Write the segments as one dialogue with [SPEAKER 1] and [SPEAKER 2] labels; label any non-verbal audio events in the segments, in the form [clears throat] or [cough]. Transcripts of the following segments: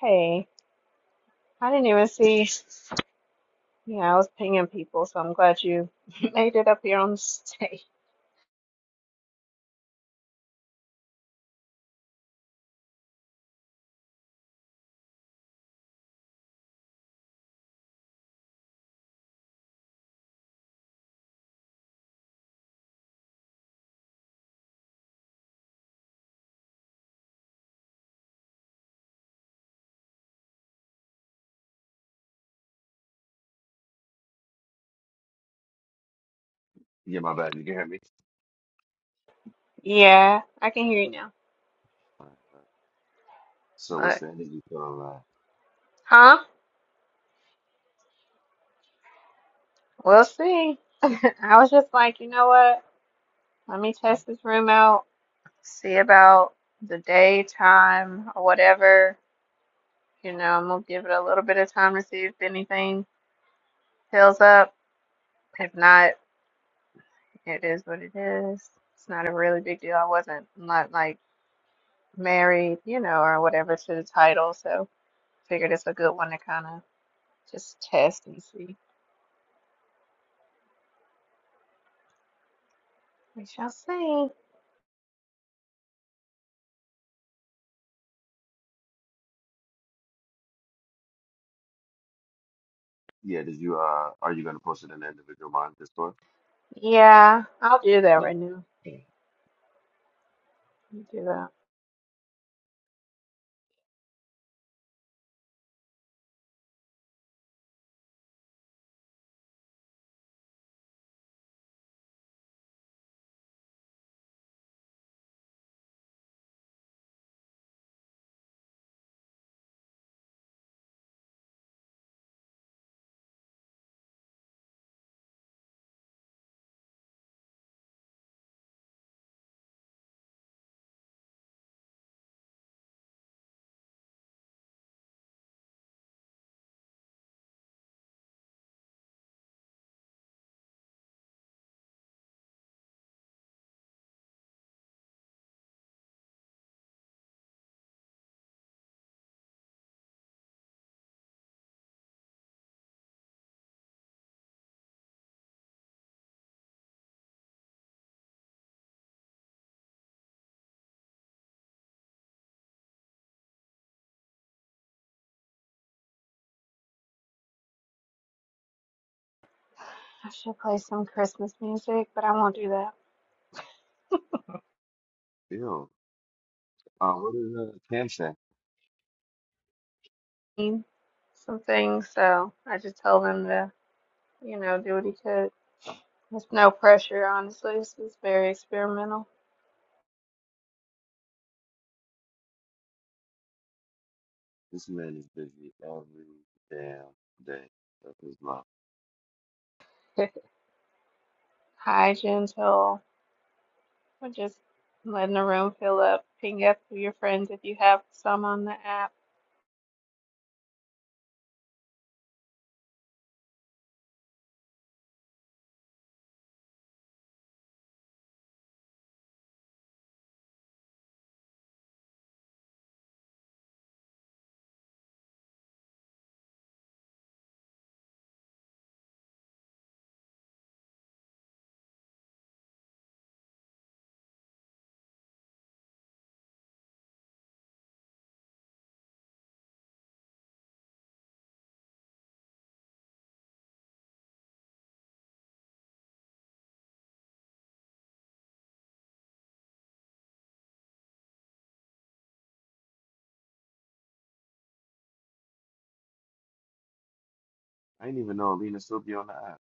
[SPEAKER 1] Hey, I didn't even see. Yeah, I was pinging people, so I'm glad you [laughs] made it up here on the stage.
[SPEAKER 2] Yeah, my bad. You can hear me?
[SPEAKER 1] Yeah, I can hear you now.
[SPEAKER 2] All right, all right. So what's
[SPEAKER 1] Look,
[SPEAKER 2] the energy from uh
[SPEAKER 1] huh? We'll see. [laughs] I was just like, you know what? Let me test this room out, see about the daytime or whatever. You know, I'm gonna give it a little bit of time to see if anything fills up. If not, it is what it is. It's not a really big deal. I wasn't not like. married, you know, or whatever to the title. So figured it's a good one to kind of just test and see. We shall see.
[SPEAKER 2] yeah, did you uh are you gonna post it in the individual monitor store?
[SPEAKER 1] Yeah, I'll do that
[SPEAKER 2] Please.
[SPEAKER 1] right now. I'll do that. I should play some Christmas music, but I won't do that.
[SPEAKER 2] Ew. Uh what is uh Cam say?
[SPEAKER 1] Mean Some things, so I just told him to, you know, do what he could. There's no pressure, honestly. This is very experimental.
[SPEAKER 2] This man is busy every damn day of his life.
[SPEAKER 1] [laughs] Hi, gentle. We're just letting the room fill up. Ping up to your friends if you have some on the app.
[SPEAKER 2] I didn't even know Alina still be on the app.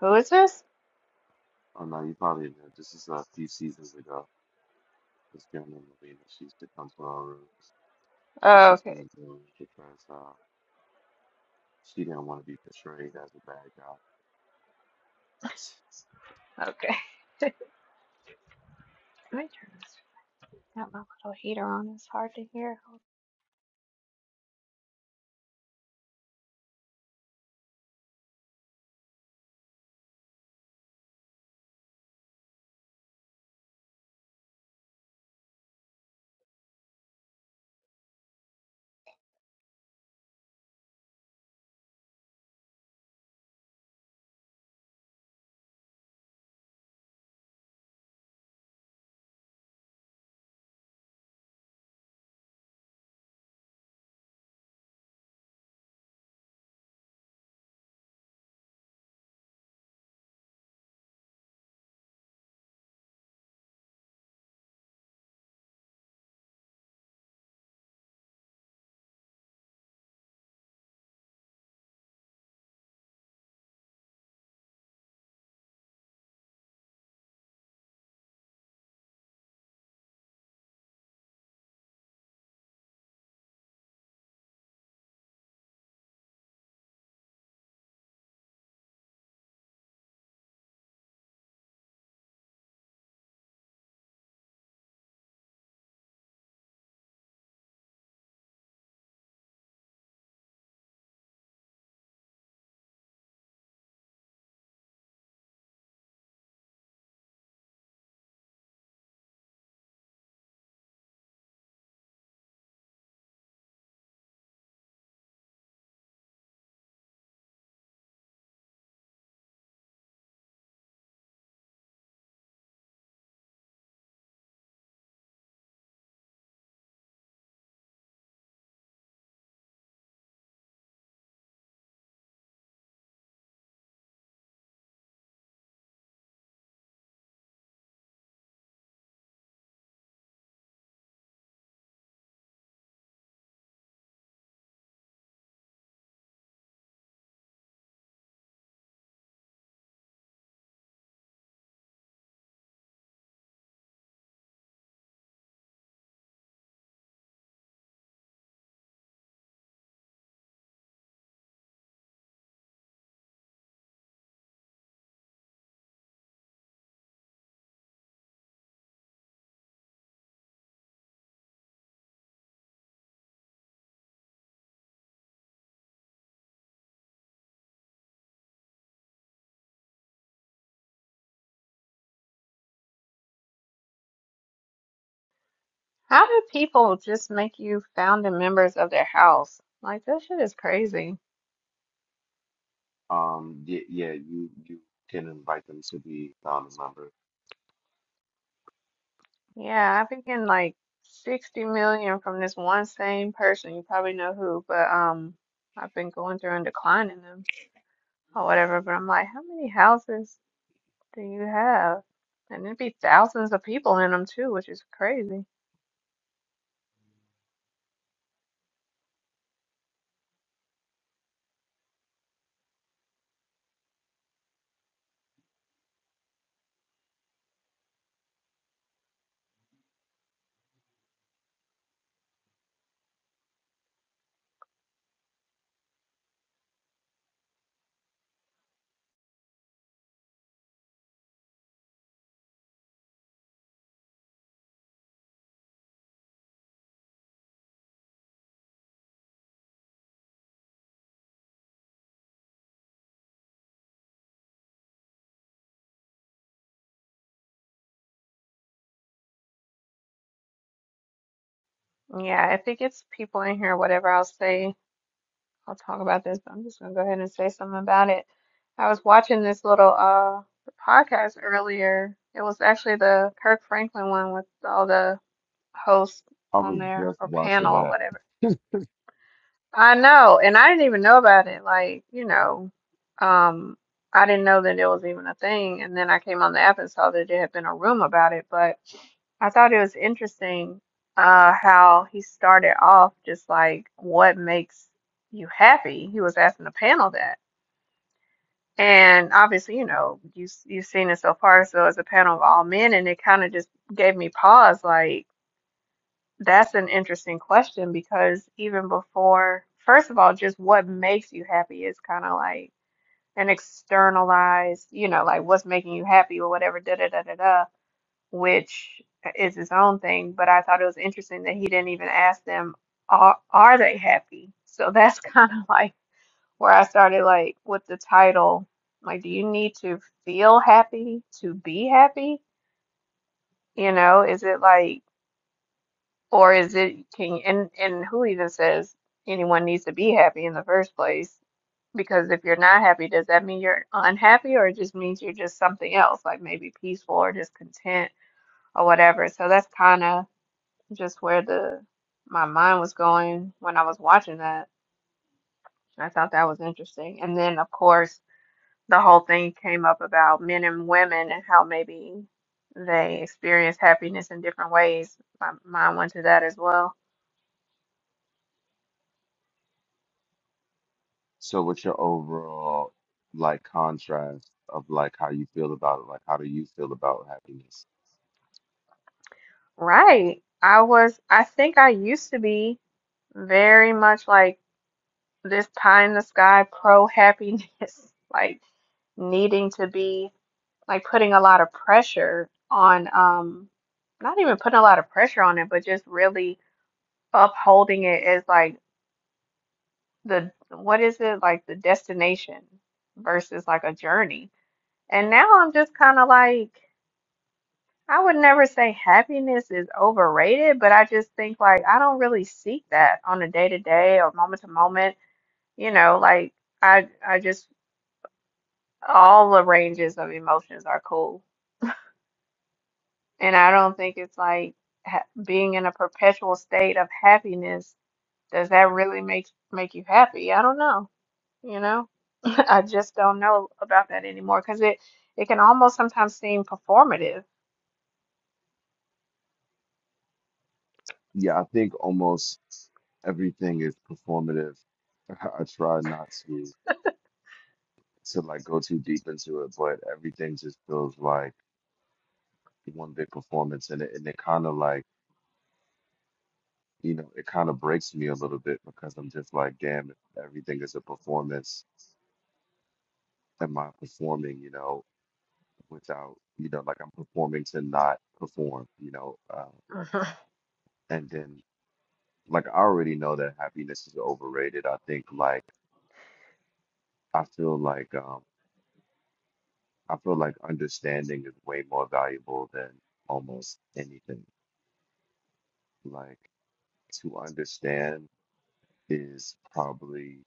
[SPEAKER 1] Who is this?
[SPEAKER 2] Oh no, you probably know. This is a few seasons ago. This girl named Alina, she used to come to our rooms, but
[SPEAKER 1] Oh,
[SPEAKER 2] she
[SPEAKER 1] okay.
[SPEAKER 2] started doing it because uh she didn't want to be portrayed as a bad guy. [laughs]
[SPEAKER 1] Okay. [laughs] Let me turn this. Got my little heater on. It's hard to hear. How do people just make you founding members of their house? Like, this shit is crazy.
[SPEAKER 2] Um, yeah, yeah, you you can invite them to be founding members.
[SPEAKER 1] Yeah, I've been getting like 60 million from this one same person. You probably know who, but um, I've been going through and declining them or whatever. But I'm like, how many houses do you have? And there'd be thousands of people in them too, which is crazy. Yeah, if it gets people in here, whatever I'll say. I'll talk about this, but I'm just gonna go ahead and say something about it. I was watching this little uh podcast earlier. It was actually the Kirk Franklin one with all the hosts
[SPEAKER 2] I
[SPEAKER 1] on
[SPEAKER 2] was
[SPEAKER 1] there
[SPEAKER 2] just
[SPEAKER 1] or
[SPEAKER 2] watching
[SPEAKER 1] panel or
[SPEAKER 2] that.
[SPEAKER 1] whatever. I know, and I didn't even know about it. Like, you know, um, I didn't know that it was even a thing. And then I came on the app and saw that there had been a room about it. But I thought it was interesting uh, how he started off just like, what makes you happy? He was asking the panel that. And obviously, you know, you, you've seen it so far. So it's a panel of all men, and it kind of just gave me pause, like, that's an interesting question because even before, first of all, just what makes you happy is kind of like an externalized, you know, like what's making you happy or whatever, da da da da da, which is its own thing. But I thought it was interesting that he didn't even ask them, are are they happy? So that's [laughs] kind of like where I started, like with the title, like, do you need to feel happy to be happy? You know, is it like Or is it can and and who even says anyone needs to be happy in the first place? Because if you're not happy, does that mean you're unhappy or it just means you're just something else, like maybe peaceful or just content or whatever. So that's kind of just where the my mind was going when I was watching that. I thought that was interesting. And then of course the whole thing came up about men and women and how maybe they experience happiness in different ways. My mind went to that as well.
[SPEAKER 2] So, what's your overall like contrast of like how you feel about it? Like, how do you feel about happiness?
[SPEAKER 1] Right. I was, I think I used to be very much like this pie in the sky pro happiness, [laughs] like needing to be, like putting a lot of pressure on, um, not even putting a lot of pressure on it, but just really upholding it as like the, what is it, like the destination versus like a journey. And now I'm just kind of like, I would never say happiness is overrated, but I just think like I don't really seek that on a day to day or moment to moment. You know, like I I just all the ranges of emotions are cool, and I don't think it's like ha being in a perpetual state of happiness. Does that really make make you happy? I don't know. You know, [laughs] I just don't know about that anymore because it it can almost sometimes seem performative.
[SPEAKER 2] Yeah, I think almost everything is performative. [laughs] I try not to to like go too deep into it, but everything just feels like one big performance, and it and it kind of like you know it kind of breaks me a little bit because I'm just like, damn, if everything is a performance am I performing, you know, without, you know, like I'm performing to not perform, you know, uh, and then like I already know that happiness is overrated. I think like I feel like um I feel like understanding is way more valuable than almost anything. Like to understand is probably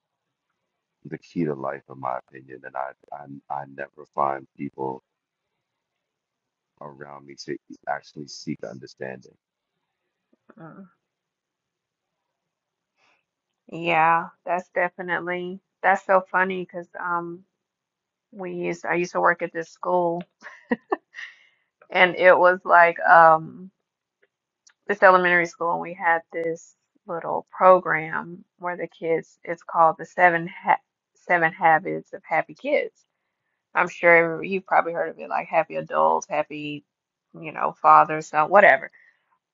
[SPEAKER 2] the key to life, in my opinion, and I I, I never find people around me to actually seek understanding.
[SPEAKER 1] [laughs] Yeah, that's definitely that's so funny because um we used I used to work at this school and it was like um this elementary school and we had this little program where the kids it's called the seven ha seven habits of happy kids. I'm sure you've probably heard of it like happy adults, happy you know fathers, so whatever.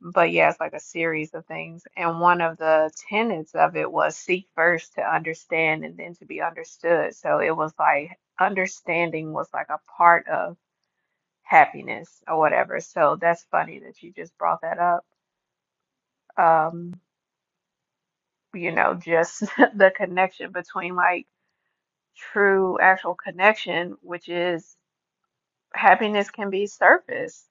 [SPEAKER 1] but yeah, it's like a series of things. And one of the tenets of it was seek first to understand and then to be understood. So it was like understanding was like a part of happiness or whatever. So that's funny that you just brought that up. Um, you know, just [laughs] the connection between like true actual connection, which is happiness can be surface.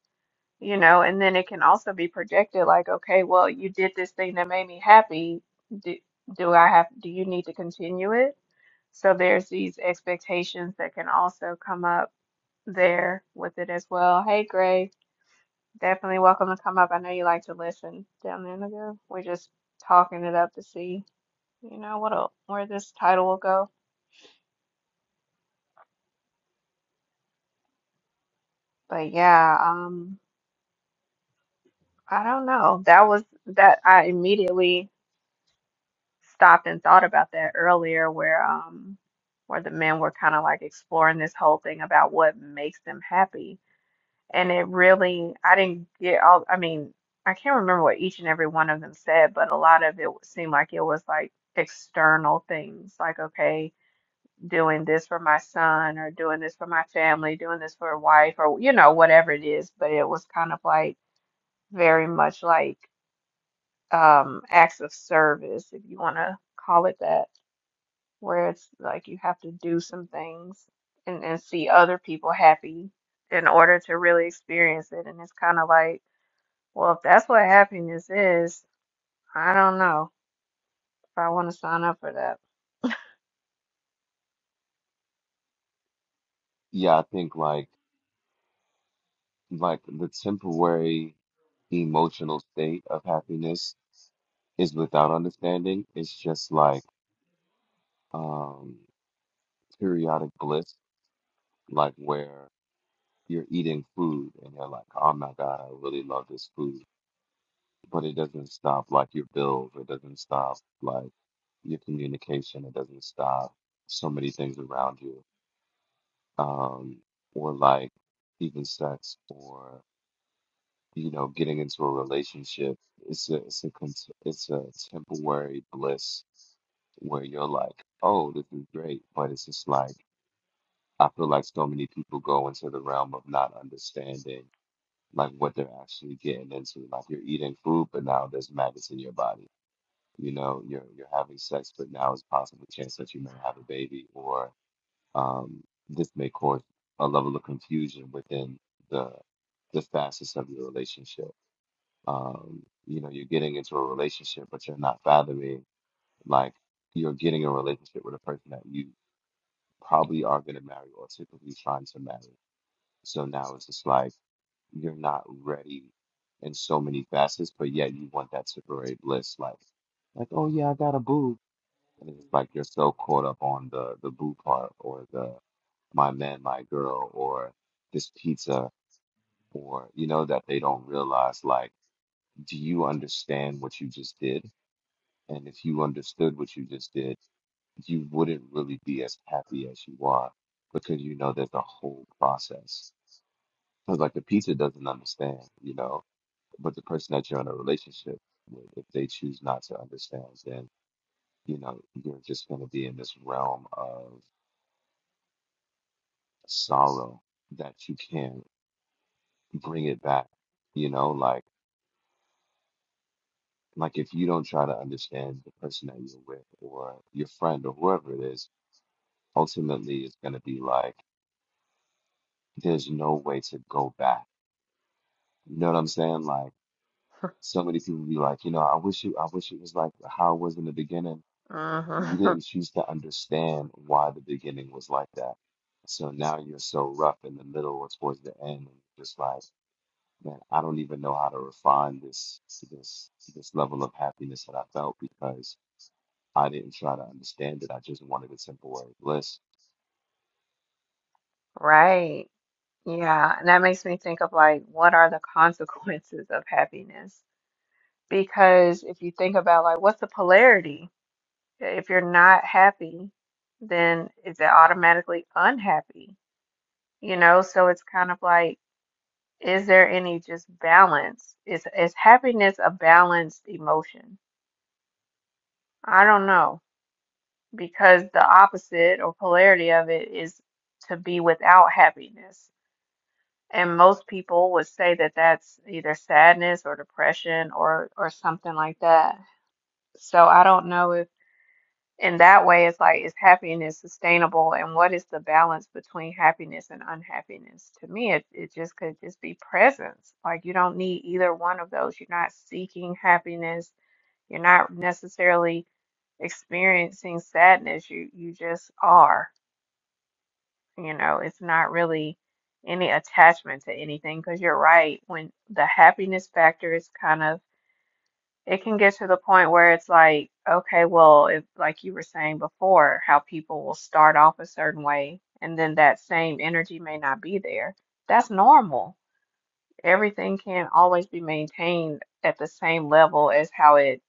[SPEAKER 1] you know, and then it can also be projected like, okay, well, you did this thing that made me happy. Do, do I have, do you need to continue it? So there's these expectations that can also come up there with it as well. Hey, Gray, definitely welcome to come up. I know you like to listen down there in the group. We're just talking it up to see, you know, what where this title will go. But yeah, um, I don't know. That was that I immediately. stopped and thought about that earlier where um where the men were kind of like exploring this whole thing about what makes them happy and it really I didn't get all I mean I can't remember what each and every one of them said but a lot of it seemed like it was like external things like okay doing this for my son or doing this for my family doing this for a wife or you know whatever it is but it was kind of like very much like um acts of service if you want to call it that where it's like you have to do some things and, and see other people happy in order to really experience it. And it's kind of like, well, if that's what happiness is, I don't know if I want to sign up for that.
[SPEAKER 2] Yeah, I think like. like the temporary emotional state of happiness is without understanding. It's just like um periodic bliss, like where you're eating food and you're like, oh my God, I really love this food. But it doesn't stop like your bills, it doesn't stop like your communication, it doesn't stop so many things around you. Um, or like even sex or you know, getting into a relationship. It's a it's a con- it's a temporary bliss where you're like, oh, this is great, but it's just like I feel like so many people go into the realm of not understanding like what they're actually getting into. Like you're eating food, but now there's maggots in your body. You know, you're you're having sex, but now it's possible chance that you may have a baby, or um, this may cause a level of confusion within the the facets of your relationship um, you know, you're getting into a relationship, but you're not fathoming like you're getting a relationship with a person that you probably are going to marry or typically trying to marry. So now it's just like you're not ready in so many facets, but yet you want that temporary bliss. Like, like, oh yeah, I got a boo, and it's just like you're so caught up on the the boo part or the my man, my girl, or this pizza, or you know that they don't realize like, do you understand what you just did? And if you understood what you just did, you wouldn't really be as happy as you are because you know there's a whole process. Because, like, the pizza doesn't understand, you know, but the person that you're in a relationship with, if they choose not to understand, then, you know, you're just going to be in this realm of sorrow that you can't bring it back, you know, like, like if you don't try to understand the person that you're with or your friend or whoever it is, ultimately it's going to be like, there's no way to go back. You know what I'm saying? Like so many people be like, you know, I wish you I wish it was like how it was in the beginning. You
[SPEAKER 1] hmm
[SPEAKER 2] didn't choose to understand why the beginning was like that. So now you're so rough in the middle or towards the end and you're just like, man, I don't even know how to refine this this this level of happiness that I felt because I didn't try to understand it. I just wanted a temporary bliss.
[SPEAKER 1] [laughs] Right. Yeah. And that makes me think of like, what are the [laughs] consequences of happiness? Because if you think about like, what's the polarity? If you're not happy, then is it automatically unhappy? You know, so it's kind of like, is there any just balance? Is is happiness a balanced emotion? I don't know because the opposite or polarity of it is to be without happiness. And most people would say that that's either sadness or depression or or something like that. So I don't know if. in that way it's like is happiness sustainable and what is the balance between happiness and unhappiness to me it, it just could just be presence like you don't need either one of those you're not seeking happiness you're not necessarily experiencing sadness you you just are you know it's not really any attachment to anything because you're right when the happiness factor is kind of it can get to the point where it's like, okay, well, if like you were saying before, how people will start off a certain way and then that same energy may not be there. That's normal. Everything can't always be maintained at the same level as how it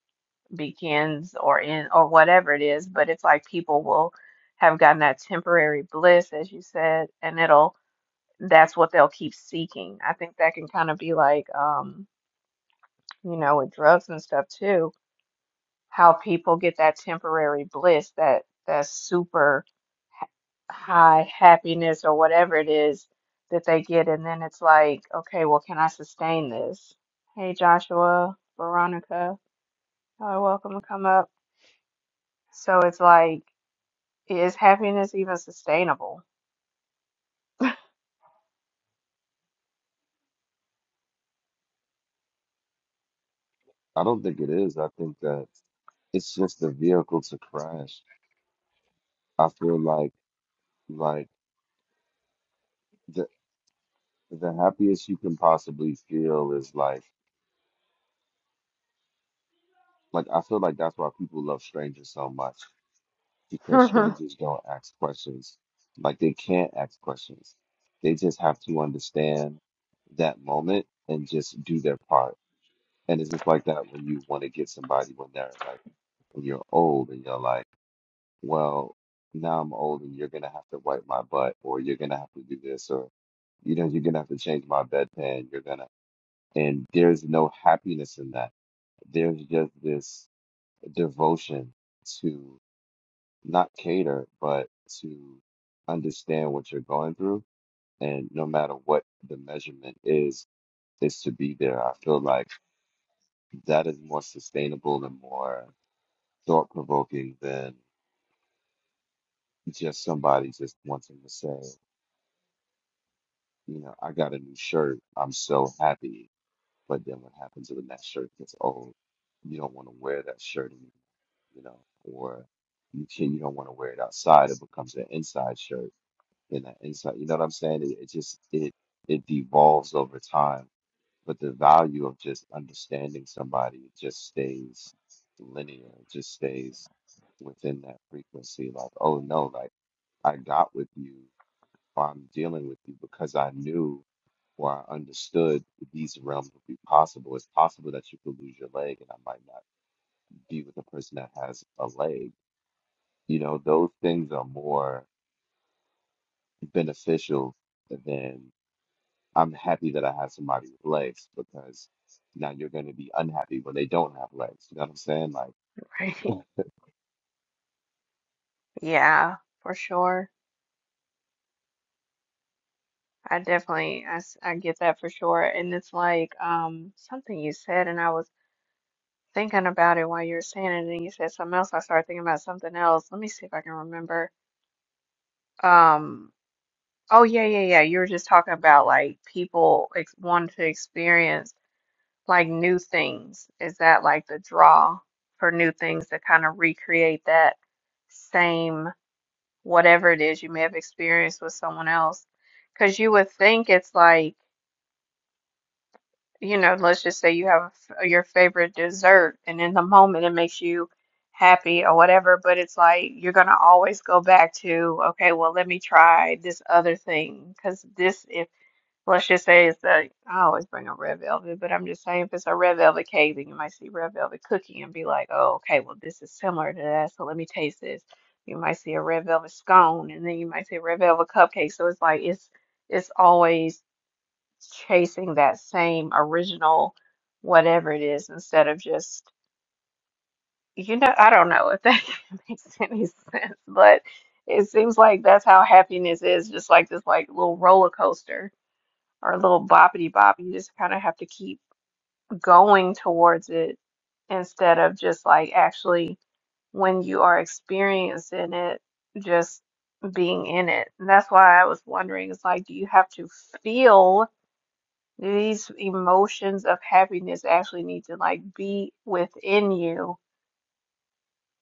[SPEAKER 1] begins or in or whatever it is, but it's like people will have gotten that temporary bliss, as you said, and it'll that's what they'll keep seeking. I think that can kind of be like um, you know, with drugs and stuff too how people get that temporary bliss, that that super h- high happiness or whatever it is that they get, and then it's like, okay, well, can I sustain this? Hey, Joshua, Veronica, are welcome to come up. So it's like, is happiness even sustainable?
[SPEAKER 2] I don't think it is. I think that it's just the vehicle to crash. I feel like Like the the happiest you can possibly feel is like like I feel like that's why people love strangers so much because
[SPEAKER 1] [laughs]
[SPEAKER 2] strangers don't ask questions. Like they can't ask questions. They just have to understand that moment and just do their part. And it's just like that when you want to get somebody when they're like when you're old and you're like, well, now I'm old and you're gonna have to wipe my butt or you're gonna have to do this or you know you're gonna have to change my bedpan. You're gonna and there's no happiness in that. There's just this devotion to not cater, but to understand what you're going through. And no matter what the measurement is, is to be there. I feel like that is more sustainable and more thought provoking than just somebody just wanting to say, you know, I got a new shirt. I'm so happy But then what happens when that shirt gets old? You don't want to wear that shirt anymore, you know, or you can you don't want to wear it outside. It becomes an inside shirt and an inside. You know what I'm saying? It, it just it it devolves over time. But the value of just understanding somebody just stays linear. It just stays within that frequency. Like, oh no, like I got with you or I'm dealing with you because I knew or I understood that these realms would be possible. It's possible that you could lose your leg and I might not be with a person that has a leg. You know, those things are more beneficial than I'm happy that I have somebody with legs because now you're going to be unhappy when they don't have legs. You know what I'm saying? Like,
[SPEAKER 1] Right. Yeah, for sure. I definitely, I, s- I get that for sure. And it's like, um, something you said, and I was thinking about it while you were saying it, and then you said something else. I started thinking about something else. Let me see if I can remember. Um, oh yeah, yeah, yeah. You were just talking about like people ex wanting to experience like new things. Is that like the draw for new things to kind of recreate that same whatever it is you may have experienced with someone else? Because you would think it's like. you know, let's just say you have a f- your favorite dessert, and in the moment it makes you happy or whatever, but it's like you're gonna always go back to, okay, well, let me try this other thing because this, if let's just say it's a, I always bring a red velvet, but I'm just saying if it's a red velvet cake, then you might see red velvet cookie and be like, oh, okay, well, this is similar to that, so let me taste this. You might see a red velvet scone, and then you might see a red velvet cupcake. So it's like it's it's always chasing that same original whatever it is instead of just you know I don't know if that [laughs] makes any sense, but it seems like that's how happiness is, just like this like little roller coaster or a little boppity bop. You just kind of have to keep going towards it instead of just like actually when you are experiencing it, just being in it. And that's why I was wondering, it's like, do you have to feel? These emotions of happiness actually need to like be within you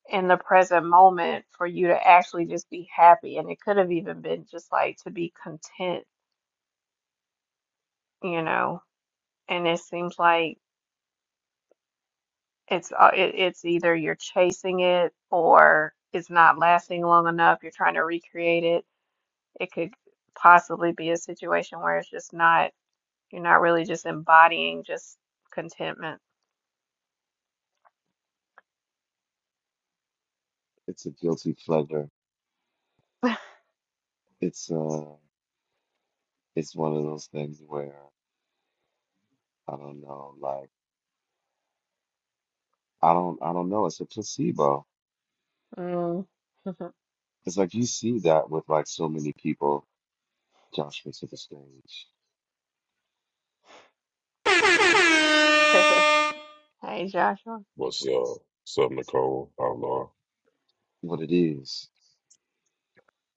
[SPEAKER 1] in the present moment for you to actually just be happy. And it could have even been just like to be content, you know. And it seems like it's uh, it, it's either you're chasing it or it's not lasting long enough. You're trying to recreate it. It could possibly be a situation where it's just not, you're not really just embodying just contentment.
[SPEAKER 2] it's a guilty pleasure. It's uh, it's one of those things where I don't know. Like, I don't, I don't know. It's a placebo
[SPEAKER 1] Mm. [laughs]
[SPEAKER 2] It's like you see that with like so many people, Joshua to the stage,
[SPEAKER 1] Hey, Joshua.
[SPEAKER 3] What's up? What's up, Nicole? Outlaw?
[SPEAKER 2] what it is.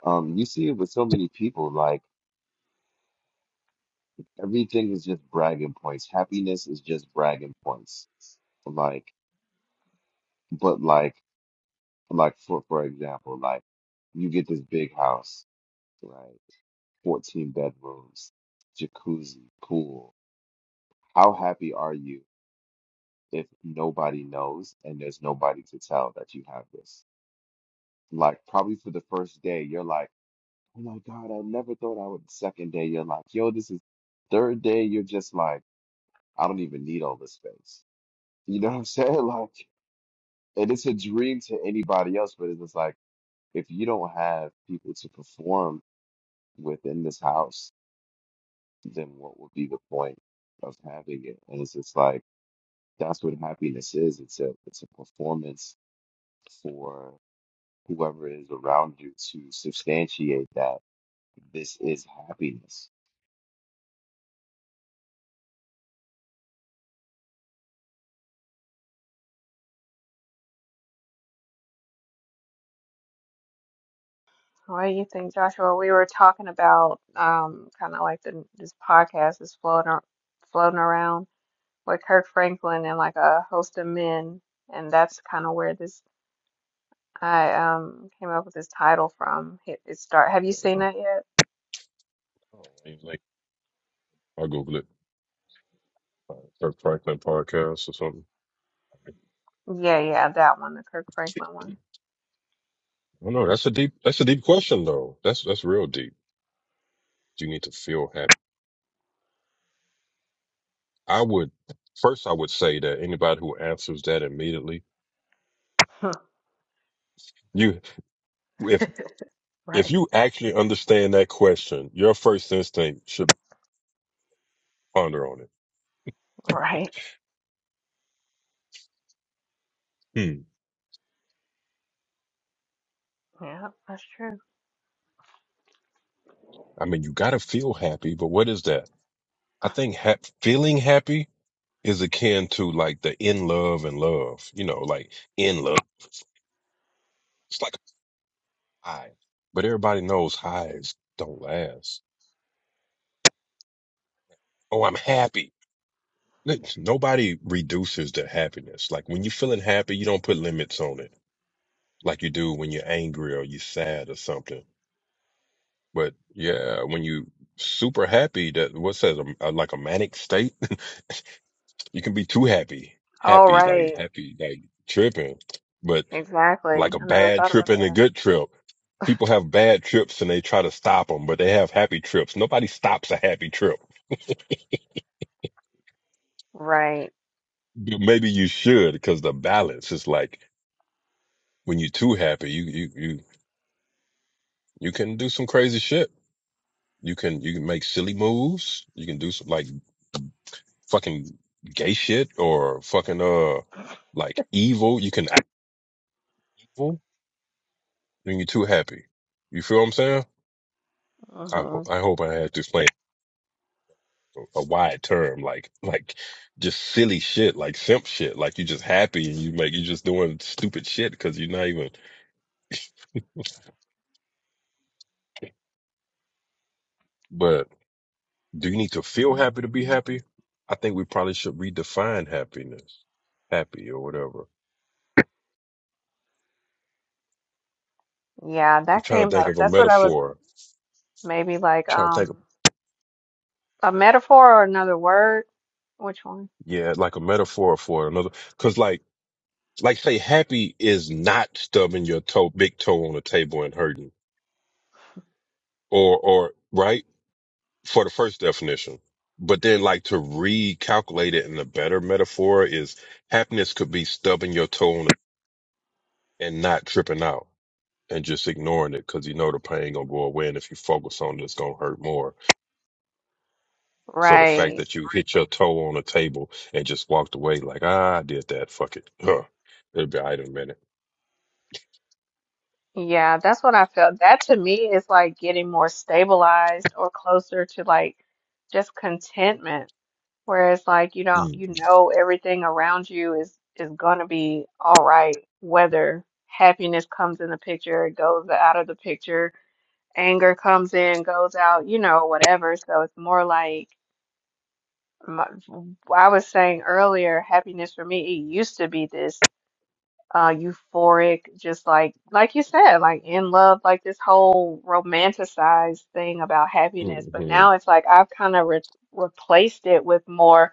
[SPEAKER 2] Um, you see it with so many people, like everything is just bragging points. Happiness is just bragging points. Like, but like, like for for example, like you get this big house, right? 14 bedrooms, jacuzzi, pool. How happy are you if nobody knows and there's nobody to tell that you have this? Like, probably for the first day, you're like Oh my God, I never thought I would. Second day, you're like, yo, this is third day. You're just like, I don't even need all this space. You know what I'm saying? [laughs] Like, and it's a dream to anybody else, but it's just like, if you don't have people to perform within this house, then what would be the point of having it? And it's just like, that's what happiness is. It's a, it's a performance for whoever is around you to substantiate that this is happiness
[SPEAKER 1] What do you think, Joshua? We were talking about um, kind of like the, this podcast is floating ar- floating around with Kirk Franklin and like a host of men, and that's kind of where this I um came up with this title from. It, it start. Have you
[SPEAKER 3] There we
[SPEAKER 1] seen
[SPEAKER 3] go.
[SPEAKER 1] that yet?
[SPEAKER 3] Oh, ain't late. I'll Google it. Uh, Kirk Franklin podcast or something.
[SPEAKER 1] Yeah, yeah, that one, the Kirk Franklin one.
[SPEAKER 3] I don't know. That's a deep. That's a deep question, though. That's that's real deep. Do You need to feel happy. I would first. I would say that anybody who answers that immediately,
[SPEAKER 1] [laughs]
[SPEAKER 3] you if if
[SPEAKER 1] Right,
[SPEAKER 3] you actually understand that question, your first instinct should ponder on it.
[SPEAKER 1] right.
[SPEAKER 3] Hmm.
[SPEAKER 1] Yeah, that's true.
[SPEAKER 3] I mean, you got to feel happy, but what is that? I think ha- feeling happy. is akin to like the in love and love, you know, like in love. It's like a high, but everybody knows highs don't last. Oh, I'm happy. N- Nobody reduces their happiness. Like when you're feeling happy, you don't put limits on it like you do when you're angry or you're sad or something. But yeah, when you super happy, that what says a, a- like a manic state? [laughs] you can be too happy.
[SPEAKER 1] Oh,
[SPEAKER 3] Happy, like
[SPEAKER 1] right.
[SPEAKER 3] happy, like tripping. but. like
[SPEAKER 1] Exactly.
[SPEAKER 3] a
[SPEAKER 1] I never
[SPEAKER 3] bad
[SPEAKER 1] thought
[SPEAKER 3] trip
[SPEAKER 1] about
[SPEAKER 3] and a
[SPEAKER 1] that.
[SPEAKER 3] good trip. People have bad trips and they try to stop them, but they have happy trips. Nobody stops a happy trip.
[SPEAKER 1] Right.
[SPEAKER 3] But Maybe you should because the balance is like when you're too happy, you, you, you, you can do some crazy shit. You can, you can make silly moves. You can do some like fucking gay shit or fucking, uh, like evil. You can act evil when you're too happy. You feel what I'm saying? I, ho-
[SPEAKER 1] hmm
[SPEAKER 3] I hope I had to explain a wide term, like like just silly shit, like simp shit, like you just happy and you make you just doing stupid shit because you're not even. But do you need to feel happy to be happy? I think we probably should redefine happiness, happy or whatever.
[SPEAKER 1] Yeah,
[SPEAKER 3] I'm
[SPEAKER 1] that
[SPEAKER 3] trying
[SPEAKER 1] came
[SPEAKER 3] to think
[SPEAKER 1] up.
[SPEAKER 3] of a
[SPEAKER 1] That's what I was
[SPEAKER 3] metaphor.
[SPEAKER 1] maybe like.
[SPEAKER 3] trying to think, of,
[SPEAKER 1] Um. A metaphor or another word? Which one?
[SPEAKER 3] yeah, like a metaphor for another, because like like say happy is not stubbing your toe, big toe on the table and hurting, or or right for the first definition. But then, like, to recalculate it in a better metaphor is happiness could be stubbing your toe on it [laughs] and not tripping out and just ignoring it because you know the pain gonna go away. And if you focus on it, it's gonna hurt more. So the fact
[SPEAKER 1] Right.
[SPEAKER 3] that you hit your toe on a table and just walked away, like, ah, I did that, fuck it. [laughs] Huh. It'll be all right in a minute.
[SPEAKER 1] Yeah, that's what I felt. That to me is like getting more stabilized or closer to like just contentment, whereas like you don't
[SPEAKER 3] Mm,
[SPEAKER 1] you know everything around you is is gonna be all right, whether happiness comes in the picture, it goes out of the picture, anger comes in, goes out, you know, whatever. So it's more like my, I was saying earlier, happiness for me, it used to be this. uh euphoric just like like you said like in love like this whole romanticized thing about happiness
[SPEAKER 3] mm,
[SPEAKER 1] but now it's like I've kind of re replaced it with more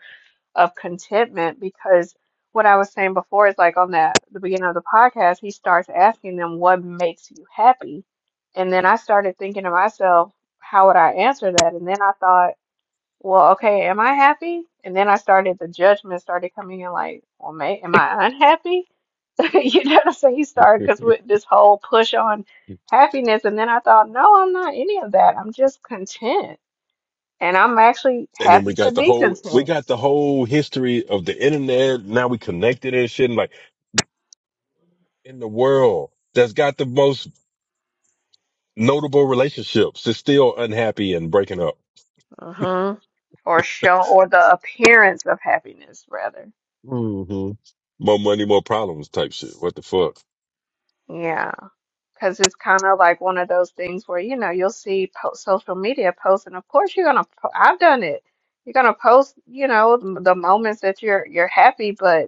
[SPEAKER 1] of contentment because what I was saying before is like on that the beginning of the podcast he starts asking them what makes you happy and then I started thinking to myself how would I answer that and then I thought well okay am I happy and then I started the judgment started coming in like well may am I unhappy [laughs] you know what I'm saying? You started
[SPEAKER 3] mm.
[SPEAKER 1] because with this whole push on
[SPEAKER 3] [laughs] and
[SPEAKER 1] happiness, and then I thought, no, I'm not any of that. I'm just content, and I'm actually
[SPEAKER 3] then we
[SPEAKER 1] happy to
[SPEAKER 3] got the
[SPEAKER 1] be
[SPEAKER 3] whole, we
[SPEAKER 1] content,
[SPEAKER 3] got the whole history of the internet. Now we connected and shit. And like, in the world that's got the most notable relationships is still unhappy and breaking up.
[SPEAKER 1] hmm or show, or the appearance of happiness, rather.
[SPEAKER 3] hmm More money, more problems type shit. What the fuck?
[SPEAKER 1] Yeah, because it's kind of like one of those things where you know you'll see po social media posts, and of course you're gonna. Po I've done it. You're gonna post, you know, m- the moments that you're you're happy, but.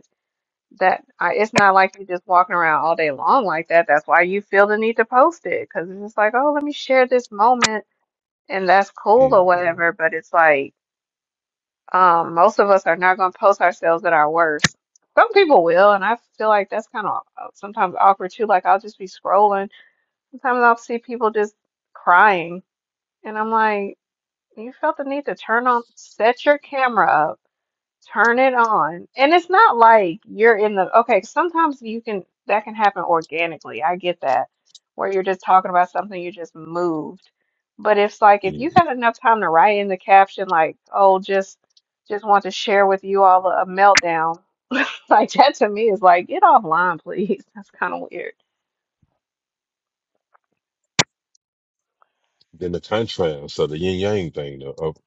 [SPEAKER 1] That I, it's not like you're just walking around all day long like that. That's why you feel the need to post it because it's just like, oh, let me share this moment and that's cool or
[SPEAKER 3] Mhm.
[SPEAKER 1] whatever. But it's like, um, most of us are not going to post ourselves at our worst. Some people will, and I feel like that's kind of sometimes awkward too. Like I'll just be scrolling. Sometimes I'll see people just crying, and I'm like, you felt the need to turn on, set your camera up. Turn it on. And it's not like you're in the, okay, sometimes you can, that can happen organically. I get that. Where you're just talking about something, you just moved. But it's like if you
[SPEAKER 3] Mhm.
[SPEAKER 1] had enough time to write in the caption, like, oh, just just want to share with you all a, a meltdown. [laughs] Like that to me is like, get offline, please. [laughs] That's kind of weird.
[SPEAKER 3] Then the contrast of the yin yang thing of, of,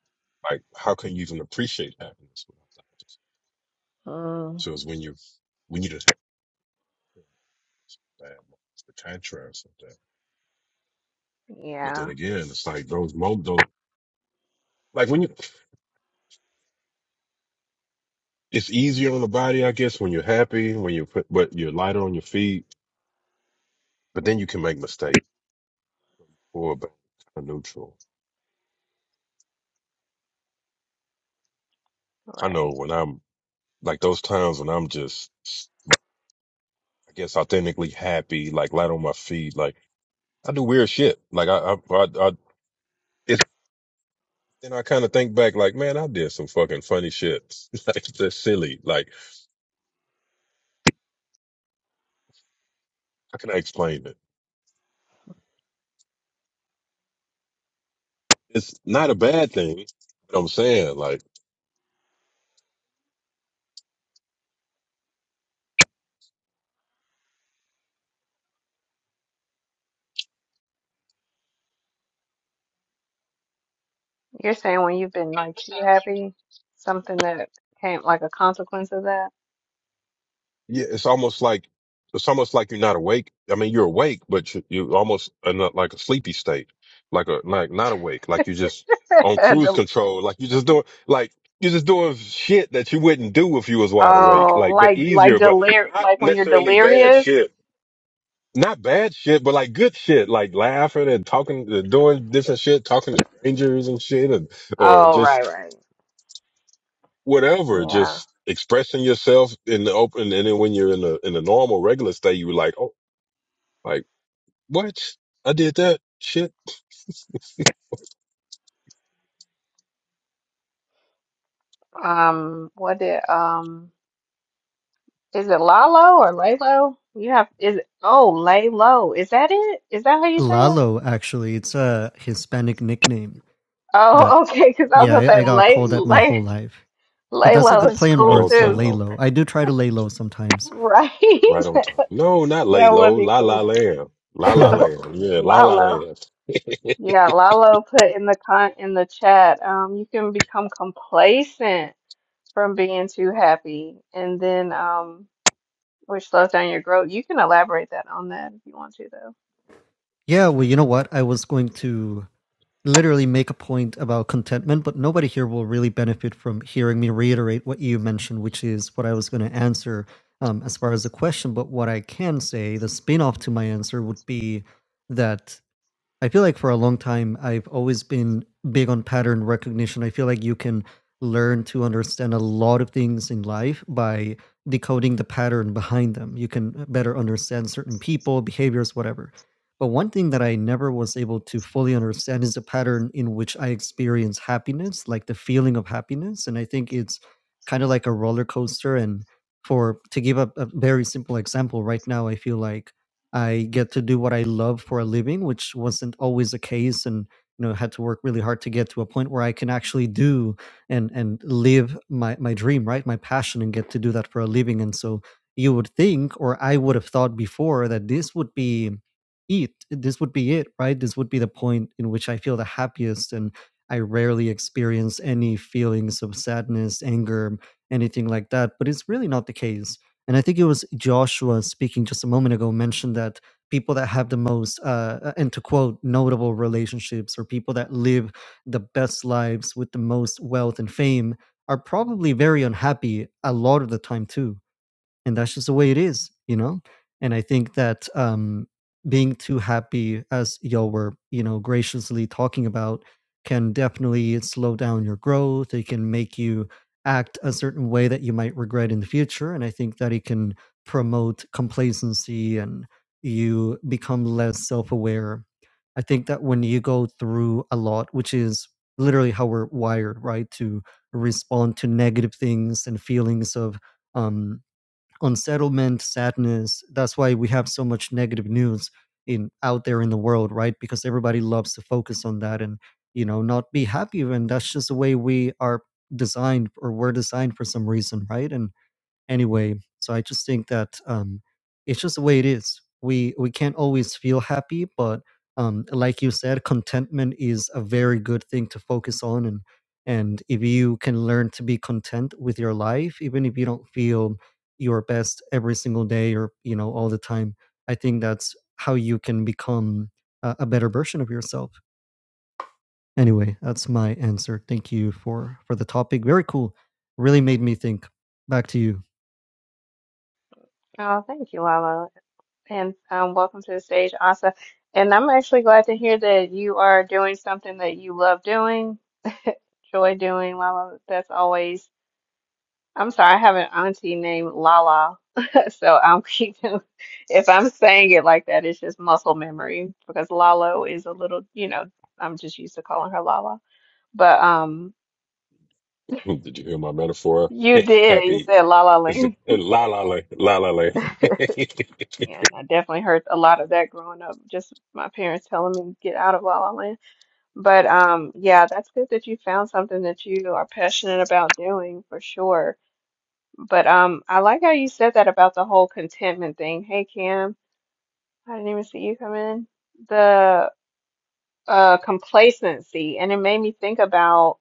[SPEAKER 3] like, how can you even appreciate happiness? without that?
[SPEAKER 1] Mm,
[SPEAKER 3] So it's when you when you just have bad moments, the contrast of that. But then
[SPEAKER 1] yeah,
[SPEAKER 3] again, it's like those moments, those, like when you, it's easier on the body, I guess, when you're happy, when you put, but you're lighter on your feet, but then you can make mistakes or back to neutral. I know
[SPEAKER 1] right.
[SPEAKER 3] when I'm like those times when I'm just, I guess, authentically happy, like light on my feet, like I do weird shit. Like I, I, I, I it's, then I kind of think back, like, man, I did some fucking funny shit. [laughs] like that's silly. Like how can I explain it? It's not a bad thing. You know What I'm saying, like.
[SPEAKER 1] You're saying when you've been like too happy, something that came like a consequence of
[SPEAKER 3] yeah, it's almost like it's almost like you're not awake. I mean, you're awake, but you, you're almost in a, like a sleepy state, like a like not awake, like you're just on
[SPEAKER 1] that.
[SPEAKER 3] cruise
[SPEAKER 1] [laughs]
[SPEAKER 3] control, like you're just doing like you're just doing shit that you wouldn't do if you was wide awake,
[SPEAKER 1] Oh,
[SPEAKER 3] like but
[SPEAKER 1] like like
[SPEAKER 3] easier, but
[SPEAKER 1] delir
[SPEAKER 3] not
[SPEAKER 1] like when you're
[SPEAKER 3] necessarily bad
[SPEAKER 1] delirious.
[SPEAKER 3] shit. Not bad shit, but like good shit, like laughing and talking, doing different shit, talking to strangers and shit, and, or
[SPEAKER 1] Oh,
[SPEAKER 3] just
[SPEAKER 1] right, right.
[SPEAKER 3] whatever,
[SPEAKER 1] Yeah.
[SPEAKER 3] just expressing yourself in the open. And then when you're in the in the normal regular state, you're like, oh, like what? I did that shit
[SPEAKER 1] Um, what did um is it Lalo or Lalo? You have is it, oh Lalo. Is that it? Is that how you say it?
[SPEAKER 4] Lalo, actually, it's a Hispanic nickname that,
[SPEAKER 1] Oh, [laughs] okay, because I
[SPEAKER 4] yeah,
[SPEAKER 1] was
[SPEAKER 4] I,
[SPEAKER 1] gonna
[SPEAKER 4] I
[SPEAKER 1] say
[SPEAKER 4] got
[SPEAKER 1] lay
[SPEAKER 4] called that my
[SPEAKER 1] lay
[SPEAKER 4] whole life. But that's a
[SPEAKER 1] Lalo
[SPEAKER 4] good
[SPEAKER 1] is
[SPEAKER 4] play on
[SPEAKER 3] right
[SPEAKER 1] cool
[SPEAKER 3] on
[SPEAKER 4] words, though,
[SPEAKER 1] too.
[SPEAKER 4] lay
[SPEAKER 3] time,
[SPEAKER 4] low. I do try to lay low sometimes.
[SPEAKER 1] Right.
[SPEAKER 3] right
[SPEAKER 1] [laughs]
[SPEAKER 3] on time. No, not lay
[SPEAKER 1] That
[SPEAKER 3] low,
[SPEAKER 1] would be
[SPEAKER 3] la la
[SPEAKER 1] cool.
[SPEAKER 3] lamb, la
[SPEAKER 4] [laughs]
[SPEAKER 3] la lamb,
[SPEAKER 1] [laughs]
[SPEAKER 3] yeah, la la
[SPEAKER 1] Lalo.
[SPEAKER 3] lamb.
[SPEAKER 1] Yeah, Lalo put in the con in the chat, um, you can become complacent from being too happy and then um which slows down your growth. You can elaborate that on that if you want to though.
[SPEAKER 4] yeah, well, you know what? I was going to literally make a point about contentment, but nobody here will really benefit from hearing me reiterate what you mentioned, which is what I was going to answer um, as far as the question. But what I can say, the spin off to my answer would be that I feel like for a long time, I've always been big on pattern recognition. I feel like you can learn to understand a lot of things in life by decoding the pattern behind them. You can better understand certain people, behaviors, whatever. But one thing that I never was able to fully understand is the pattern in which I experience happiness, like the feeling of happiness. And I think it's kind of like a roller coaster. And for to give a, a very simple example, right now, I feel like I get to do what I love for a living, which wasn't always the case, and you know, had to work really hard to get to a point where I can actually do and and live my my dream, right, my passion, and get to do that for a living. And so you would think, or I would have thought before, that this would be it. This would be it, right? This would be the point in which I feel the happiest, and I rarely experience any feelings of sadness, anger, anything like that. But it's really not the case and I think it was Joshua speaking just a moment ago mentioned that people that have the most, uh, uh, and to quote, notable relationships or people that live the best lives with the most wealth and fame are probably very unhappy a lot of the time too and that's just the way it is you know and i think that um being too happy as y'all were you know graciously talking about can definitely slow down your growth it can make you act a certain way that you might regret in the future and i think that it can promote complacency and you become less self-aware i think that when you go through a lot which is literally how we're wired right to respond to negative things and feelings of um unsettlement, sadness. That's why we have so much negative news in out there in the world, right? Because everybody loves to focus on that and you know not be happy. And that's just the way we are designed, or we're designed for some reason, right? And anyway. So I just think that um, it's just the way it is. We we can't always feel happy, but um, like you said, contentment is a very good thing to focus on, and and if you can learn to be content with your life, even if you don't feel your best every single day or you know all the time, I think that's how you can become a, a better version of yourself. Anyway, that's my answer. Thank you for for the topic. Very cool. Really made me think. Back to you.
[SPEAKER 1] Oh, thank you, Lala. And um welcome to the stage, Asa. And I'm actually glad to hear that you are doing something that you love doing, joy doing, Lala. That's always I'm sorry, I have an auntie named Lala. [laughs] So I'm keeping, if I'm saying it like that, it's just muscle memory because Lalo is a little, you know, I'm just used to calling her Lala. But um,
[SPEAKER 3] [laughs] did you hear my metaphor?
[SPEAKER 1] you
[SPEAKER 3] [laughs]
[SPEAKER 1] did, you
[SPEAKER 3] Happy.
[SPEAKER 1] said La La
[SPEAKER 3] It's a-
[SPEAKER 1] Land. [laughs]
[SPEAKER 3] La la la la la la. [laughs] yeah, I
[SPEAKER 1] Yeah, and I definitely heard a lot of that growing up, just my parents telling me get out of La La Land. But um, yeah, that's good that you found something that you are passionate about doing for sure. But um, I like how you said that about the whole contentment thing. Hey, Kim. I didn't even see you come in. The uh, complacency, and it made me think about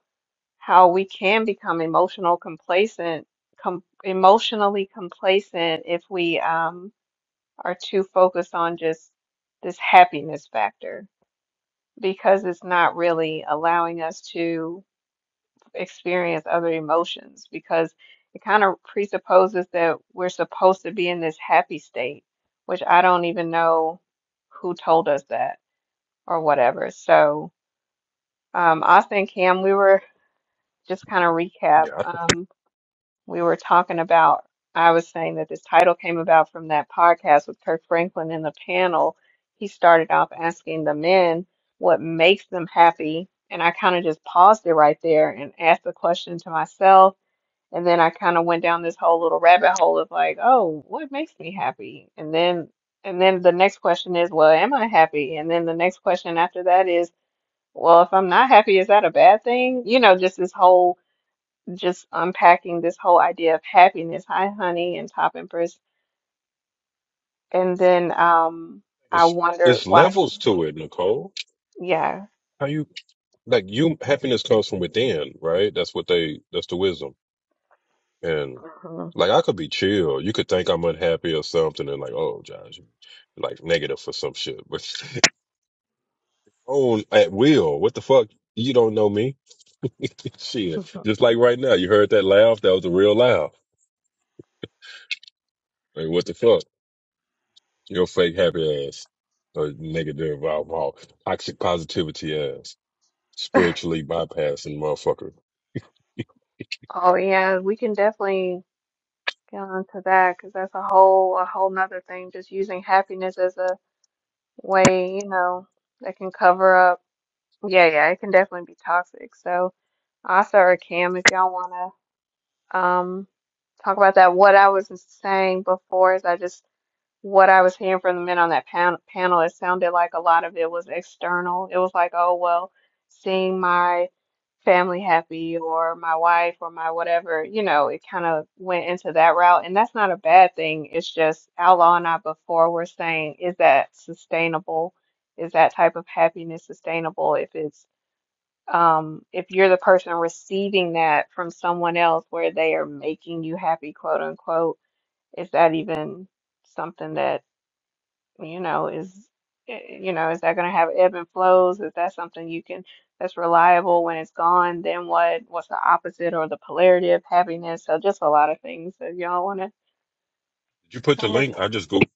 [SPEAKER 1] how we can become emotional complacent, com emotionally complacent if we um, are too focused on just this happiness factor because it's not really allowing us to experience other emotions because it kind of presupposes that we're supposed to be in this happy state, which I don't even know who told us that. or whatever. So, um, Austin and Cam, we were just kind of recap.
[SPEAKER 3] think
[SPEAKER 1] Um, we were talking about, I was saying that this title came about from that podcast with Kirk Franklin in the panel. He started off asking the men what makes them happy. And I kind of just paused it right there and asked the question to myself. And then I kind of went down this whole little rabbit hole of like, oh, what makes me happy? And then, and then the next question is, well, am I happy? And then the next question after that is, well, if I'm not happy, is that a bad thing? You know, just this whole, just unpacking this whole idea of happiness. Hi, honey, and top empress. And then um, I
[SPEAKER 3] it's
[SPEAKER 1] wonder
[SPEAKER 3] it's
[SPEAKER 1] why.
[SPEAKER 3] levels to it, Nicole.
[SPEAKER 1] Yeah.
[SPEAKER 3] How you like you happiness comes from within, right? That's what they that's the wisdom. And
[SPEAKER 1] hmm
[SPEAKER 3] like I could be chill. You could think I'm unhappy or something and like, oh Josh, you like negative for some shit. But [laughs] on at will, what the fuck? You don't know me. [laughs] shit. Just like right now, you heard that laugh, that was a real laugh. Like what the fuck? Your fake happy ass. Or negative alcohol, toxic positivity ass.
[SPEAKER 1] [laughs]
[SPEAKER 3] Spiritually bypassing motherfucker. Did
[SPEAKER 1] Oh, yeah. We can definitely get onto that because that's a whole, a whole nother thing. Just using happiness as a way, you know, that can cover up. Yeah, yeah. It can definitely be toxic. So, Asa or Cam, if y'all wanna. um, talk about that. What I was saying before is I just what I was hearing from the men on that pan panel, it sounded like a lot of it was external. It was like, oh, well, seeing my family happy or my wife or my whatever, you know, it kind of went into that route. And that's not a bad thing. It's just Outlaw and I before were saying, is that sustainable? Is that type of happiness sustainable if it's um, if you're the person receiving that from someone else where they are making you happy, quote unquote, is that even something that, you know, is, eh, you know, is that going to have ebb and flows? Is that something you can, that's reliable when it's gone? Then what, what's the opposite or the polarity of happiness? So just a lot of things that y'all want to
[SPEAKER 3] you put the
[SPEAKER 1] pin it.
[SPEAKER 3] link? I just googled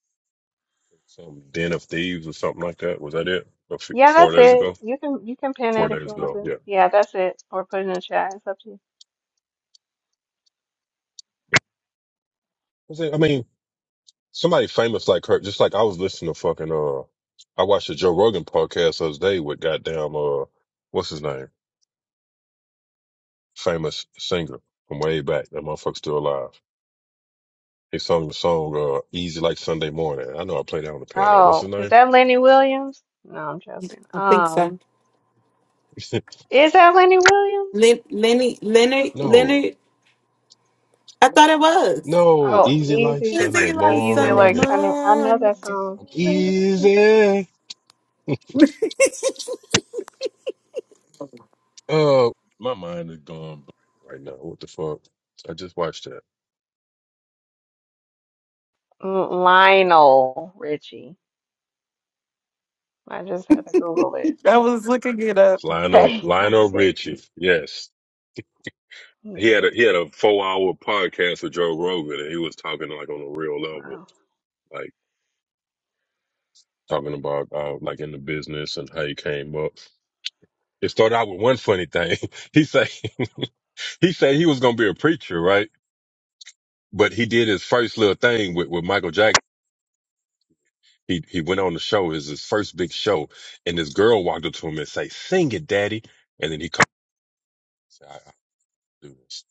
[SPEAKER 3] some den of thieves or something like that. Was that it? A few-
[SPEAKER 1] Yeah,
[SPEAKER 3] Four
[SPEAKER 1] that's
[SPEAKER 3] days
[SPEAKER 1] it.
[SPEAKER 3] ago?
[SPEAKER 1] You can, you can pin
[SPEAKER 3] Four
[SPEAKER 1] it if
[SPEAKER 3] days
[SPEAKER 1] you want
[SPEAKER 3] ago,
[SPEAKER 1] to. Yeah, that's it. Or put it in the chat. It's up to you.
[SPEAKER 3] yeah. Somebody famous like her, just like I was listening to fucking uh, I watched a Joe Rogan podcast the other day with goddamn uh, what's his name, famous singer from way back. That motherfucker's still alive. He sung the song uh, "Easy Like Sunday Morning." I know I played that on the piano. What's his
[SPEAKER 1] Oh, is
[SPEAKER 3] name?
[SPEAKER 1] that Lenny Williams? No, I'm joking.
[SPEAKER 5] I think
[SPEAKER 1] Um,
[SPEAKER 5] so.
[SPEAKER 3] [laughs]
[SPEAKER 1] Is that Lenny Williams?
[SPEAKER 5] Lin- Lenny, Leonard,
[SPEAKER 3] no,
[SPEAKER 5] Leonard. I thought it was.
[SPEAKER 3] no,
[SPEAKER 1] Oh,
[SPEAKER 3] "Easy Like
[SPEAKER 1] easy,
[SPEAKER 3] Sunday
[SPEAKER 5] Easy like
[SPEAKER 1] easy
[SPEAKER 5] Sunday
[SPEAKER 1] like
[SPEAKER 3] Morning."
[SPEAKER 1] Sunny. I know
[SPEAKER 5] morning.
[SPEAKER 1] that song.
[SPEAKER 3] easy. Uh, my mind is gone right now. What the fuck? I just watched that.
[SPEAKER 1] Mm, Lionel Richie. I just had to Google it.
[SPEAKER 5] I was looking it up.
[SPEAKER 3] It's Lionel
[SPEAKER 1] Okay, [laughs] that's
[SPEAKER 3] Lionel
[SPEAKER 1] it.
[SPEAKER 3] Richie. Yes.
[SPEAKER 1] Yeah.
[SPEAKER 3] He had a he had a four hour podcast with Joe Rogan, and he was talking like on a real level,
[SPEAKER 1] Wow.
[SPEAKER 3] like talking about uh, like in the business and how he came up. It started out with one funny thing. [laughs] He say [laughs] he said he was gonna be a preacher, right? But he did his first little thing with, with Michael Jackson. He he went on the show, is his first big show, and this girl walked up to him and say, "Sing it, daddy," and then he called. I, I do this.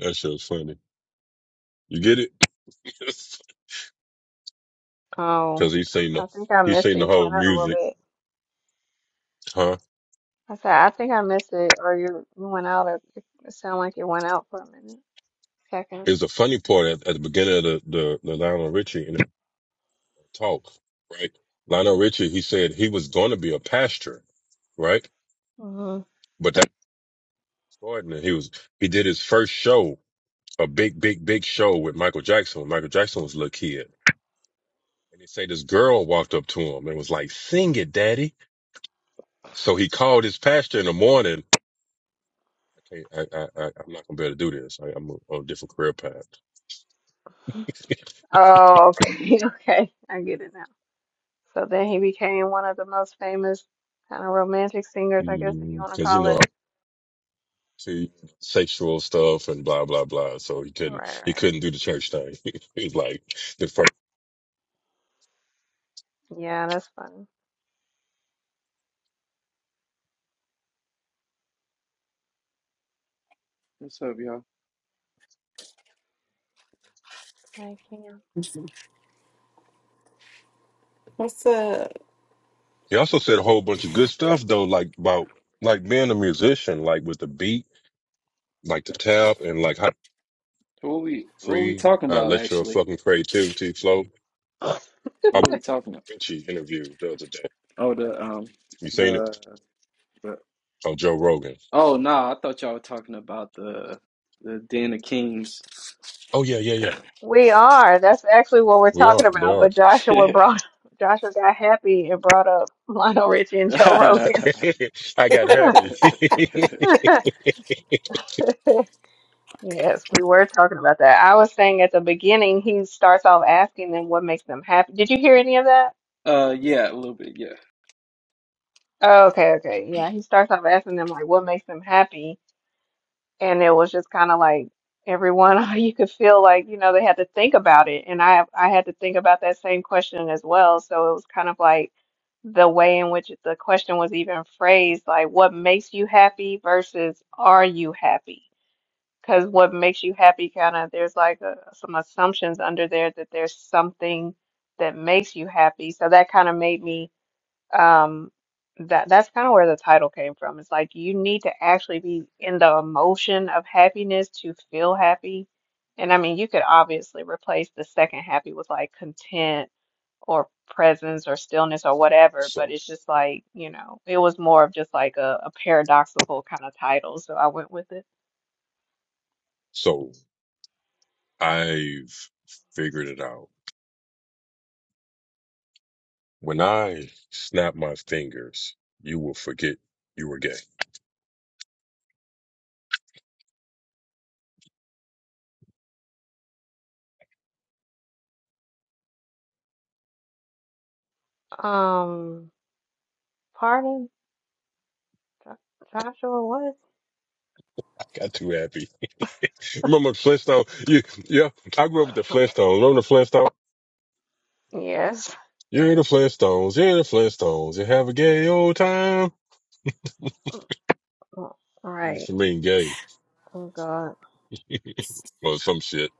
[SPEAKER 3] That shit funny. You get it? [laughs]
[SPEAKER 1] Oh,
[SPEAKER 3] Because he seen
[SPEAKER 1] I
[SPEAKER 3] the
[SPEAKER 1] I think I
[SPEAKER 3] he
[SPEAKER 1] missed
[SPEAKER 3] seen
[SPEAKER 1] it.
[SPEAKER 3] the
[SPEAKER 1] You
[SPEAKER 3] whole
[SPEAKER 1] went out a little
[SPEAKER 3] music,
[SPEAKER 1] bit.
[SPEAKER 3] huh?
[SPEAKER 1] I said I think I missed it, or you you went out. Or it it sounded like you went out for a minute, 2nd
[SPEAKER 3] is a funny part at, at the beginning of the, the, the Lionel Richie in the talk, right? Lionel Richie, he said he was going to be a pastor, right?
[SPEAKER 1] hmm
[SPEAKER 3] But that starting and he was, he did his first show, a big, big, big show with Michael Jackson. when Michael Jackson was a little kid. And they say this girl walked up to him and was like, sing it, daddy. So he called his pastor in the morning. I can't, I, I, I, I'm not going to be able to do this. I, I'm on a different career path. [laughs]
[SPEAKER 1] Oh, okay, [laughs] okay. I get it now. So then he became one of the most famous kind of romantic singers, I guess, if you want to
[SPEAKER 3] Because, you
[SPEAKER 1] call it.
[SPEAKER 3] know, to sexual stuff and blah blah blah. So he couldn't
[SPEAKER 1] Right,
[SPEAKER 3] he
[SPEAKER 1] right.
[SPEAKER 3] couldn't do the church thing. [laughs] He's like the first.
[SPEAKER 1] Yeah, that's fun.
[SPEAKER 6] What's up, y'all?
[SPEAKER 1] I can.
[SPEAKER 5] What's up?
[SPEAKER 3] He also said a whole bunch of good stuff though, like about like being a musician, like with the beat, like the tap, and like how to be
[SPEAKER 6] So What we what we
[SPEAKER 3] free
[SPEAKER 6] talking
[SPEAKER 3] uh,
[SPEAKER 6] about
[SPEAKER 3] let your
[SPEAKER 6] actually?
[SPEAKER 3] fucking creativity flow. How
[SPEAKER 6] What are we talking about?
[SPEAKER 3] Richie interviewed the other day.
[SPEAKER 6] Oh, the um
[SPEAKER 3] You seen it?
[SPEAKER 6] the, the
[SPEAKER 3] Oh, Joe Rogan.
[SPEAKER 6] oh no, I thought y'all were talking about the the Den of Kings.
[SPEAKER 3] Oh yeah, yeah, yeah.
[SPEAKER 1] We are. That's actually what we're
[SPEAKER 3] We
[SPEAKER 1] talking
[SPEAKER 3] are. They
[SPEAKER 1] about.
[SPEAKER 3] are.
[SPEAKER 1] But
[SPEAKER 6] [laughs] uh,
[SPEAKER 1] Joshua brought [laughs] Joshua got happy and brought up [laughs] Lionel Richie and Joe Rogan.
[SPEAKER 3] [laughs] I got happy. [laughs]
[SPEAKER 1] [laughs] Yes, we were talking about that. I was saying at the beginning, he starts off asking them what makes them happy. Did you hear any of that?
[SPEAKER 6] yeah, a little bit. Yeah,
[SPEAKER 1] Oh, okay, okay. Yeah, he starts off asking them like what makes them happy. and it was just kind of like everyone [laughs] you could feel like you know they had to think about it and i i had to think about that same question as well so it was kind of like the way in which the question was even phrased like what makes you happy versus are you happy because what makes you happy kind of there's like a, some assumptions under there that there's something that makes you happy so that kind of made me um, that that's kind of where the title came from. It's like you need to actually be in the emotion of happiness to feel happy. And I mean, you could obviously replace the second happy with like content or presence or stillness or whatever, but
[SPEAKER 3] so
[SPEAKER 1] it's just like, you know, it was more of just like a, a paradoxical kind of title, so I went with it.
[SPEAKER 3] so I've figured it out When I snap my fingers, you will forget you were gay.
[SPEAKER 1] Um, pardon, Jo- Joshua, what?
[SPEAKER 3] [laughs] I got too happy. Remember Flintstone? You, yeah, I grew up with the Flintstones. Remember the Flintstones?
[SPEAKER 1] Yes.
[SPEAKER 3] You're the Flintstones. You're the Flintstones. You have a gay old time.
[SPEAKER 1] Oh,
[SPEAKER 3] You
[SPEAKER 1] Right.
[SPEAKER 3] should mean gay
[SPEAKER 1] Oh God.
[SPEAKER 3] or some shit.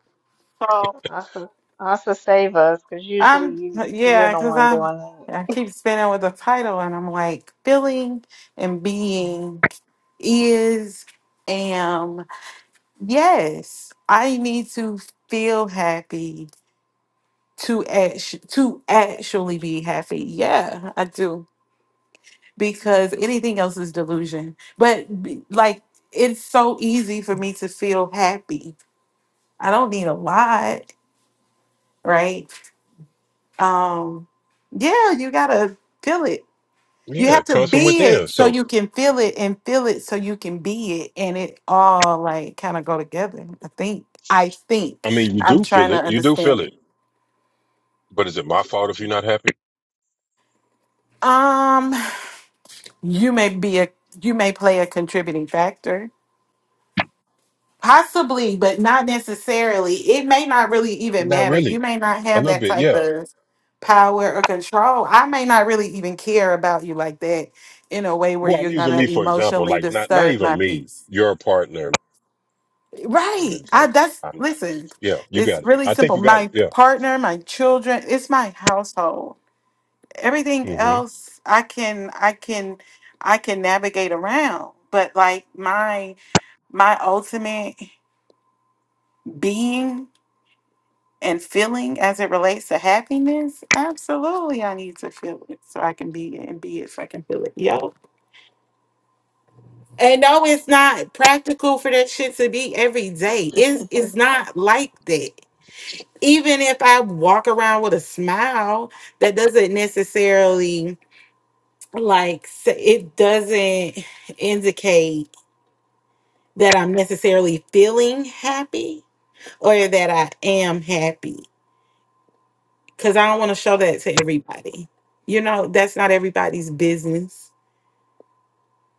[SPEAKER 5] So
[SPEAKER 1] Also, also save us, because usually
[SPEAKER 5] I'm
[SPEAKER 1] you, you're
[SPEAKER 5] yeah,
[SPEAKER 1] the
[SPEAKER 5] cause
[SPEAKER 1] one
[SPEAKER 5] I'm
[SPEAKER 1] doing
[SPEAKER 5] I keep spinning with the title, and I'm like feeling and being is am yes. I need to feel happy to act to actually be happy. Yeah, I do. because anything else is delusion. But b- like it's so easy for me to feel happy. I don't need a lot, right? Um yeah, you got to feel it. You
[SPEAKER 3] Yeah,
[SPEAKER 5] have
[SPEAKER 3] it
[SPEAKER 5] to
[SPEAKER 3] comes from
[SPEAKER 5] be
[SPEAKER 3] within.
[SPEAKER 5] it so
[SPEAKER 3] So,
[SPEAKER 5] you can feel it and feel it so you can be it and it all like kind of go together. I think I think
[SPEAKER 3] I mean, you
[SPEAKER 5] I'm
[SPEAKER 3] do feel
[SPEAKER 5] trying to
[SPEAKER 3] it. You do feel
[SPEAKER 5] understand
[SPEAKER 3] it.
[SPEAKER 5] it.
[SPEAKER 3] But is it my fault if you're not happy?
[SPEAKER 5] Um you may be a you may play a contributing factor Possibly, but not necessarily. It may not really even
[SPEAKER 3] Not
[SPEAKER 5] matter. You
[SPEAKER 3] really.
[SPEAKER 5] may not
[SPEAKER 3] A
[SPEAKER 5] have
[SPEAKER 3] little
[SPEAKER 5] that
[SPEAKER 3] bit,
[SPEAKER 5] type
[SPEAKER 3] yeah.
[SPEAKER 5] of power or control. I may not really even care about you like that in a way where
[SPEAKER 3] Well, I'm
[SPEAKER 5] you're
[SPEAKER 3] using
[SPEAKER 5] gonna
[SPEAKER 3] me for example.
[SPEAKER 5] emotionally
[SPEAKER 3] Like, not not
[SPEAKER 5] disturb my
[SPEAKER 3] even me.
[SPEAKER 5] peace.
[SPEAKER 3] Your partner,
[SPEAKER 5] Right.
[SPEAKER 3] Raymond.
[SPEAKER 5] I
[SPEAKER 3] Like,
[SPEAKER 5] that's
[SPEAKER 3] I'm,
[SPEAKER 5] listen,
[SPEAKER 3] yeah, you
[SPEAKER 5] it's
[SPEAKER 3] got it.
[SPEAKER 5] really
[SPEAKER 3] I think
[SPEAKER 5] simple.
[SPEAKER 3] you got it.
[SPEAKER 5] My
[SPEAKER 3] Yeah.
[SPEAKER 5] partner, my children, it's my household. Everything
[SPEAKER 3] hmm
[SPEAKER 5] else I can I can I can navigate around. But like my my ultimate being and feeling as it relates to happiness, absolutely I need to feel it so I can be it and be it so I can feel it. Yo. And no, it's not practical for that shit to be every day.
[SPEAKER 1] it. [laughs]
[SPEAKER 5] It's it's not like that. Even if I walk around with a smile, that doesn't necessarily like s- it doesn't indicate that I'm necessarily feeling happy or that I am happy because I don't want to show that to everybody. You know, that's not everybody's business.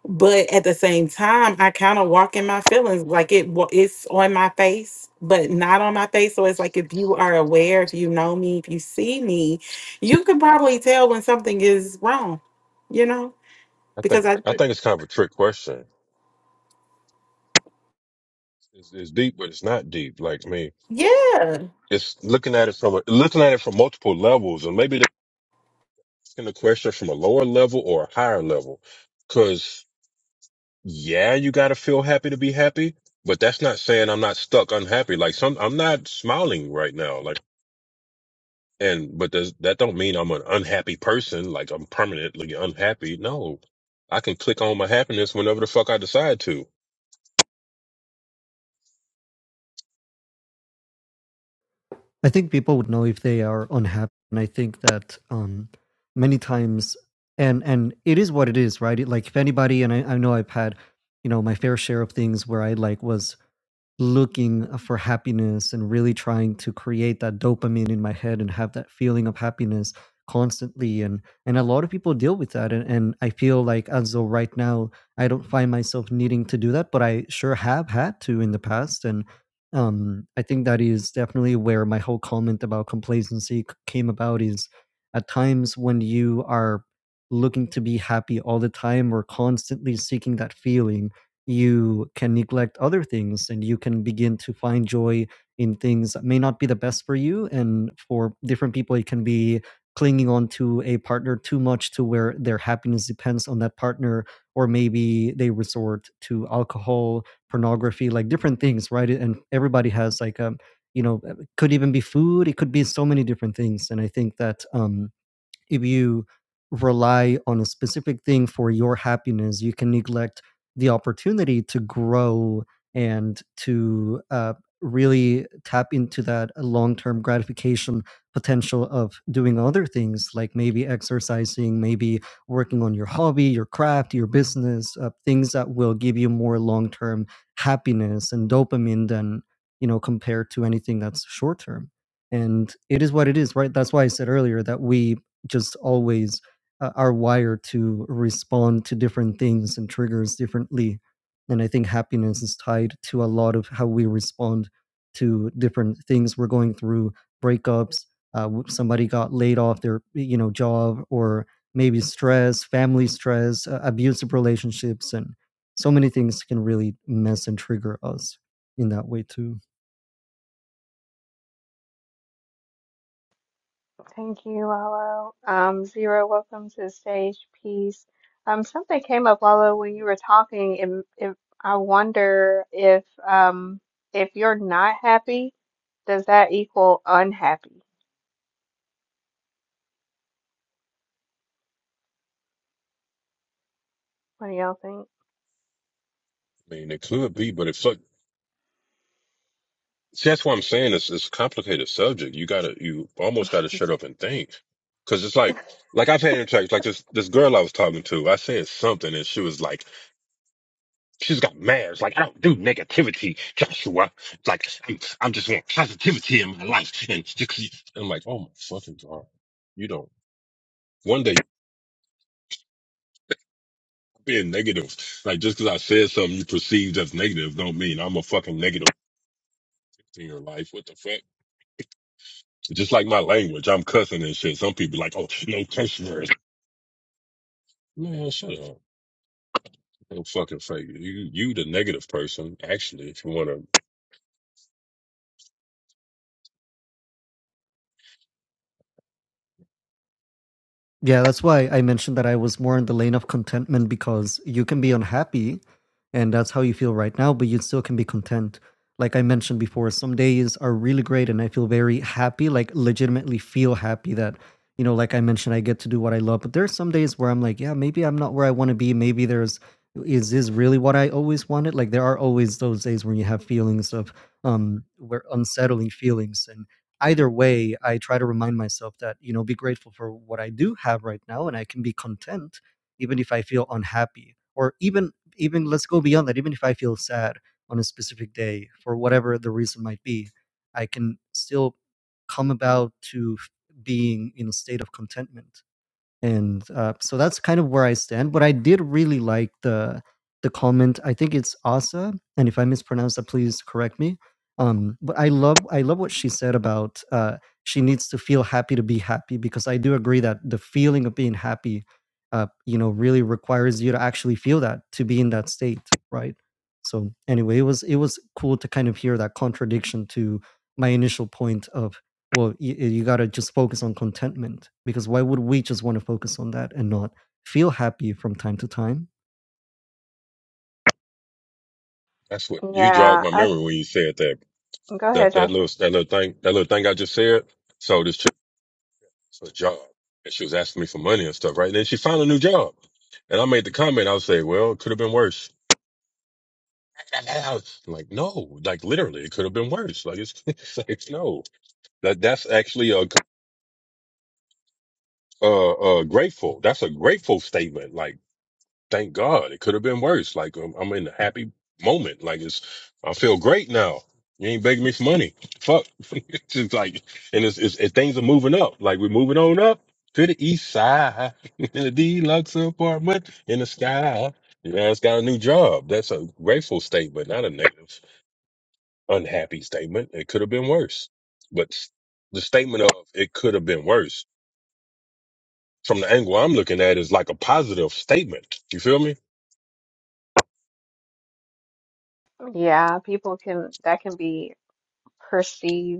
[SPEAKER 5] But at the same time, I kind of walk in my feelings, like it wa- it's on my face, but not on my face. So it's like if you are aware, if you know me, if you see me, you can probably tell when something is wrong. You know,
[SPEAKER 3] I think
[SPEAKER 5] because I
[SPEAKER 3] I think it's kind of a trick question. It's, it's deep, but it's not deep. Like I mean,
[SPEAKER 5] yeah
[SPEAKER 3] it's looking at it from a, looking at it from multiple levels, and maybe they're asking the question from a lower level or a higher level. Because yeah, you got to feel happy to be happy, but that's not saying I'm not stuck unhappy. Like some, I'm not smiling right now. Like and but does that don't mean I'm an unhappy person? Like I'm permanently unhappy. No, I can click on my happiness whenever the fuck I decide to.
[SPEAKER 4] I think people would know if they are unhappy, and I think that um, many times, and and it is what it is, right? It, like if anybody, and I, I know I've had, you know, my fair share of things where I like was looking uh, for happiness and really trying to create that dopamine in my head and have that feeling of happiness constantly and and a lot of people deal with that and, and i feel like as though right now i don't find myself needing to do that but i sure have had to in the past and um i think that is definitely where my whole comment about complacency c- came about is at times when you are looking to be happy all the time or constantly seeking that feeling you can neglect other things and you can begin to find joy in things that may not be the best for you. And for different people, it can be clinging on to a partner too much to where their happiness depends on that partner, or maybe they resort to alcohol, pornography, like different things, right? And everybody has like um, you know, uh, could even be food, it could be so many different things. And I think that um if you rely on a specific thing for your happiness, you can neglect the opportunity to grow and to uh, really tap into that long term gratification potential of doing other things like maybe exercising, maybe working on your hobby, your craft, your business, uh, things that will give you more long term happiness and dopamine than, you know, compared to anything that's short term. And it is what it is, right? That's why I said earlier that we just always uh, are wired to respond to different things and triggers differently. And I think happiness is tied to a lot of how we respond to different things we're going through, breakups, uh, w- somebody got laid off their you know job, or maybe stress, family stress, uh, abusive relationships, and so many things can really mess and trigger us in that way too.
[SPEAKER 1] Thank you, Lalo. Um, Zero, welcome to the stage. Peace. Um, something came up, Lalo, when you were talking. If, if I wonder if um if you're not happy, does that equal unhappy? What do y'all
[SPEAKER 3] I mean, it could be, but if so, See, that's what I'm saying. It's it's a complicated subject. You gotta you almost gotta
[SPEAKER 1] think? [laughs]
[SPEAKER 3] shut up and think. Cause it's like like I've had interactions like this this girl I was talking to, I said something and she was like she's got mad. It's like I don't do negativity, Joshua. Like I'm, I'm just want positivity in my life. And just, I'm like, oh my fucking God. You don't one day you're being negative. Like just cause I said something you perceived as negative don't mean I'm a fucking negative in your life. What the fuck? Just like my language, I'm cussing and shit. Some people like, oh, no curse words. Man, shut up. No fucking fake. You you the negative person, actually, if you wanna
[SPEAKER 4] Yeah, that's why I mentioned that I was more in the lane of contentment because you can be unhappy and that's how you feel right now, but you still can be content. Like I mentioned before, some days are really great and I feel very happy, like legitimately feel happy that, you know, like I mentioned, I get to do what I love. But there are some days where I'm like, yeah, maybe I'm not where I want to be. Maybe there's, is this really what I always wanted? Like there are always those days when you have feelings of, um, where unsettling feelings and either way, I try to remind myself that, you know, be grateful for what I do have right now and I can be content even if I feel unhappy or even even let's go beyond that, even if I feel sad on a specific day for whatever the reason might be, I can still come about to f- being in a state of contentment and, uh, so that's kind of where I stand, but I did really like the the comment, I think it's Asa, and if I mispronounce that, please correct me. Um, but I love I love what she said about, uh, she needs to feel happy to be happy because I do agree that the feeling of being happy, uh, you know, really requires you to actually feel that, to be in that state, right? So anyway, it was it was cool to kind of hear that contradiction to my initial point of well you, you got to just focus on contentment because why would we just want to focus on that and not feel happy from time to time
[SPEAKER 3] that's what you jogged
[SPEAKER 1] Yeah,
[SPEAKER 3] my
[SPEAKER 1] I
[SPEAKER 3] memory when you said that.
[SPEAKER 1] go
[SPEAKER 3] That
[SPEAKER 1] ahead,
[SPEAKER 3] that
[SPEAKER 1] Josh.
[SPEAKER 3] little that little thing that little thing I just said. So this chick was a job and she was asking me for money and stuff, right? And then she found a new job. And I made the comment, I was say, Well, it could have been worse. [laughs] And I was like, no, like literally it could have been worse. Like it's, [laughs] it's like no. That that's actually a uh uh grateful. That's a grateful statement. Like thank God. It could have been worse. Like I'm, I'm in a happy moment. Like it's, I feel great now. You ain't begging me for money. Fuck. [laughs] it's just like, and it's, it's and things are moving up. Like we're moving on up to the east side [laughs] in a deluxe apartment in the sky. You know, it's got a new job. That's a grateful statement, not a negative, unhappy statement. It could have been worse. But s- the statement of it could have been worse from the angle I'm looking at is like a positive statement. You feel me?
[SPEAKER 1] Yeah, people can that can be perceived.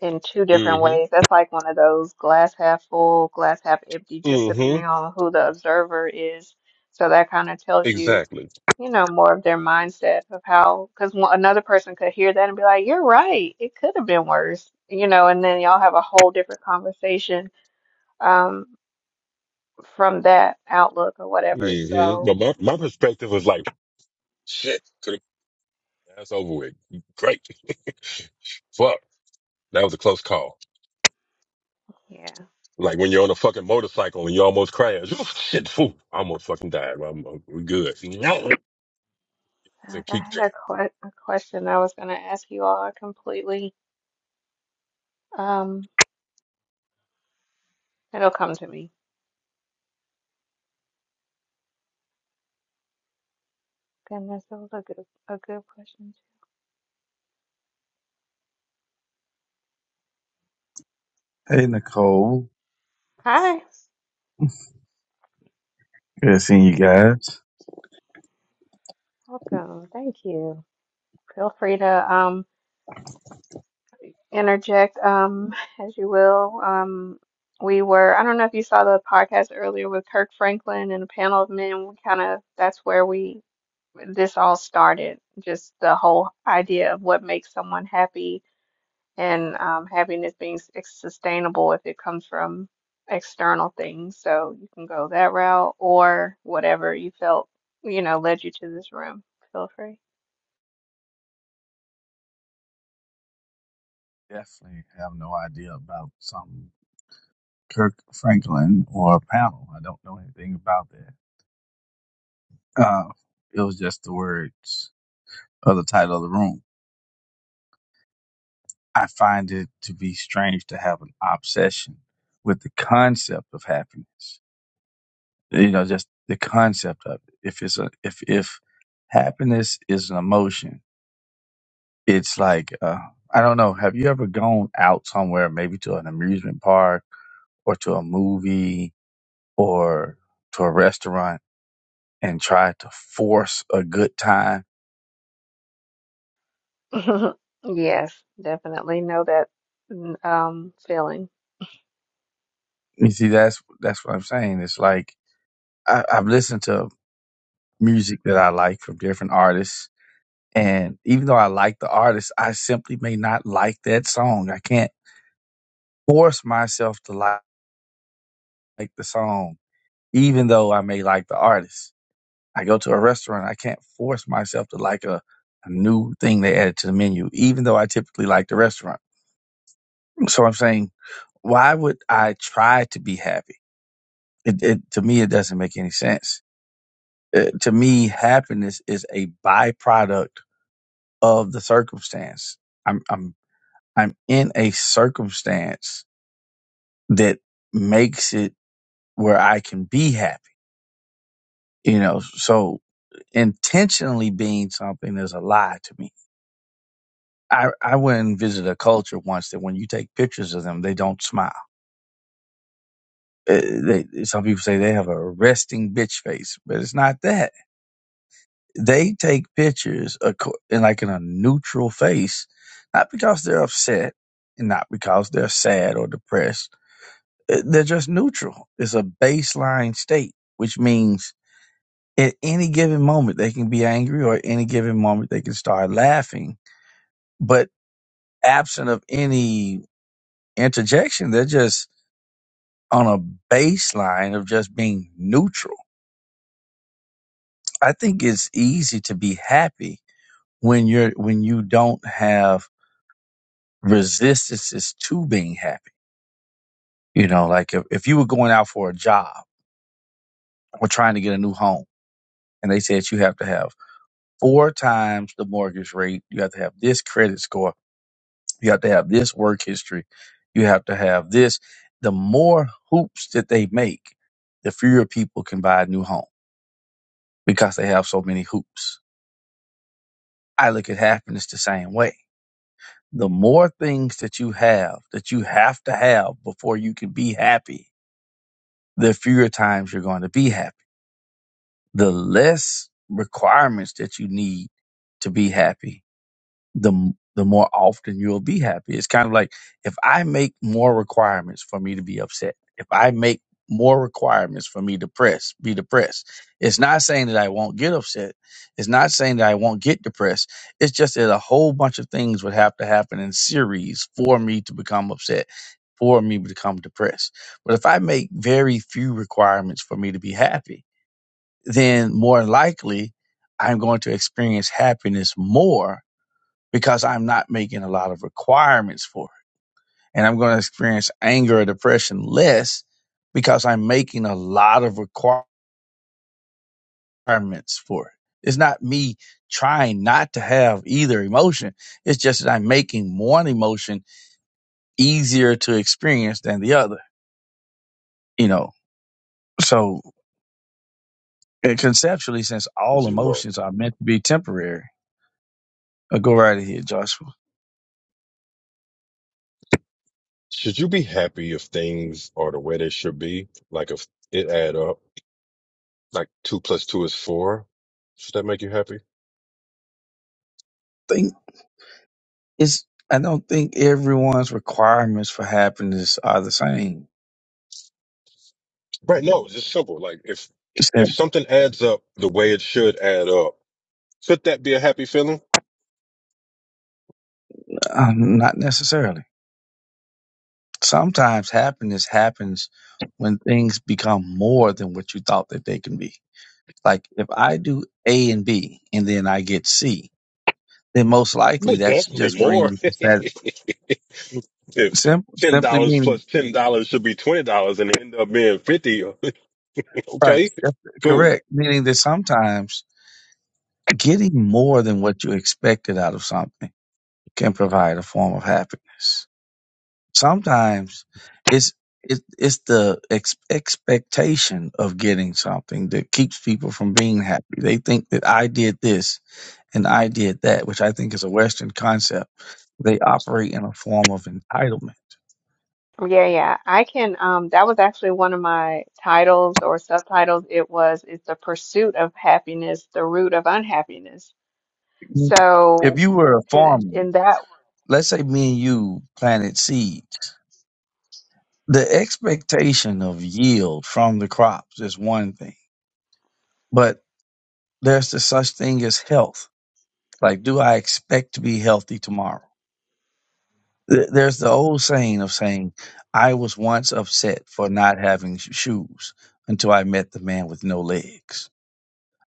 [SPEAKER 1] in two different ways. That's like one of those glass half full, glass half empty, just
[SPEAKER 3] Mm-hmm.
[SPEAKER 1] depending on who the observer is. So that kind of tells you,
[SPEAKER 3] Exactly.
[SPEAKER 1] you know, more of their mindset of how, because another person could hear that and be like, "You're right. It could have been worse," you know, and then y'all have a whole different conversation um, from that outlook or whatever.
[SPEAKER 3] hmm But
[SPEAKER 1] So
[SPEAKER 3] my, my perspective was like, shit, could have that's over with. Great. Fuck. That was a close call.
[SPEAKER 1] yeah,
[SPEAKER 3] Like when you're on a fucking motorcycle and you almost crash. [laughs] shit, phew, I almost fucking died. but I'm, I'm- we're good. [laughs] No, And
[SPEAKER 1] Like, I
[SPEAKER 3] keep
[SPEAKER 1] had
[SPEAKER 3] driving.
[SPEAKER 1] a, que a question I was gonna ask you all I completely. Um, it'll come to me. Goodness, that was a good a good question.
[SPEAKER 7] Hey Nicole,
[SPEAKER 1] Hi,
[SPEAKER 7] good seeing you guys.
[SPEAKER 1] welcome. Thank you. Feel free to um interject um [laughs] as you will. Um we were, I don't know if you saw the podcast earlier with Kirk Franklin and a panel of men. We kind of that's where we this all started. Just the whole idea of what makes someone happy and um happiness being s- sustainable if it comes from external things. So you can go that route or whatever you felt, you know, led you to this room. Feel free.
[SPEAKER 7] Definitely have no idea about some Kirk Franklin or panel. I don't know anything about that. Uh, it was just the words of the title of the room. I find it to be strange to have an obsession with the concept of happiness. You know, just the concept of it. If it's a, if if happiness is an emotion, it's like uh, I don't know. Have you ever gone out somewhere, maybe to an amusement park or to a movie or to a restaurant, and tried to force a good time?
[SPEAKER 1] [laughs] Yes, definitely know that mm, um feeling.
[SPEAKER 7] You see, that's that's what I'm saying. It's like I, I've listened to music that I like from different artists And even though I like the artist, I simply may not like that song. I can't force myself to li- like the song, even though I may like the artist. I go to a restaurant, I can't force myself to like a, a new thing they added to the menu, even though I typically like the restaurant. So I'm saying, why would I try to be happy? It, it, to me, it doesn't make any sense. Uh, to me, happiness is a byproduct of the circumstance. I'm, I'm, I'm in a circumstance that makes it where I can be happy, you know. So intentionally being something is a lie to me. I, I went and visited a culture once that when you take pictures of them, they don't smile. Uh, They, some people say they have a resting bitch face, but it's not that. They take pictures acco- in like in a neutral face, not because they're upset and not because they're sad or depressed. Uh, They're just neutral. It's a baseline state, which means at any given moment they can be angry or at any given moment they can start laughing but absent of any interjection they're just on a baseline of just being neutral i think it's easy to be happy when you're when you don't have resistances to being happy you know like if, if you were going out for a job or trying to get a new home and they said you have to have four times the mortgage rate you have to have this credit score You have to have this work history. You have to have this. The more hoops that they make, the fewer people can buy a new home because they have so many hoops. I look at happiness the same way. The more things that you have that you have to have before you can be happy, the fewer times you're going to be happy. The less requirements that you need to be happy the the more often you'll be happy. It's kind of like if I make more requirements for me to be upset, if I make more requirements for me to press, be depressed. It's not saying that I won't get upset. It's not saying that I won't get depressed. It's just that a whole bunch of things would have to happen in series for me to become upset, for me to become depressed. But if I make very few requirements for me to be happy, then more likely I'm going to experience happiness more because I'm not making a lot of requirements for it. And I'm going to experience anger or depression less because I'm making a lot of requirements for it. It's not me trying not to have either emotion. It's just that I'm making one emotion easier to experience than the other, you know. So and conceptually, since all
[SPEAKER 3] Zero.
[SPEAKER 7] emotions are meant to be temporary, i go right ahead, Joshua.
[SPEAKER 3] Should you be happy if things are the way they should be? Like if it add up, like two plus two is four. Should that make you happy?
[SPEAKER 7] Think is I don't think everyone's requirements for happiness are the same
[SPEAKER 3] Right. No, it's just simple. Like if, if something adds up the way it should add up, should that be a happy feeling?
[SPEAKER 7] Um, not necessarily. Sometimes happiness happens when things become more than what you thought that they can be. Like if I do A and B and then I get C, then most likely
[SPEAKER 3] Well,
[SPEAKER 7] that should
[SPEAKER 3] definitely
[SPEAKER 7] just bring
[SPEAKER 3] more.
[SPEAKER 7] me
[SPEAKER 3] [laughs]
[SPEAKER 7] to that
[SPEAKER 3] if
[SPEAKER 7] simple,
[SPEAKER 3] ten
[SPEAKER 7] simply
[SPEAKER 3] dollars
[SPEAKER 7] meaning
[SPEAKER 3] plus ten dollars should be twenty dollars and it end up being fifty, [laughs]
[SPEAKER 7] right,
[SPEAKER 3] okay,
[SPEAKER 7] that's
[SPEAKER 3] cool.
[SPEAKER 7] correct. Meaning that sometimes getting more than what you expected out of something can provide a form of happiness. Sometimes it's it, it's the ex- expectation of getting something that keeps people from being happy. They think that I did this and I did that, which I think is a Western concept. They operate in a form of entitlement.
[SPEAKER 1] Yeah, yeah. I can um that was actually one of my titles or subtitles. It was it's the pursuit of happiness, the root of unhappiness.
[SPEAKER 7] If
[SPEAKER 1] So
[SPEAKER 7] you were a
[SPEAKER 1] in,
[SPEAKER 7] farmer,
[SPEAKER 1] in that
[SPEAKER 7] let's say me and you planted seeds, the expectation of yield from the crops is one thing, but there's the such thing as health. Like, do I expect to be healthy tomorrow? Th- There's the old saying of saying, I was once upset for not having sh- shoes until I met the man with no legs.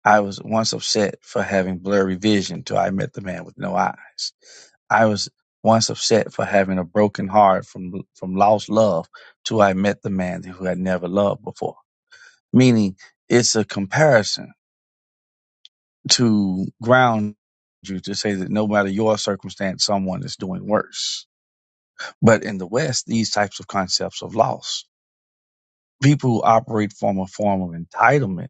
[SPEAKER 7] I was once upset for having blurry vision until I met the man with no eyes. I was once upset for having a broken heart from, from lost love till I met the man who had never loved before. Meaning it's a comparison to ground you to say that no matter your circumstance, someone is doing worse But in the West, these types of concepts of loss, people who operate from a form of entitlement,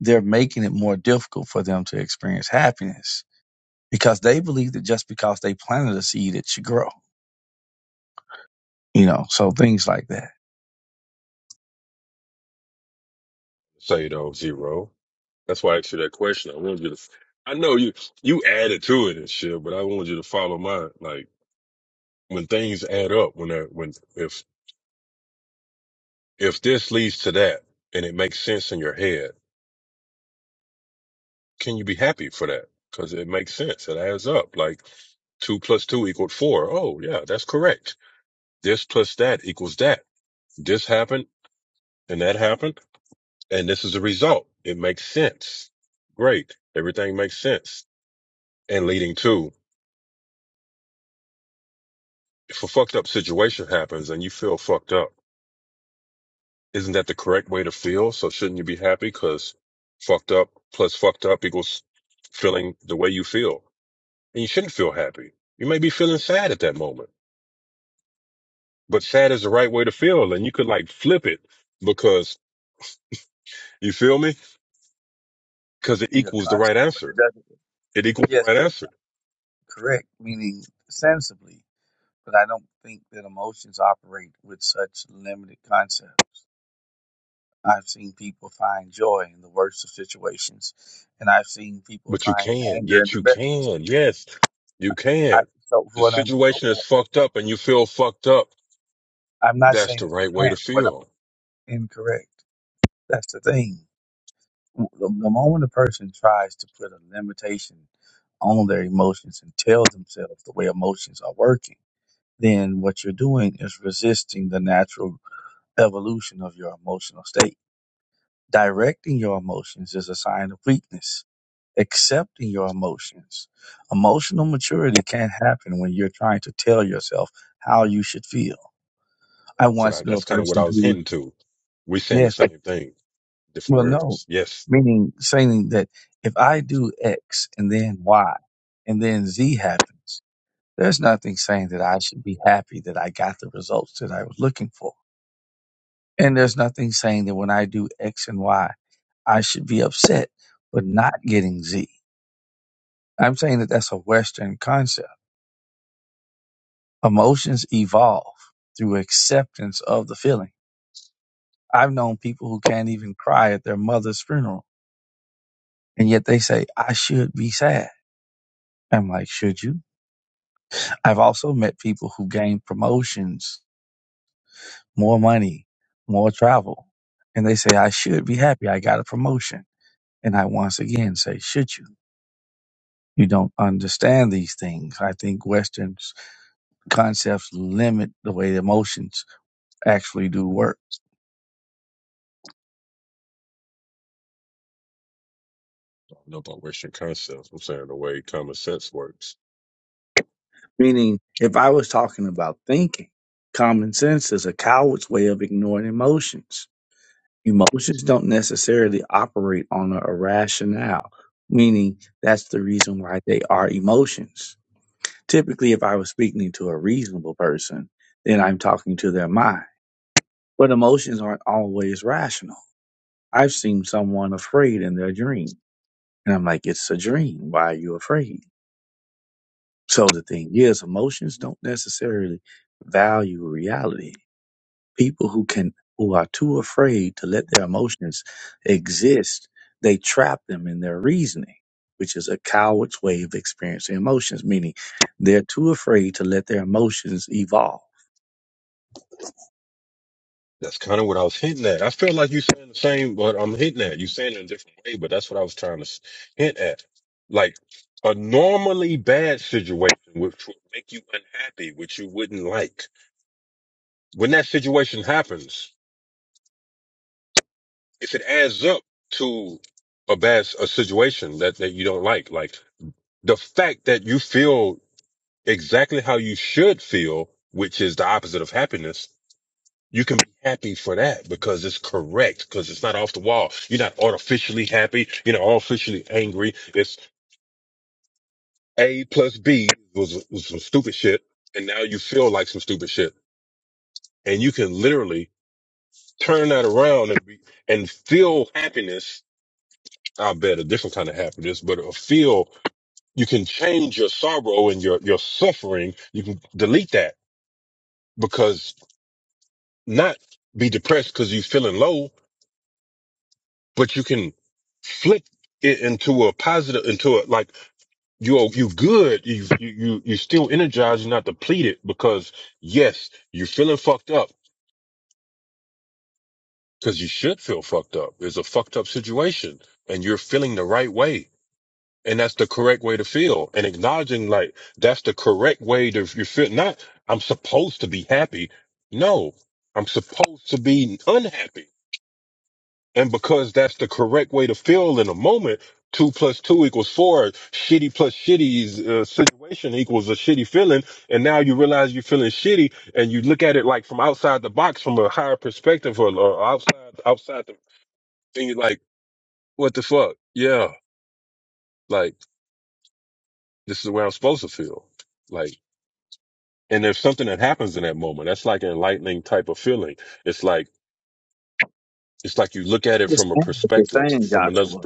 [SPEAKER 7] they're making it more difficult for them to experience happiness because they believe that just because they planted a seed, it should grow, you know, so things like that.
[SPEAKER 3] Say though zero. That's why I asked you that question. I wanted you to. I know you you added to it and shit, but I wanted you to follow mine. Like when things add up, when that when if if this leads to that and it makes sense in your head, can you be happy for that? Because it makes sense. It adds up. Like two plus two equaled four. Oh yeah, that's correct This plus that equals that. This happened and that happened, and this is the result. It makes sense. Great. Everything makes sense. And leading to, if a fucked up situation happens and you feel fucked up, isn't that the correct way to feel? So shouldn't you be happy? Cause fucked up plus fucked up equals feeling the way you feel. And you shouldn't feel happy. You may be feeling sad at that moment, but sad is the right way to feel. And you could like flip it because you feel me? Cause it
[SPEAKER 7] And your
[SPEAKER 3] equals the
[SPEAKER 7] concept,
[SPEAKER 3] right
[SPEAKER 7] but
[SPEAKER 3] answer.
[SPEAKER 7] it doesn't,
[SPEAKER 3] It equals the
[SPEAKER 7] yes,
[SPEAKER 3] right
[SPEAKER 7] but
[SPEAKER 3] answer.
[SPEAKER 7] correct, meaning sensibly. but I don't think that emotions operate with such limited concept. I've seen people find joy in the worst of situations, and I've seen people
[SPEAKER 3] But you
[SPEAKER 7] find
[SPEAKER 3] can.
[SPEAKER 7] anger in
[SPEAKER 3] Yet
[SPEAKER 7] the
[SPEAKER 3] you
[SPEAKER 7] best of
[SPEAKER 3] can.
[SPEAKER 7] situations.
[SPEAKER 3] Yes, you
[SPEAKER 7] I,
[SPEAKER 3] can.
[SPEAKER 7] so
[SPEAKER 3] The
[SPEAKER 7] what I'm
[SPEAKER 3] situation is fucked up and you feel fucked up.
[SPEAKER 7] I'm not
[SPEAKER 3] That's
[SPEAKER 7] saying
[SPEAKER 3] the
[SPEAKER 7] that you
[SPEAKER 3] right way to
[SPEAKER 7] can't, but
[SPEAKER 3] feel.
[SPEAKER 7] I'm incorrect. That's the thing. The, the moment a person tries to put a limitation on their emotions and tell themselves the way emotions are working, then what you're doing is resisting the natural evolution of your emotional state Directing your emotions is a sign of weakness. Accepting your emotions. Emotional maturity can't happen when you're trying to tell yourself how you should feel. I
[SPEAKER 3] That's what
[SPEAKER 7] once
[SPEAKER 3] I,
[SPEAKER 7] knew a
[SPEAKER 3] that's kind of what
[SPEAKER 7] person
[SPEAKER 3] I was
[SPEAKER 7] who,
[SPEAKER 3] hinting to. We saying the
[SPEAKER 7] yes, but,
[SPEAKER 3] same thing, different
[SPEAKER 7] well, no,
[SPEAKER 3] words. Yes,
[SPEAKER 7] meaning saying that if I do X and then Y and then Z happens, there's nothing saying that I should be happy that I got the results that I was looking for. And there's nothing saying that when I do X and Y, I should be upset for not getting Z. I'm saying that that's a Western concept. Emotions evolve through acceptance of the feeling. I've known people who can't even cry at their mother's funeral, and yet they say, I should be sad. I'm like, should you? I've also met people who gain promotions, more money, more travel, and they say, I should be happy. I got a promotion. And I once again say, should you? You don't understand these things. I think Western concepts limit the way emotions actually do work.
[SPEAKER 3] I don't know about Western concepts. I'm saying the way common sense works.
[SPEAKER 7] Meaning, if I was talking about thinking, common sense is a coward's way of ignoring emotions. Emotions don't necessarily operate on a, a rationale, meaning that's the reason why they are emotions. Typically, if I was speaking to a reasonable person, then I'm talking to their mind. But emotions aren't always rational. I've seen someone afraid in their dream, and I'm like, it's a dream. Why are you afraid? So the thing is, emotions don't necessarily value reality people who can who are too afraid to let their emotions exist they trap them in their reasoning which is a coward's way of experiencing emotions meaning they're too afraid to let their emotions evolve
[SPEAKER 3] That's kind of what I was hinting at. I feel like you saying the same, but I'm hitting at you saying it in a different way. But that's what I was trying to s- hint at. Like a normally bad situation, which would make you unhappy, which you wouldn't like when that situation happens, if it adds up to a bad s- a situation that that you don't like, like the fact that you feel exactly how you should feel, which is the opposite of happiness, you can be happy for that because it's correct, because it's not off the wall. You're not artificially happy. You're not artificially angry. It's A plus B was, was some stupid shit, and now you feel like some stupid shit, and you can literally turn that around and be and feel happiness I'll bet a different kind of happiness, but a feel you can change your sorrow and your, your suffering. You can delete that because not be depressed because you're feeling low, but you can flip it into a positive, into a, like you're, you good. You, you, you, you still energized. You're not depleted because yes, you're feeling fucked up because you should feel fucked up. It's a fucked up situation and you're feeling the right way and that's the correct way to feel and acknowledging like that's the correct way to you feel not i'm supposed to be happy no i'm supposed to be unhappy and because that's the correct way to feel in a moment two plus two equals four shitty plus shitty uh, situation equals a shitty feeling and now you realize you're feeling shitty and you look at it like from outside the box from a higher perspective or, or outside outside the thing you're like what the fuck yeah like this is the way i'm supposed to feel like and there's something that happens in that moment that's like an enlightening type of feeling it's like it's like you look at
[SPEAKER 7] I
[SPEAKER 3] it from a
[SPEAKER 7] understand what you're
[SPEAKER 3] perspective
[SPEAKER 7] saying
[SPEAKER 3] from another
[SPEAKER 7] joshua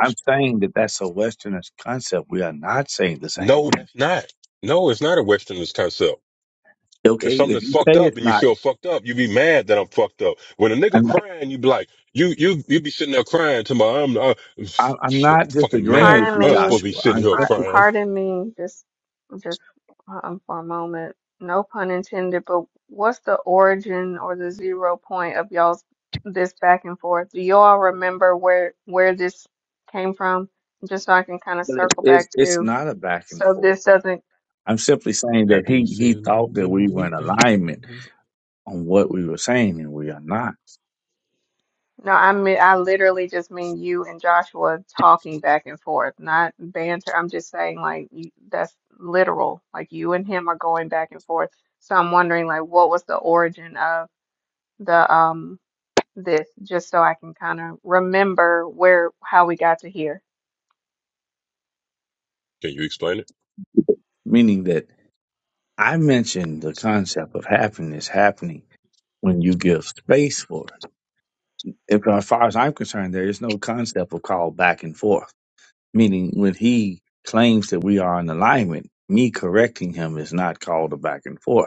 [SPEAKER 7] i'm saying that that's a westernist concept we are not saying the same
[SPEAKER 3] no
[SPEAKER 7] thing
[SPEAKER 3] that's not no it's not a westernist concept if
[SPEAKER 7] okay
[SPEAKER 3] something
[SPEAKER 7] if
[SPEAKER 3] is
[SPEAKER 7] you say
[SPEAKER 3] fucked
[SPEAKER 7] it's
[SPEAKER 3] up and you
[SPEAKER 7] not
[SPEAKER 3] feel fucked up you be mad that i'm fucked up when a nigga
[SPEAKER 7] i'm
[SPEAKER 3] crying you be like you you you be sitting there crying to my i'm uh,
[SPEAKER 7] I- i'm
[SPEAKER 3] shit, i'm
[SPEAKER 7] not
[SPEAKER 3] fucking
[SPEAKER 7] disagreeing
[SPEAKER 3] mad
[SPEAKER 7] with
[SPEAKER 1] Pardon
[SPEAKER 7] you
[SPEAKER 3] i'm not supposed
[SPEAKER 1] me,
[SPEAKER 3] to be
[SPEAKER 7] joshua
[SPEAKER 3] sitting
[SPEAKER 7] i'm
[SPEAKER 3] here
[SPEAKER 1] par-
[SPEAKER 7] simply
[SPEAKER 3] crying
[SPEAKER 1] pardon me, just just um, for a moment. No pun intended, but what's the origin or the zero point of y'all's this back and forth? Do y'all remember where where this came from? Just so I can kind of circle
[SPEAKER 7] it's
[SPEAKER 1] back
[SPEAKER 7] it's
[SPEAKER 1] to,
[SPEAKER 7] not a back and
[SPEAKER 1] so
[SPEAKER 7] forth
[SPEAKER 1] this doesn't
[SPEAKER 7] I'm simply saying that he
[SPEAKER 3] happy
[SPEAKER 7] he thought
[SPEAKER 3] feelings
[SPEAKER 7] that
[SPEAKER 3] in
[SPEAKER 7] we were
[SPEAKER 3] the
[SPEAKER 7] in
[SPEAKER 3] air.
[SPEAKER 7] alignment on what we were saying, and we are not.
[SPEAKER 1] No, I mean, I literally just mean you and Joshua talking back and forth, not banter. I'm just saying, like, you, that's literal. Like, you and him are going back and forth. So I'm wondering, like, what was the origin of the um this, just so I can kind of remember where how we got to here.
[SPEAKER 3] can you explain it
[SPEAKER 7] Meaning that I mentioned the concept of happiness happening when you give space for it. If, as far as I'm concerned, there is no concept of call back and forth. Meaning when he claims that we are in alignment, me correcting him is not called a back and forth.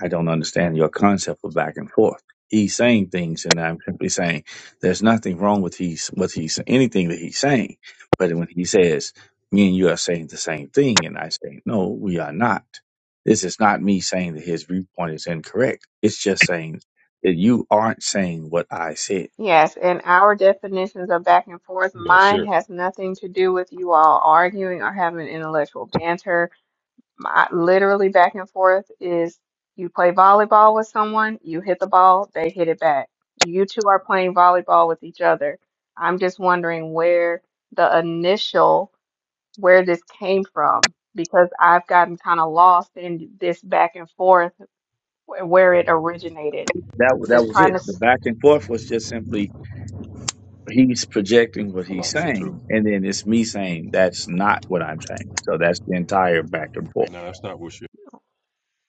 [SPEAKER 7] I don't understand your concept of back and forth. He's saying things, and I'm simply saying there's nothing wrong with he's what he's anything that he's saying. But when he says me and you are saying the same thing, and I say no, we are not. This is not me saying that his viewpoint is incorrect. It's just saying that you aren't saying what I said.
[SPEAKER 1] Yes, and our definitions of back and forth,
[SPEAKER 3] no
[SPEAKER 1] mine
[SPEAKER 3] sure
[SPEAKER 1] has nothing to do with you all arguing or having intellectual banter. my literally back and forth is you play volleyball with someone, you hit the ball, they hit it back. You two are playing volleyball with each other. I'm just wondering where the initial, where this came from, because I've gotten kind of lost in this back and forth wh- where it originated.
[SPEAKER 7] That wa- that
[SPEAKER 1] Just
[SPEAKER 7] was
[SPEAKER 1] trying
[SPEAKER 7] it.
[SPEAKER 1] to,
[SPEAKER 7] The
[SPEAKER 1] s-
[SPEAKER 7] back and forth was just simply he's projecting what
[SPEAKER 3] i
[SPEAKER 7] he's
[SPEAKER 3] lost it
[SPEAKER 7] saying,
[SPEAKER 3] too
[SPEAKER 7] and then it's me saying that's not what I'm saying. So that's the entire back and forth.
[SPEAKER 3] no that's not what you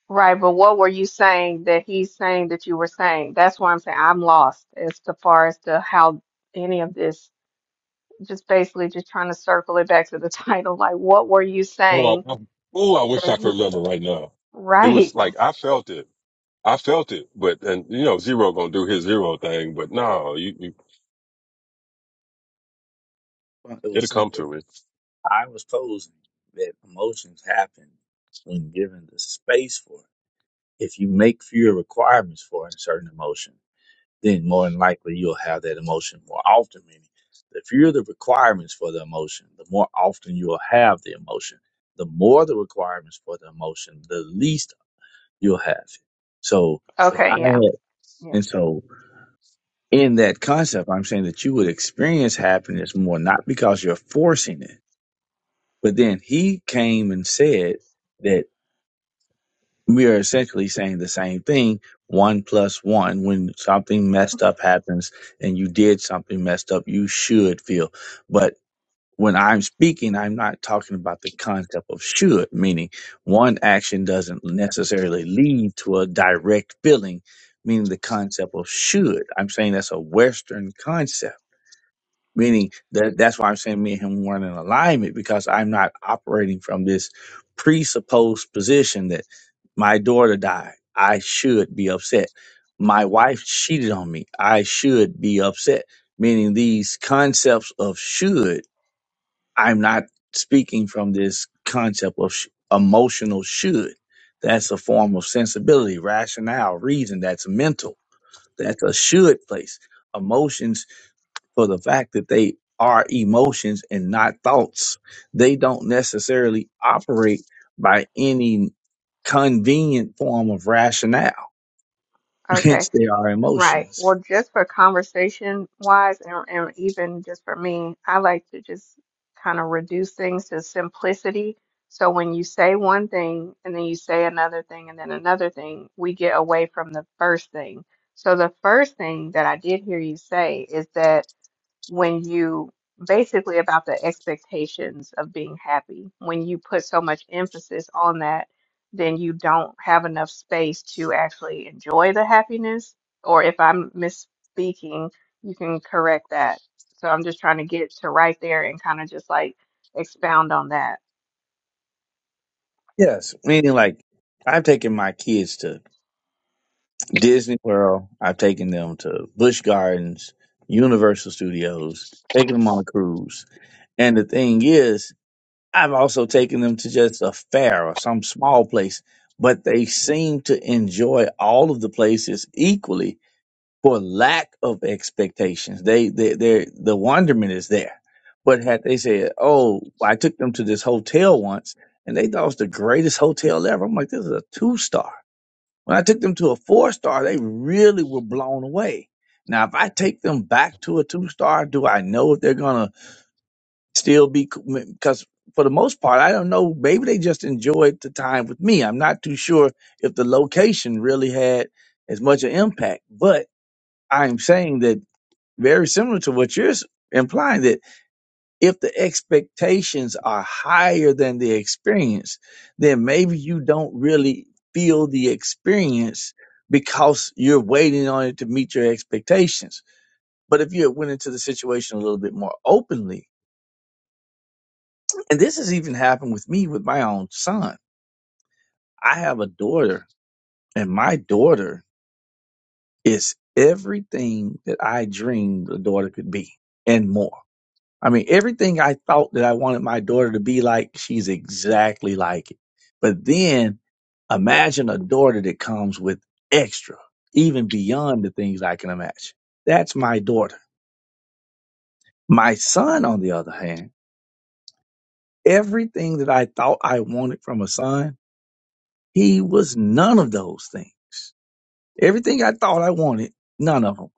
[SPEAKER 1] right, but what were you saying that he's saying that you were saying? That's why I'm saying I'm lost as to far as to how any of this. just basically just trying to circle it back to the [laughs] title, like what were you
[SPEAKER 3] Oh,
[SPEAKER 1] saying
[SPEAKER 3] I, oh, I wish
[SPEAKER 1] that
[SPEAKER 3] I could
[SPEAKER 1] he
[SPEAKER 3] remember right now. It was
[SPEAKER 1] right.
[SPEAKER 3] like I felt it. I felt it, but and you know, zero gonna do his zero thing, but no, you, you
[SPEAKER 7] Well, It was
[SPEAKER 3] it'll come
[SPEAKER 7] simple.
[SPEAKER 3] to me.
[SPEAKER 7] I was posing that emotions happen when given the space for it. If you make fewer requirements for a certain emotion, then more than likely you'll have that emotion more often. Meaning, the fewer the requirements for the emotion, the more often you'll have the emotion. The more the requirements for the emotion, the least you'll have it. So if I
[SPEAKER 1] Okay, yeah.
[SPEAKER 7] had, and
[SPEAKER 1] Yes.
[SPEAKER 7] so in that concept, I'm saying that you would experience happiness more, not because you're forcing it, but then he came and said, that. we are essentially saying the same thing one plus one when something messed up happens and you did something messed up you should feel but when i'm speaking i'm not talking about the concept of should meaning one action doesn't necessarily lead to a direct feeling meaning the concept of should i'm saying that's a western concept meaning that that's why I'm saying me and him weren't in alignment because I'm not operating from this presupposed position that my daughter died. I should be upset. My wife cheated on me. I should be upset. Meaning these concepts of should, I'm not speaking from this concept of sh- emotional should. That's a form of sensibility, rationale, reason. That's mental. That's a should place. Emotions for the fact that they are emotions and not thoughts. They don't necessarily operate by any convenient form of rationale. [laughs] Hence,
[SPEAKER 1] Okay.
[SPEAKER 7] they are
[SPEAKER 1] Right.
[SPEAKER 7] emotions.
[SPEAKER 1] Well, just for conversation wise and, and even just for me, I like to just kind of reduce things to simplicity. So when you say one thing and then you say another thing and then another thing, we get away from the first thing. So the first thing that I did hear you say is that when you basically about the expectations of being happy. When you put so much emphasis on that, then you don't have enough space to actually enjoy the happiness. Or if I'm misspeaking, you can correct that. So I'm just trying to get to right there and kind of just like expound on that.
[SPEAKER 7] Yes, meaning like I've taken my kids to Disney World, I've taken them to Busch Gardens, Universal Studios, taken them on a cruise. And the thing is, I've also taken them to just a fair or some small place, but they seem to enjoy all of the places equally for lack of expectations. They, they, they, the wonderment is there. But had they said, "Oh, I took them to this hotel once, and they thought it was the greatest hotel ever," I'm like, "This is a two star." When I took them to a four star, they really were blown away. Now, if I take them back to a two star, do I know if they're gonna? still be because for the most part i don't know maybe they just enjoyed the time with me i'm not too sure if the location really had as much an impact but i'm saying that very similar to what you're s- implying that if the expectations are higher than the experience then maybe you don't really feel the experience because you're waiting on it to meet your expectations but if you went into the situation a little bit more openly And this has even happened with me with my own son. I have a daughter, and my daughter is everything that I dreamed a daughter could be and more. I mean, everything I thought that I wanted my daughter to be like, she's exactly like it. But then imagine a daughter that comes with extra, even beyond the things I can imagine. That's my daughter. My son, on the other hand, everything that I thought I wanted from a son, he was none of those things. Everything I thought I wanted, none of them.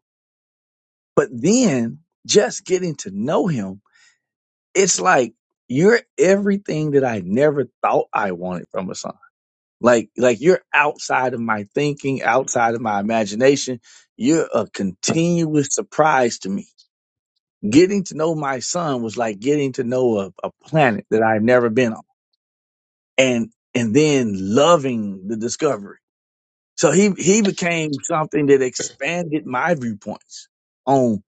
[SPEAKER 7] But then just getting to know him, it's like you're everything that I never thought I wanted from a son. Like, like you're outside of my thinking, outside of my imagination. You're a continuous surprise to me. Getting to know my son was like getting to know a, a planet that I've never been on. And, and then loving the discovery. So he, he became something that expanded my viewpoints on.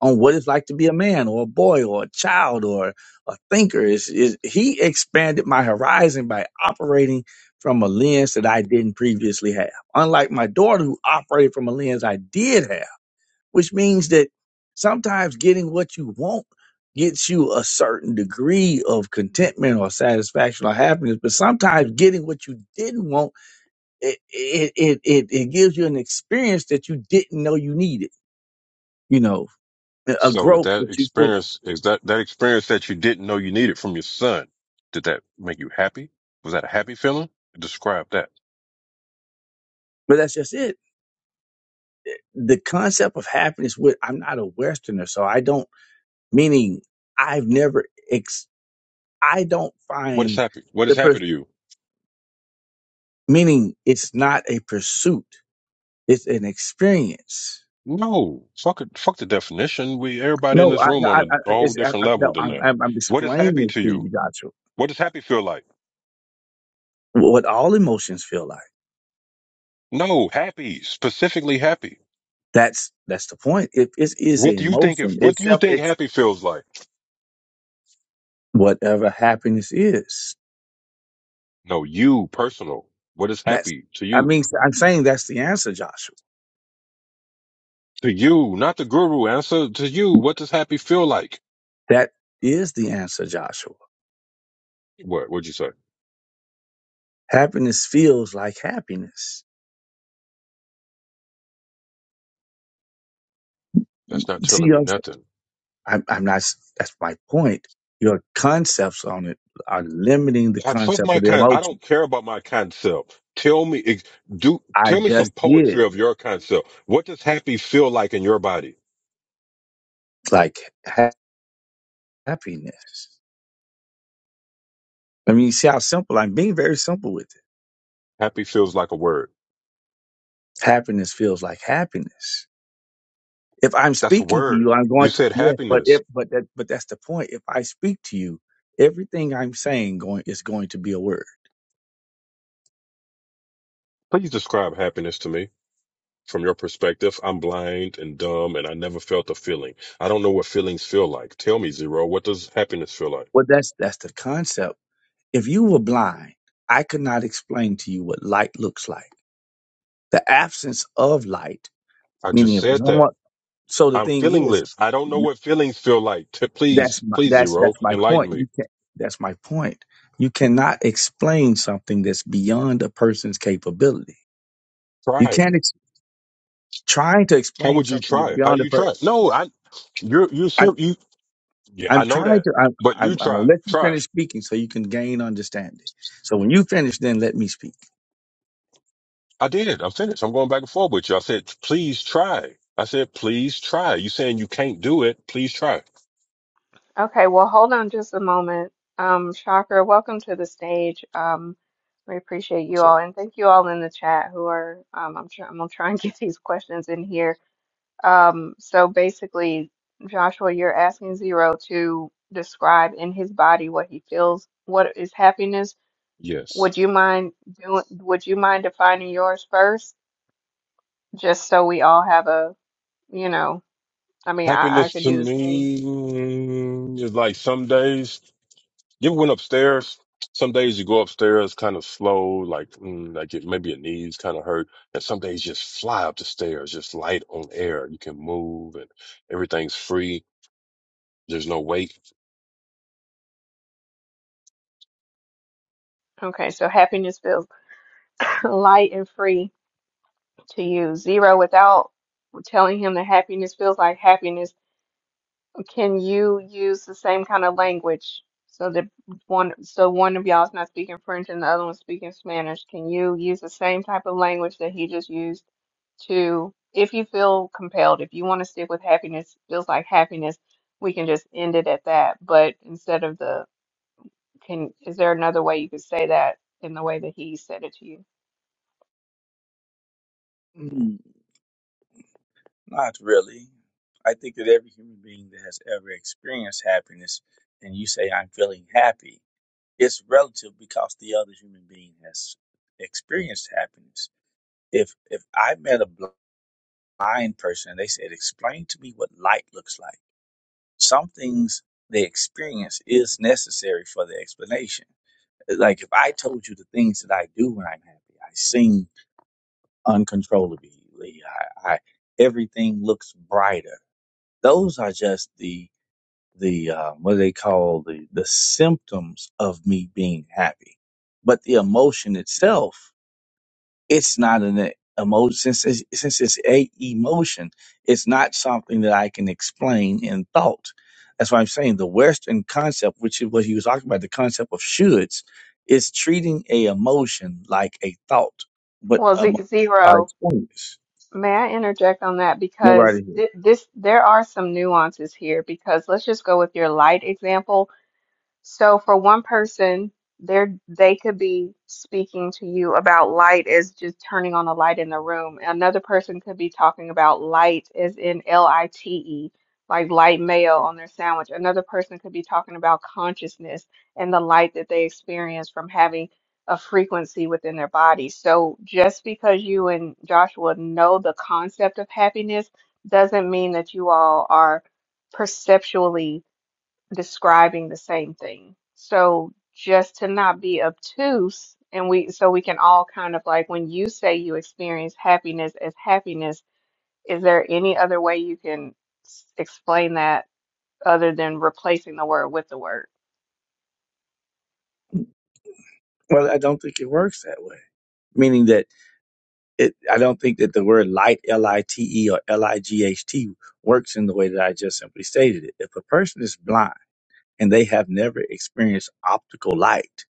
[SPEAKER 7] on what it's like to be a man or a boy or a child or a thinker. Is is he expanded my horizon by operating from a lens that I didn't previously have. Unlike my daughter who operated from a lens I did have, which means that sometimes getting what you want gets you a certain degree of contentment or satisfaction or happiness but sometimes getting what you didn't want it it it, it, it gives you an experience that you didn't know you needed you know a
[SPEAKER 3] So did
[SPEAKER 7] growth
[SPEAKER 3] that
[SPEAKER 7] that you couldn't
[SPEAKER 3] experience is that that experience that you didn't know you needed from your son? Did that make you happy? Was that a happy feeling? Describe that.
[SPEAKER 7] But that's just it. The concept of happiness with I'm not a Westerner, so I don't meaning I've never ex I don't
[SPEAKER 3] What is
[SPEAKER 7] find
[SPEAKER 3] happy? What
[SPEAKER 7] the
[SPEAKER 3] is happy
[SPEAKER 7] pers-
[SPEAKER 3] to you?
[SPEAKER 7] meaning it's not a pursuit. It's an experience.
[SPEAKER 3] No, fuck it, fuck the definition. We everybody in
[SPEAKER 7] No,
[SPEAKER 3] this
[SPEAKER 7] I, no,
[SPEAKER 3] room
[SPEAKER 7] I,
[SPEAKER 3] on
[SPEAKER 7] I
[SPEAKER 3] a whole
[SPEAKER 7] it's, I,
[SPEAKER 3] different
[SPEAKER 7] I-
[SPEAKER 3] level
[SPEAKER 7] no,
[SPEAKER 3] than
[SPEAKER 7] I'm,
[SPEAKER 3] that.
[SPEAKER 7] I'm, I'm
[SPEAKER 3] What is
[SPEAKER 7] explaining
[SPEAKER 3] happy to
[SPEAKER 7] it to
[SPEAKER 3] you?
[SPEAKER 7] you, Joshua.
[SPEAKER 3] What does happy feel like?
[SPEAKER 7] What all emotions feel like.
[SPEAKER 3] No, happy, specifically happy.
[SPEAKER 7] That's that's the point. If it is a
[SPEAKER 3] What do you think if
[SPEAKER 7] emotion,
[SPEAKER 3] what
[SPEAKER 7] it's
[SPEAKER 3] do you
[SPEAKER 7] self
[SPEAKER 3] think
[SPEAKER 7] ex
[SPEAKER 3] happy feels like?
[SPEAKER 7] whatever happiness is.
[SPEAKER 3] No, you personal. What is
[SPEAKER 7] That's
[SPEAKER 3] happy to
[SPEAKER 7] I
[SPEAKER 3] you?
[SPEAKER 7] mean I'm saying that's the answer, Joshua.
[SPEAKER 3] To you, not the guru. Answer to you. What does happy feel like?
[SPEAKER 7] That is the answer, Joshua.
[SPEAKER 3] What would you say?
[SPEAKER 7] Happiness feels like happiness.
[SPEAKER 3] That's not
[SPEAKER 7] See,
[SPEAKER 3] telling me
[SPEAKER 7] I'm,
[SPEAKER 3] nothing.
[SPEAKER 7] I'm I'm not, that's my point. Your concepts on it are limiting the
[SPEAKER 3] I fuck
[SPEAKER 7] concept
[SPEAKER 3] my
[SPEAKER 7] of the
[SPEAKER 3] con- I
[SPEAKER 7] emotion.
[SPEAKER 3] don't care about my concept. Tell me ex- do
[SPEAKER 7] I
[SPEAKER 3] tell me some
[SPEAKER 7] just did
[SPEAKER 3] poetry of your concept. What does happy feel like in your body?
[SPEAKER 7] like ha- happiness. I mean, you see how simple I'm being very simple with it.
[SPEAKER 3] Happy feels like a word.
[SPEAKER 7] Happiness feels like happiness. If I'm
[SPEAKER 3] That's a
[SPEAKER 7] speaking to
[SPEAKER 3] word.
[SPEAKER 7] you, I'm
[SPEAKER 3] You
[SPEAKER 7] going to,
[SPEAKER 3] said
[SPEAKER 7] yes, but if,
[SPEAKER 3] happiness.
[SPEAKER 7] but that, but that's the point. If I speak to you, everything I'm saying going is going to be a word.
[SPEAKER 3] Please describe happiness to me. from your perspective, I'm blind and dumb and I never felt a feeling. I don't know what feelings feel like. Tell me, Zero, what does happiness feel like?
[SPEAKER 7] Well, that's, that's the concept If you were blind, I could not explain to you what light looks like. The absence of light,
[SPEAKER 3] I
[SPEAKER 7] meaning
[SPEAKER 3] just
[SPEAKER 7] if
[SPEAKER 3] said that.
[SPEAKER 7] someone. So the
[SPEAKER 3] I'm
[SPEAKER 7] thing is,
[SPEAKER 3] feelingless. I don't know what feelings feel like. T-
[SPEAKER 7] that's
[SPEAKER 3] please,
[SPEAKER 7] my
[SPEAKER 3] please,
[SPEAKER 7] that's
[SPEAKER 3] Zero,
[SPEAKER 7] that's my
[SPEAKER 3] enlighten
[SPEAKER 7] point. You
[SPEAKER 3] me.
[SPEAKER 7] can that's my point. You cannot explain something that's beyond a person's capability. You
[SPEAKER 3] Try.
[SPEAKER 7] can't ex- trying to
[SPEAKER 3] How
[SPEAKER 7] explain
[SPEAKER 3] would you
[SPEAKER 7] something that's
[SPEAKER 3] try? How
[SPEAKER 7] beyond
[SPEAKER 3] do
[SPEAKER 7] a
[SPEAKER 3] you
[SPEAKER 7] person.
[SPEAKER 3] try? No, I, you're, you're,
[SPEAKER 7] I'm
[SPEAKER 3] ser- you, yeah, I
[SPEAKER 7] I'm
[SPEAKER 3] know
[SPEAKER 7] trying
[SPEAKER 3] that,
[SPEAKER 7] to. I'm
[SPEAKER 3] but
[SPEAKER 7] I'm,
[SPEAKER 3] you
[SPEAKER 7] I'm gonna
[SPEAKER 3] try,
[SPEAKER 7] let you
[SPEAKER 3] try.
[SPEAKER 7] finish speaking so you can gain understanding. So when you finish, then let me speak.
[SPEAKER 3] I did. I'm finished. I'm going back and forth with you. I said, please try. I said, please try. You saying you can't do it. Please try.
[SPEAKER 1] Okay, well, hold on just a moment. Um, Shocker, welcome to the stage. Um, we appreciate you
[SPEAKER 3] What's
[SPEAKER 1] all,
[SPEAKER 3] up?
[SPEAKER 1] and thank you all in the chat who are. Um, I'm try I'm gonna try and [laughs] get these questions in here Um, so basically, Joshua, you're asking Zero to describe in his body what he feels, what is happiness.
[SPEAKER 3] Yes.
[SPEAKER 1] Would you mind doing, would you mind defining yours first? Just so we all have a, you know, I mean, I, I
[SPEAKER 3] Happiness
[SPEAKER 1] could
[SPEAKER 3] to
[SPEAKER 1] do the same.
[SPEAKER 3] me mm, is like some days you ever went upstairs. Some days you go upstairs kind of slow, like mm, like it, maybe your knees kind of hurt, and some days you just fly up the stairs, just light on air. You can move, and everything's free. There's no weight.
[SPEAKER 1] Okay, so happiness feels [laughs] light and free to you. Zero, without telling him that happiness feels like happiness. Can you use the same kind of language so that one so one of y'all is not speaking French and the other one's speaking Spanish? Can you use the same type of language that he just used to, if you feel compelled, if you want to stick with happiness, feels like happiness, we can just end it at that. But instead of the can, is there another way you could say that in the way that he said it to you?
[SPEAKER 7] Not really. I think that every human being that has ever experienced happiness and you say, I'm feeling happy, it's relative because the other human being has experienced happiness. If if I met a blind person and they said, Explain to me what light looks like, some things they experience is necessary for the explanation. Like if I told you the things that I do when I'm happy, I sing uncontrollably, I, I everything looks brighter those are just the the uh, what do they call the the symptoms of me being happy, but the emotion itself, it's not an emotion since it's, since it's a emotion. It's not something that I can explain in thought. That's why I'm saying the Western concept, which is what he was talking about, the concept of shoulds, is treating a emotion like a thought, but
[SPEAKER 1] Well, ze-
[SPEAKER 7] um, our
[SPEAKER 1] zero.
[SPEAKER 7] experience.
[SPEAKER 1] May I interject on that
[SPEAKER 7] No, right
[SPEAKER 1] because
[SPEAKER 7] here.
[SPEAKER 1] th this there are some nuances here because let's just go with your light example. So for one person, there they could be speaking to you about light as just turning on a light in the room. Another person could be talking about light as in L-I-T-E, like light mayo on their sandwich. Another person could be talking about consciousness and the light that they experience from having a frequency within their body. So just because you and Joshua know the concept of happiness doesn't mean that you all are perceptually describing the same thing. So just to not be obtuse and we so we can all kind of like when you say you experience happiness as happiness, is there any other way you can s- explain that other than replacing the word with the word?
[SPEAKER 7] Well, I don't think it works that way. Meaning that it, I don't think that the word light, L I T E or L I G H T, works in the way that I just simply stated it. If a person is blind and they have never experienced optical light,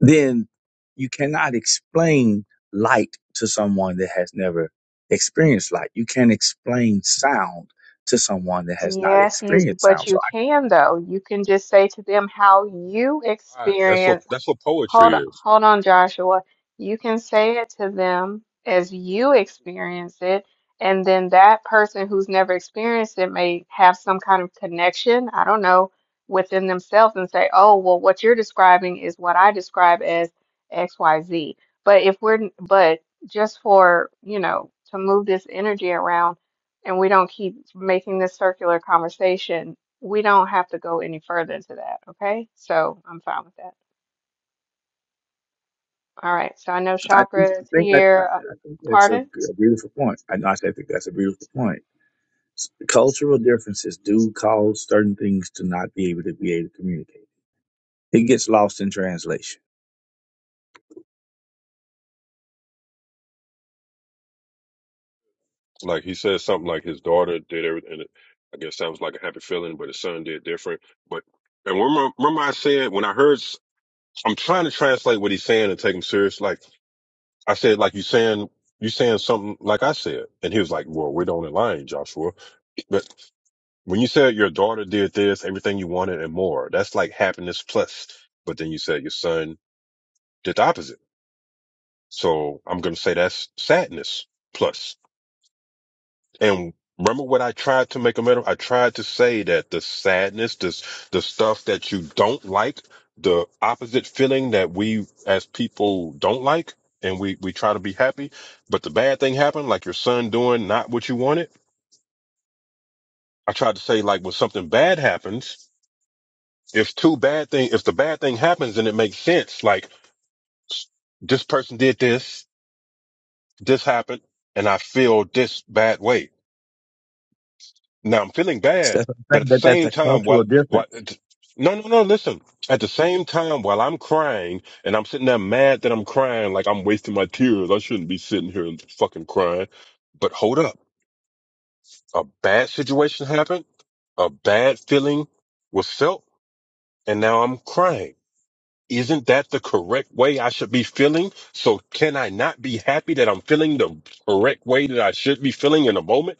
[SPEAKER 7] then you cannot explain light to someone that has never experienced light. You can't explain sound to someone that has not
[SPEAKER 1] Yes, you
[SPEAKER 7] experienced
[SPEAKER 1] but
[SPEAKER 7] sound. So
[SPEAKER 1] you can though. You can just say to them how you
[SPEAKER 3] Right. That's what
[SPEAKER 1] experience
[SPEAKER 3] that's what
[SPEAKER 1] Hold
[SPEAKER 3] poetry
[SPEAKER 1] on,
[SPEAKER 3] is.
[SPEAKER 1] hold on, Joshua. You can say it to them as you experience it, and then that person who's never experienced it may have some kind of connection, I don't know, within themselves and say, "Oh, well, what you're describing is what I describe as X, Y, Z." But if we're, but just for, you know, to move this energy around and we don't keep making this circular conversation, we don't have to go any further into that, okay? So I'm fine with that. All right, so I know
[SPEAKER 7] I, I
[SPEAKER 1] chakra is
[SPEAKER 7] think I, I
[SPEAKER 1] here. Uh,
[SPEAKER 7] I think that's a,
[SPEAKER 1] pardon?
[SPEAKER 7] g- a beautiful point. I, I think that's a beautiful point Cultural differences do cause certain things to not be able to be able to communicate. It gets lost in translation.
[SPEAKER 3] Like he says something like his daughter did everything. and it- I guess sounds like a happy feeling, but his son did different. But and remember, remember I said when I heard s- I'm trying to translate what he's saying and take him serious. Like I said, like you saying, you saying something like I said. And he was like, well, we don't align, Joshua. But when you said your daughter did this, everything you wanted and more, that's like happiness plus. But then you said your son did the opposite. So I'm going to say that's sadness plus. And remember what I tried to make a metaphor? I tried to say that the sadness, this the stuff that you don't like, the opposite feeling that we as people don't like, and we we try to be happy, but the bad thing happened, like your son doing not what you wanted. I tried to say like when something bad happens, if two bad thing, if the bad thing happens, then it makes sense. Like s- this person did this, this happened, and I feel this bad way Now I'm feeling
[SPEAKER 7] So
[SPEAKER 3] bad,
[SPEAKER 7] that's- I
[SPEAKER 3] but at
[SPEAKER 7] think
[SPEAKER 3] the
[SPEAKER 7] that that's
[SPEAKER 3] same
[SPEAKER 7] a
[SPEAKER 3] time,
[SPEAKER 7] cultural
[SPEAKER 3] while, while
[SPEAKER 7] difference.
[SPEAKER 3] no, no, no, listen. At the same time, while I'm crying and I'm sitting there mad that I'm crying, like I'm wasting my tears, I shouldn't be sitting here and fucking crying. But hold up, a bad situation happened, a bad feeling was felt, and now I'm crying. Isn't that the correct way I should be feeling? So can I not be happy that I'm feeling the correct way that I should be feeling in a moment?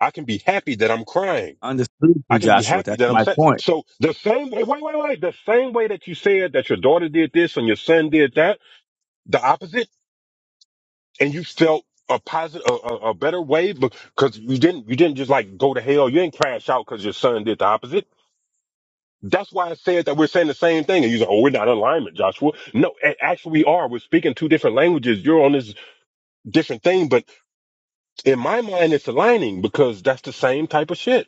[SPEAKER 3] I can be happy that I'm crying
[SPEAKER 7] Understood through
[SPEAKER 3] I can be
[SPEAKER 7] Joshua.
[SPEAKER 3] happy
[SPEAKER 7] That's
[SPEAKER 3] that I'm
[SPEAKER 7] my
[SPEAKER 3] sad.
[SPEAKER 7] point,
[SPEAKER 3] So the same way, wait, wait, wait, the same way that you said that your daughter did this and your son did that, the opposite, and you felt a positive, a, a, a better way because you didn't, you didn't just like go to hell. You didn't crash out because your son did the opposite. That's why I said that we're saying the same thing. And you say, oh, we're not in alignment, Joshua. No, a- actually we are. We're speaking two different languages. You're on this different thing, but in my mind, it's aligning because that's the same type of shit.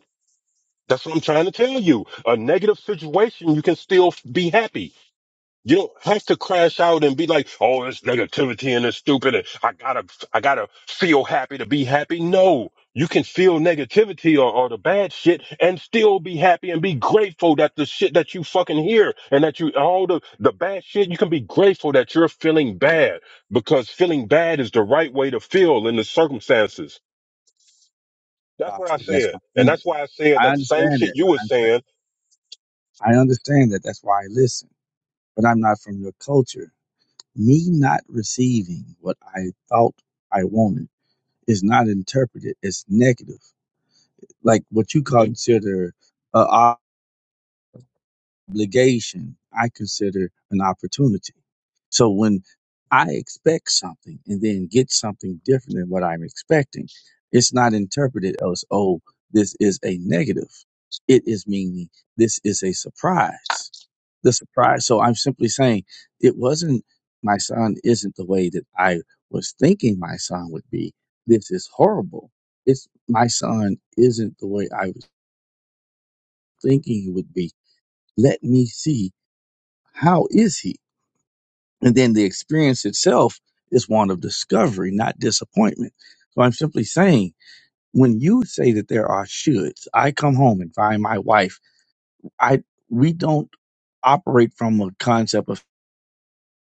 [SPEAKER 3] That's what I'm trying to tell you. A negative situation, you can still be happy You don't have to crash out and be like, "Oh, it's negativity and it's stupid," and I gotta, I gotta feel happy to be happy. No, you can feel negativity or, or the bad shit and still be happy and be grateful that the shit that you fucking hear and that you all the the bad shit. You can be grateful that you're feeling bad because feeling bad is the right way to feel in the circumstances. That's what I
[SPEAKER 7] Joshua. That's
[SPEAKER 3] said,
[SPEAKER 7] my
[SPEAKER 3] and
[SPEAKER 7] point.
[SPEAKER 3] that's why I said
[SPEAKER 7] I
[SPEAKER 3] that the same
[SPEAKER 7] understand
[SPEAKER 3] shit
[SPEAKER 7] it.
[SPEAKER 3] you were
[SPEAKER 7] I'm,
[SPEAKER 3] saying.
[SPEAKER 7] I understand that. That's why I listen. But I'm not from your culture. Me not receiving what I thought I wanted is not interpreted as negative. Like what you consider uh, obligation I consider an opportunity. So when I expect something and then get something different than what I'm expecting, it's not interpreted as, oh, this is a negative. It is meaning this is a surprise. The surprise. So I'm simply saying it wasn't, my son isn't the way that I was thinking my son would be. This is horrible. It's my son isn't the way I was thinking he would be. Let me see how is he? And then the experience itself is one of discovery, not disappointment. So I'm simply saying, when you say that there are shoulds, I come home and find my wife. I we don't operate from a concept of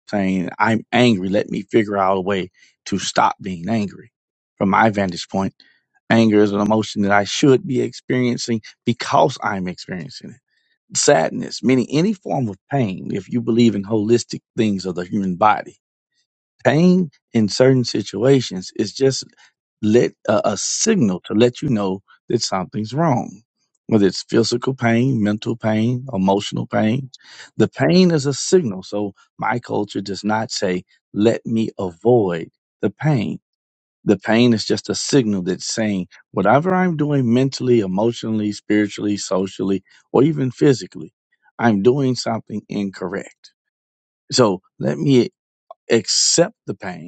[SPEAKER 7] saying I'm angry. Let me figure out a way to stop being angry. From my vantage point, anger is an emotion that I should be experiencing because I'm experiencing it. Sadness, meaning any form of pain, if you believe in holistic things of the human body pain in certain situations is just let a, a signal to let you know that something's wrong whether it's physical pain mental pain emotional pain the pain is a signal so my culture does not say let me avoid the pain the pain is just a signal that's saying whatever i'm doing mentally emotionally spiritually socially or even physically i'm doing something incorrect so let me accept the pain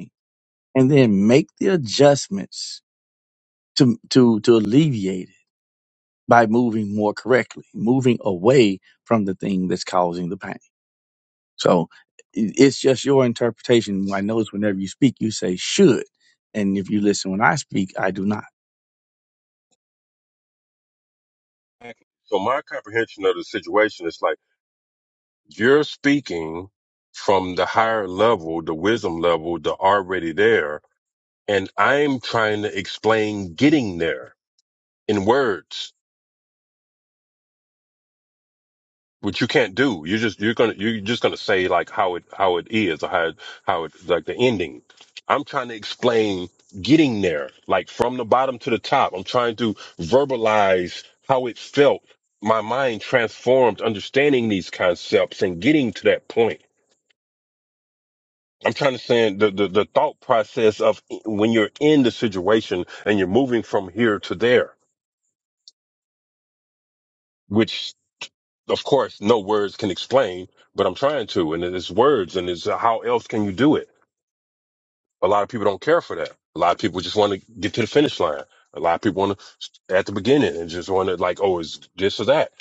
[SPEAKER 7] and then make the adjustments to to to alleviate it by moving more correctly, moving away from the thing that's causing the pain. So i- it's just your interpretation. I notice whenever you speak, you say should, and if you listen when I speak, I do not.
[SPEAKER 3] So my comprehension of the situation is like. You're speaking from the higher level, the wisdom level, the already there. And I'm trying to explain getting there in words, which you can't do. You're just, you're going to, you're just going to say like how it, how it is or how, how it, like the ending. I'm trying to explain getting there, like from the bottom to the top. I'm trying to verbalize how it felt. My mind transformed understanding these concepts and getting to that point I'm trying to say the, the, the thought process of when you're in the situation and you're moving from here to there, which of course no words can explain, but I'm trying to, and it's words and it's uh, how else can you do it? A lot of people don't care for that. A lot of people just want to get to the finish line. A lot of people want to at the beginning and just want to like, oh, it's this or that.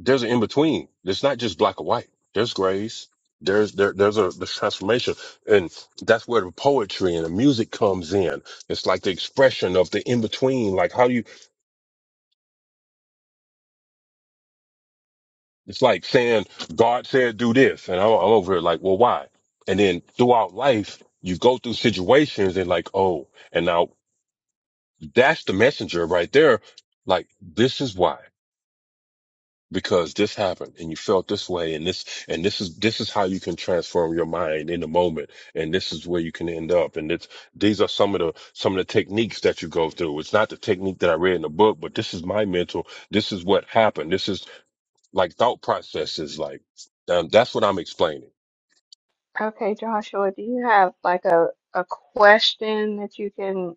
[SPEAKER 3] there's an in between. It's not just black or white. There's grays. There's there there's a there's transformation, and that's where the poetry and the music comes in. It's like the expression of the in between. Like how you, it's like saying God said do this, and I'm, I'm over it. Like, well, why? And then throughout life, you go through situations and like, oh, and now that's the messenger right there. Like this is why. because this happened and you felt this way and this and this is this is how you can transform your mind in the moment and this is where you can end up and it's these are some of the some of the techniques that you go through it's not the technique that i read in the book but this is my mental this is what happened this is like thought processes like um, that's what i'm explaining
[SPEAKER 1] Okay, Joshua, do you have like a, a question that you can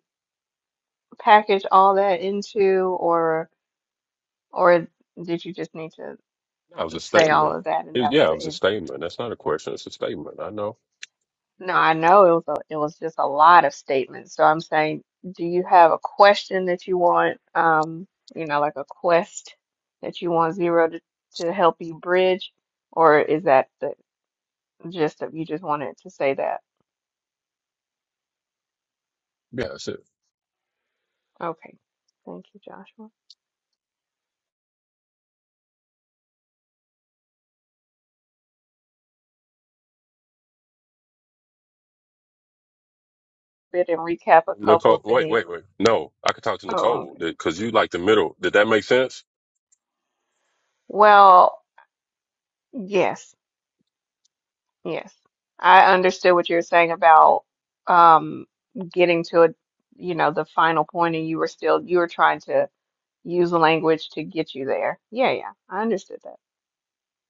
[SPEAKER 1] package all that into, or or did you just need to
[SPEAKER 3] that was a
[SPEAKER 1] say all
[SPEAKER 3] statement
[SPEAKER 1] of that
[SPEAKER 3] it
[SPEAKER 1] and that was
[SPEAKER 3] yeah it
[SPEAKER 1] the
[SPEAKER 3] was a
[SPEAKER 1] end?
[SPEAKER 3] statement that's not a question it's a statement i know
[SPEAKER 1] No, I know it was a, it was just a lot of statements. So I'm saying, do you have a question that you want, um, you know, like a quest that you want Zero to, to help you bridge, or is that the gist of you just wanted to say that?
[SPEAKER 3] yeah that's it
[SPEAKER 1] Okay. Thank you, Joshua. Bit and recap a couple
[SPEAKER 3] nicole
[SPEAKER 1] of
[SPEAKER 3] wait
[SPEAKER 1] things.
[SPEAKER 3] wait wait no i could talk to
[SPEAKER 1] Oh,
[SPEAKER 3] nicole
[SPEAKER 1] okay.
[SPEAKER 3] because you like the middle did that make sense
[SPEAKER 1] Well, yes, yes. I understood what you were saying about um getting to a, you know, the final point and you were still you were trying to use the language to get you there. Yeah, yeah. I understood that.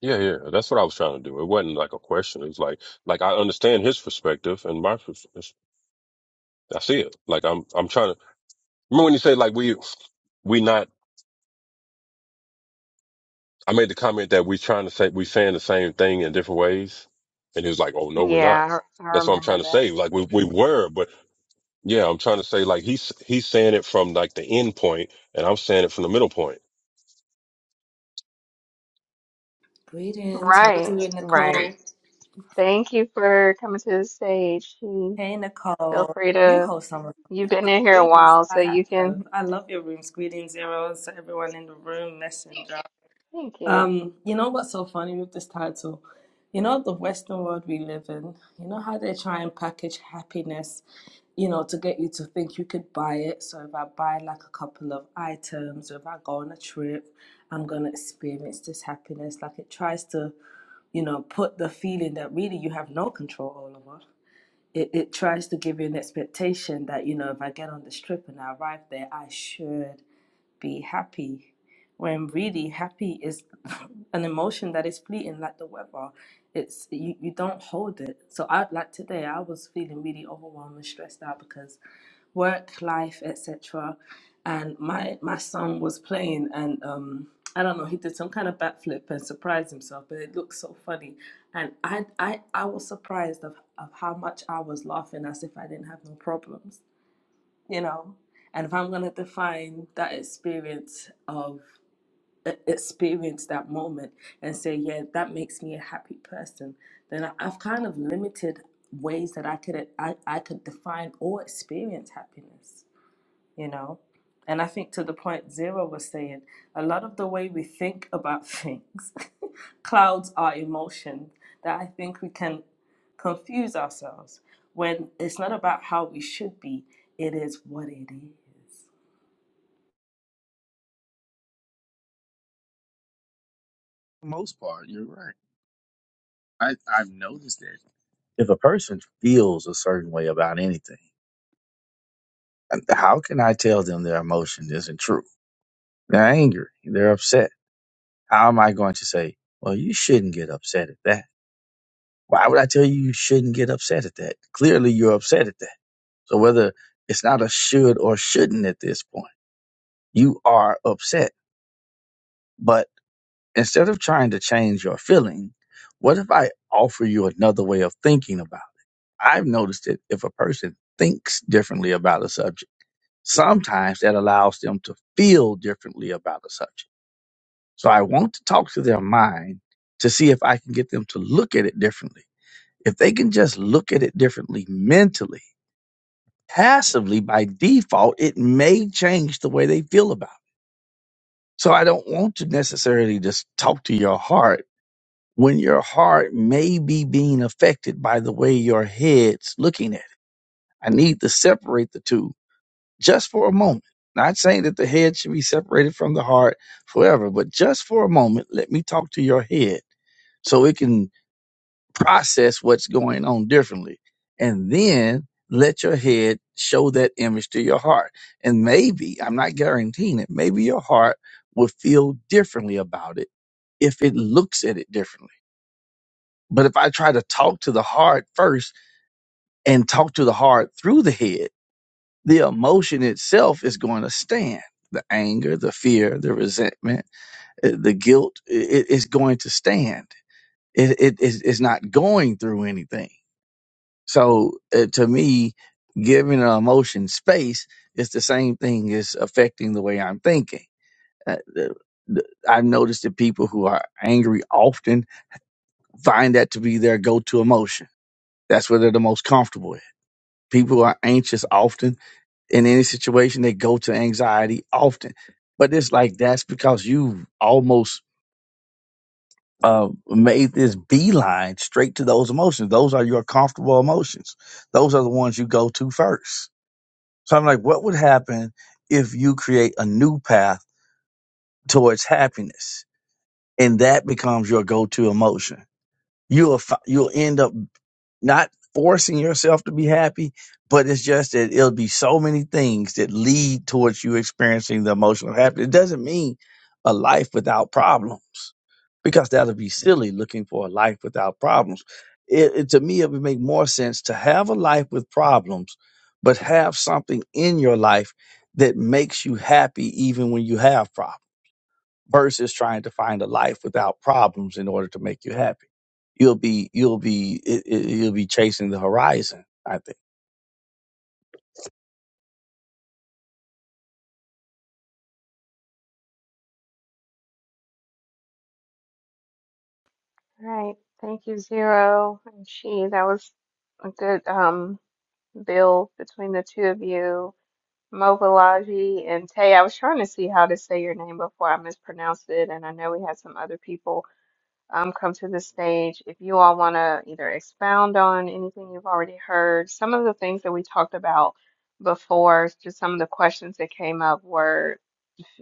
[SPEAKER 3] Yeah, yeah, that's what I was trying to do. It wasn't like a question. It's like, like I understand his perspective and my perspective. I see it. Like I'm, I'm trying to remember when you say like we, we not. I made the comment that we trying to say we saying the same thing in different ways, and he was like, "Oh no, we're not."
[SPEAKER 1] Yeah, I, I
[SPEAKER 3] That's what I'm trying
[SPEAKER 1] remember
[SPEAKER 3] to
[SPEAKER 1] that.
[SPEAKER 3] say. Like we, we were, but yeah, I'm trying to say like he's he's saying it from like the end point, and I'm saying it from the middle point.
[SPEAKER 8] Greetings. How you
[SPEAKER 1] Right,
[SPEAKER 8] doing, Nicole?
[SPEAKER 1] right. Thank you for coming to the stage.
[SPEAKER 8] Hey,
[SPEAKER 1] feel
[SPEAKER 8] Nicole.
[SPEAKER 1] free
[SPEAKER 8] You
[SPEAKER 1] to,
[SPEAKER 8] host some of
[SPEAKER 1] you've been
[SPEAKER 8] the
[SPEAKER 1] in here a
[SPEAKER 8] rooms.
[SPEAKER 1] while,
[SPEAKER 8] I
[SPEAKER 1] so you
[SPEAKER 8] have.
[SPEAKER 1] can,
[SPEAKER 8] I love your rooms. Greetings, zeros to everyone in the room. Messenger.
[SPEAKER 1] thank you.
[SPEAKER 8] Um, you know what's so funny with this title? You know the Western world we live in. You know how they try and package happiness, you know, to get you to think you could buy it. So if I buy like a couple of items, or if I go on a trip, I'm gonna experience this happiness. Like it tries to. you know, put the feeling that really you have no control over. It, it tries to give you an expectation that, you know, if I get on this trip and I arrive there, I should be happy when really happy is [laughs] an emotion that is fleeting like the weather it's you, you don't hold it so i like today i was feeling really overwhelmed and stressed out because work life etc and my my son was playing and um i don't know he did some kind of backflip and surprised himself but it looked so funny and i i, I was surprised of, of how much i was laughing as if i didn't have no problems you know and if i'm going to define that experience of e- experience that moment and say yeah that makes me a happy person then I- i've kind of limited ways that i could I, I could define or experience happiness you know. And I think to the point Zero was saying, a lot of the way we think about things [laughs] clouds our emotion, that I think we can confuse ourselves when it's not about how we should be, it is what it is.
[SPEAKER 7] For the most part, you're right. I I've noticed that if a person feels a certain way about anything, and how can I tell them their emotion isn't true? They're angry. They're upset. How am I going to say, well, you shouldn't get upset at that? Why would I tell you you shouldn't get upset at that? Clearly, you're upset at that. So whether it's not a should or shouldn't at this point, you are upset. But instead of trying to change your feeling, what if I offer you another way of thinking about it? I've noticed that if a person thinks differently about a subject, sometimes that allows them to feel differently about a subject. So I want to talk to their mind to see if I can get them to look at it differently. If they can just look at it differently mentally, passively by default, it may change the way they feel about it. So I don't want to necessarily just talk to your heart when your heart may be being affected by the way your head's looking at it. I need to separate the two just for a moment. Not saying that the head should be separated from the heart forever, but just for a moment, let me talk to your head so it can process what's going on differently and then let your head show that image to your heart and maybe i'm not guaranteeing it maybe your heart will feel differently about it if it looks at it differently but if i try to talk to the heart first and talk to the heart through the head the emotion itself is going to stand the anger the fear the resentment uh, the guilt it is going to stand it, it, it's it's not going through anything So uh, to me, giving an emotion space is the same thing as affecting the way I'm thinking. Uh, the- the- I've noticed that people who are angry often find that to be their go-to emotion. That's where they're the most comfortable at. People who are anxious often in any situation. They go to anxiety often, but it's like that's because you almost uh, made this beeline straight to those emotions. Those are your comfortable emotions. Those are the ones you go to first So I'm like, what would happen if you create a new path towards happiness and that becomes your go-to emotion? You'll, fi- you'll end up not forcing yourself to be happy, but it's just that it'll be so many things that lead towards you experiencing the emotional happiness. It doesn't mean a life without problems because that'll be silly looking for a life without problems. It, it- to me, it would make more sense to have a life with problems, but have something in your life that makes you happy even when you have problems versus trying to find a life without problems in order to make you happy. You'll be, you'll be, it, it- you'll be chasing the horizon. I think.
[SPEAKER 1] Right. Thank you, Zero and Chi. That was a good um build between the two of you. Mobilaji and Tay. I was trying to see how to say your name before I mispronounced it, and I know we had some other people um come to the stage. If you all want to either expound on anything you've already heard, some of the things that we talked about before, just some of the questions that came up were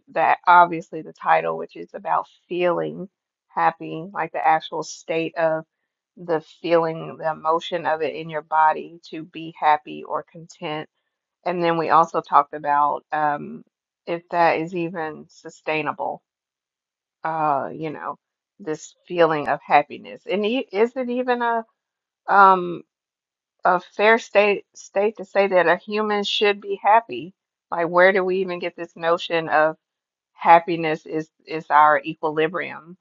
[SPEAKER 1] that obviously the title, which is about feeling happy, like the actual state of the feeling, the emotion of it in your body to be happy or content. And then we also talked about um, if that is even sustainable, uh, you know, this feeling of happiness. And e- is it even a um, a fair state state to say that a human should be happy? Like, where do we even get this notion of? happiness is is our equilibrium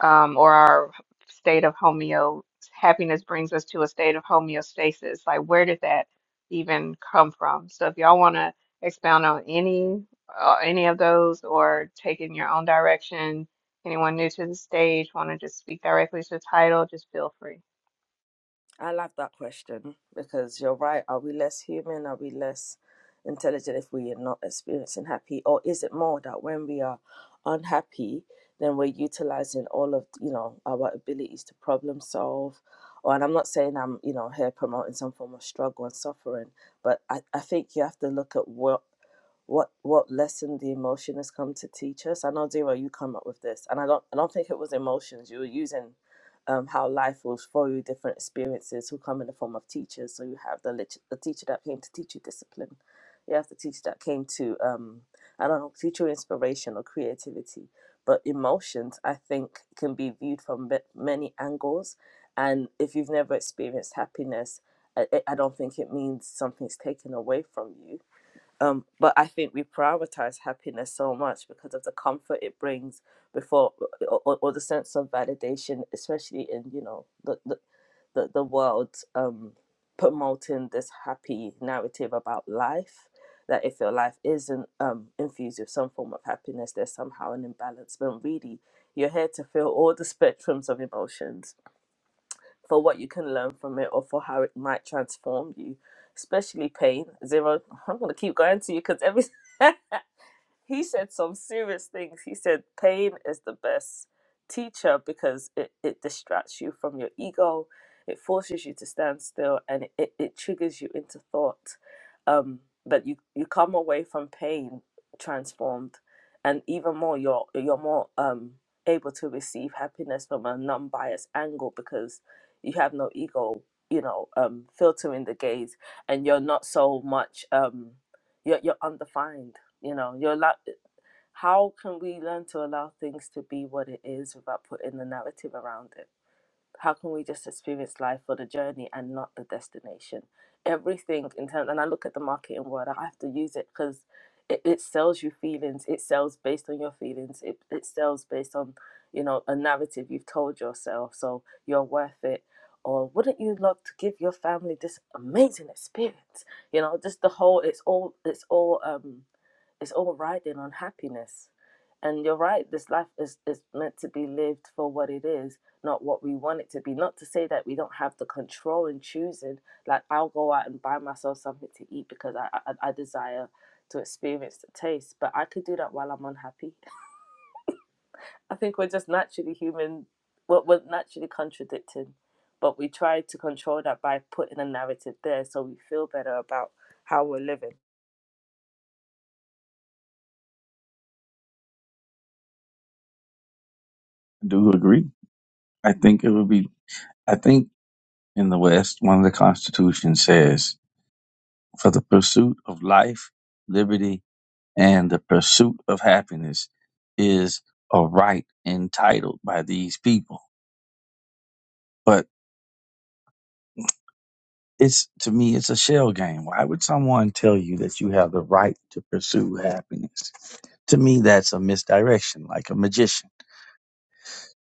[SPEAKER 1] um, or our state of homeo happiness brings us to a state of homeostasis like where did that even come from so if y'all want to expound on any uh, any of those or take in your own direction anyone new to the stage want to just speak directly to the title just feel free
[SPEAKER 8] I love that question because you're right. Are we less human? Are we less intelligent if we are not experiencing happy? Or is it more that when we are unhappy, then we're utilizing all of you know our abilities to problem solve? Or and I'm not saying I'm you know here promoting some form of struggle and suffering, but I, I think you have to look at what what what lesson the emotion has come to teach us. I know Zero, you come up with this, and I don't I don't think it was emotions. You were using um, how life will throw you different experiences who come in the form of teachers. So you have the, lit- the teacher that came to teach you discipline. You have the teacher that came to, um, I don't know, teach you inspiration or creativity. But emotions, I think, can be viewed from ma- many angles. And if you've never experienced happiness, I, I I don't think it means something's taken away from you. Um, but I think we prioritize happiness so much because of the comfort it brings before, or, or the sense of validation, especially in you know the the, the, the world um, promoting this happy narrative about life. That if your life isn't um, infused with some form of happiness, there's somehow an imbalance. But really, you're here to feel all the [laughs] spectrums of emotions for what you can learn from it or for how it might transform you, especially pain. Zero, I'm going to keep going to you because every. [laughs] he said some serious things. He said pain is the best teacher because it, it distracts you from your ego, it forces you to stand still, and it, it triggers you into thought. Um, but you, you come away from pain transformed, and even more, you're, you're more um, able to receive happiness from a non biased angle because you have no ego, you know, um, filtering the gaze, and you're not so much. Um, you're, you're undefined you know, you're allow- how can we learn to allow things to be what it is without putting the narrative around it? How can we just experience life for the journey and not the destination? Everything in terms, and I look at the marketing word, I have to use it because it, it sells you feelings. It sells based on your feelings. It, it sells based on, you know, a narrative you've told yourself. So you're worth it. Or wouldn't you love to give your family this amazing experience? You know, just the whole, it's all, it's all, um, it's all riding on happiness. And you're right, this life is, is meant to be lived for what it is, not what we want it to be. Not to say that we don't have the control in choosing, like I'll go out and buy myself something to eat because I, I, I desire to experience the taste, but I could do that while I'm unhappy. [laughs] I think we're just naturally human, we're, we're naturally contradicting, but we try to control that by putting a narrative there so we feel better about how we're living.
[SPEAKER 7] I do agree. I think it would be, I think in the West, one of the Constitution says for the pursuit of life, liberty, and the pursuit of happiness is a right entitled by these people. But it's to me, it's a shell game. Why would someone tell you that you have the right to pursue happiness? To me, that's a misdirection, like a magician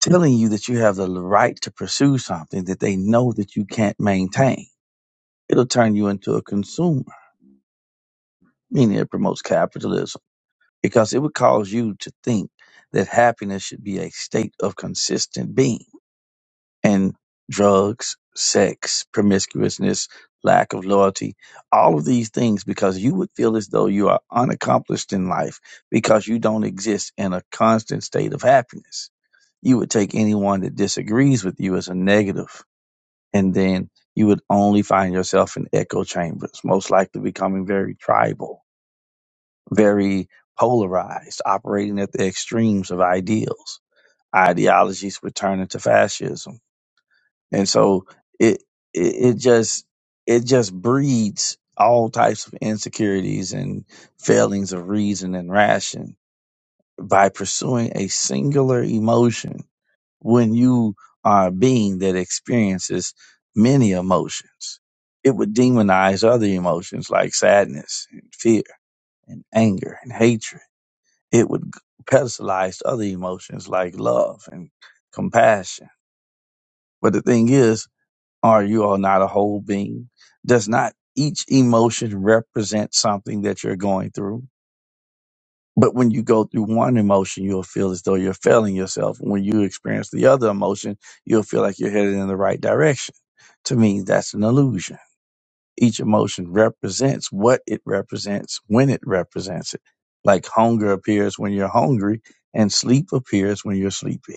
[SPEAKER 7] telling you that you have the right to pursue something that they know that you can't maintain. It'll turn you into a consumer, meaning it promotes capitalism because it would cause you to think that happiness should be a state of consistent being and drugs, sex, promiscuousness, lack of loyalty, all of these things because you would feel as though you are unaccomplished in life because you don't exist in a constant state of happiness. You would take anyone that disagrees with you as a negative, and then you would only find yourself in echo chambers, most likely becoming very tribal, very polarized, operating at the extremes of ideals. Ideologies would turn into fascism and so it it, it just it just breeds all types of insecurities and failings of reason and ration by pursuing a singular emotion when you are a being that experiences many emotions it would demonize other emotions like sadness and fear and anger and hatred it would pedestalize other emotions like love and compassion but the thing is or you are not a whole being. Does not each emotion represent something that you're going through? But when you go through one emotion, you'll feel as though you're failing yourself. When you experience the other emotion, you'll feel like you're headed in the right direction. To me, that's an illusion. Each emotion represents what it represents when it represents it. Like hunger appears when you're hungry and sleep appears when you're sleepy.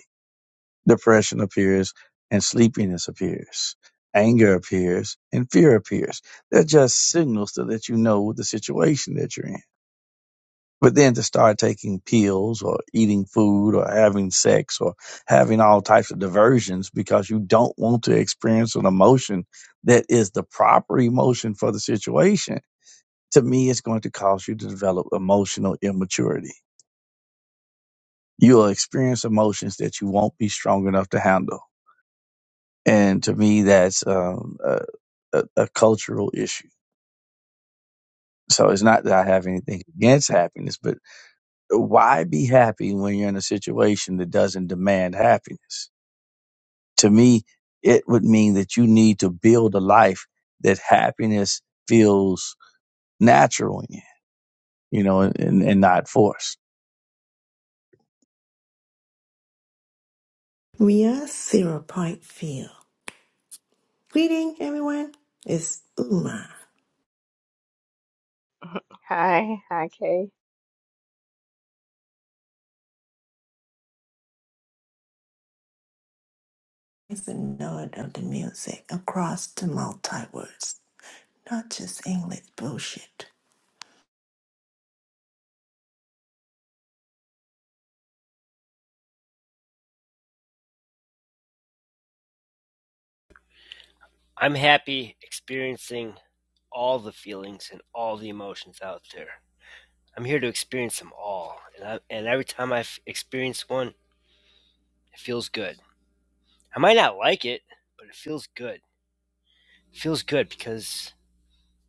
[SPEAKER 7] Depression appears and sleepiness appears. Anger appears and fear appears. They're just signals to let you know the situation that you're in. But then to start taking pills or eating food or having sex or having all types of diversions because you don't want to experience an emotion that is the proper emotion for the situation, to me, it's going to cause you to develop emotional immaturity. You'll experience emotions that you won't be strong enough to handle and to me that's um, a, a, a cultural issue so it's not that i have anything against happiness but why be happy when you're in a situation that doesn't demand happiness to me it would mean that you need to build a life that happiness feels natural in you know and, and not forced
[SPEAKER 9] Ria Sarah Parkfield. Greeting, everyone. It's Uma.
[SPEAKER 1] hi hi kay
[SPEAKER 9] It's the note of the music across the multiverse, not just English bullshit.
[SPEAKER 10] I'm happy experiencing all the feelings and all the emotions out there. I'm here to experience them all. And, I, and every time i experience one, it feels good. I might not like it, but it feels good. It feels good because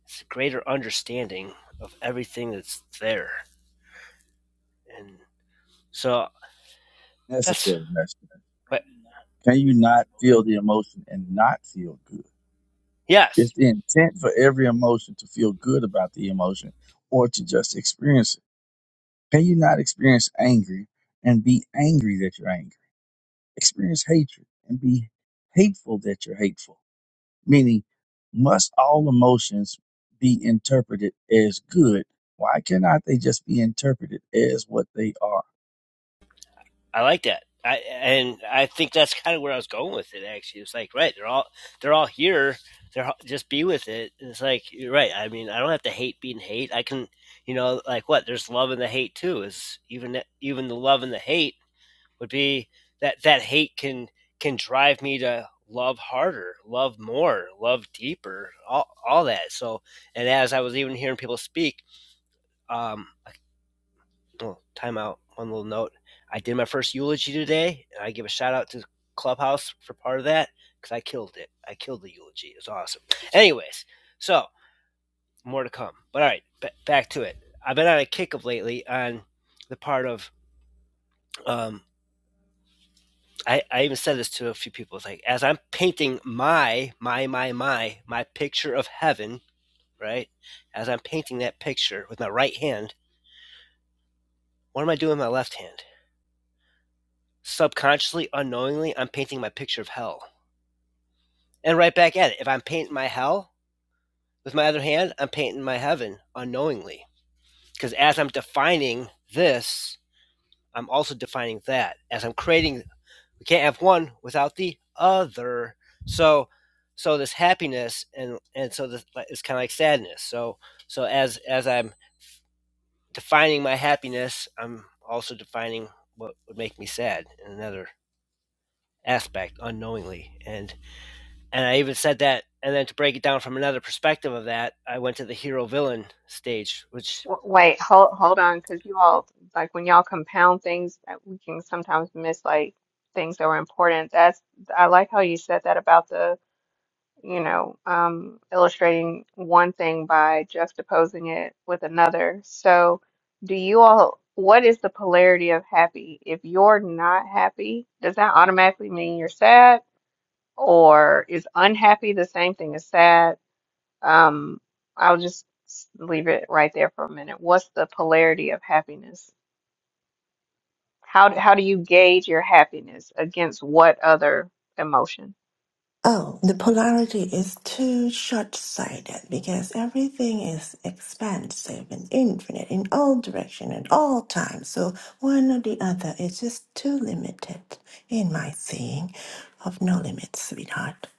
[SPEAKER 10] it's a greater understanding of everything that's there. And so that's,
[SPEAKER 7] necessary message.
[SPEAKER 10] but
[SPEAKER 7] Can you not feel the emotion and not feel good?
[SPEAKER 10] yes,
[SPEAKER 7] It's the intent for every emotion to feel good about the emotion or to just experience it. Can you not experience angry and be angry that you're angry? Experience hatred and be hateful that you're hateful. Meaning, must all emotions be interpreted as good? Why cannot they just be interpreted as what they are?
[SPEAKER 10] I like that. I and I think that's kind of where I was going with it. Actually, it's like right, they're all they're all here. They're just be with it. And It's like you're right. I mean, I don't have to hate being hate. I can, you know, like what? There's love in the hate too. Is even even the love and the hate would be that that hate can can drive me to love harder, love more, love deeper, all all that. So, and as I was even hearing people speak, um, I oh, time out! One little note. I did my first eulogy today, and I give a shout out to Clubhouse for part of that because I killed it. I killed the eulogy. It was awesome. Anyways, so more to come. But all right, b- back to it. I've been on a kick of lately on the part of um, I, I even said this to a few people. It's like as I'm painting my my my my my picture of heaven, right? As I'm painting that picture with my right hand, what am I doing with my left hand? Subconsciously, unknowingly, I'm painting my picture of hell. and right back at it. If I'm painting my hell with my other hand, I'm painting my heaven unknowingly. Because as I'm defining this, I'm also defining that. As I'm creating, we can't have one without the other. So, so this happiness and and so this like, it's kind of like sadness. So, so as as I'm defining my happiness, I'm also defining what would make me sad in another aspect unknowingly. And and I even said that. And then to break it down from another perspective of that, I went to the hero villain stage, which,
[SPEAKER 1] W- Wait, hold hold on, because you all like when y'all compound things, uh, we can sometimes miss like things that were important. That's I like how you said that about the you know um, illustrating one thing by juxtaposing it with another. So, do you all? What is the polarity of happy? If you're not happy, does that automatically mean you're sad, or is unhappy the same thing as sad? Um, I'll just s- leave it right there for a minute. What's the polarity of happiness? How d- how do you gauge your happiness against what other emotion?
[SPEAKER 9] Oh, the polarity is too short-sighted because everything is expansive and infinite in all direction at all times. So one or the other is just too limited in my seeing of no limits, sweetheart.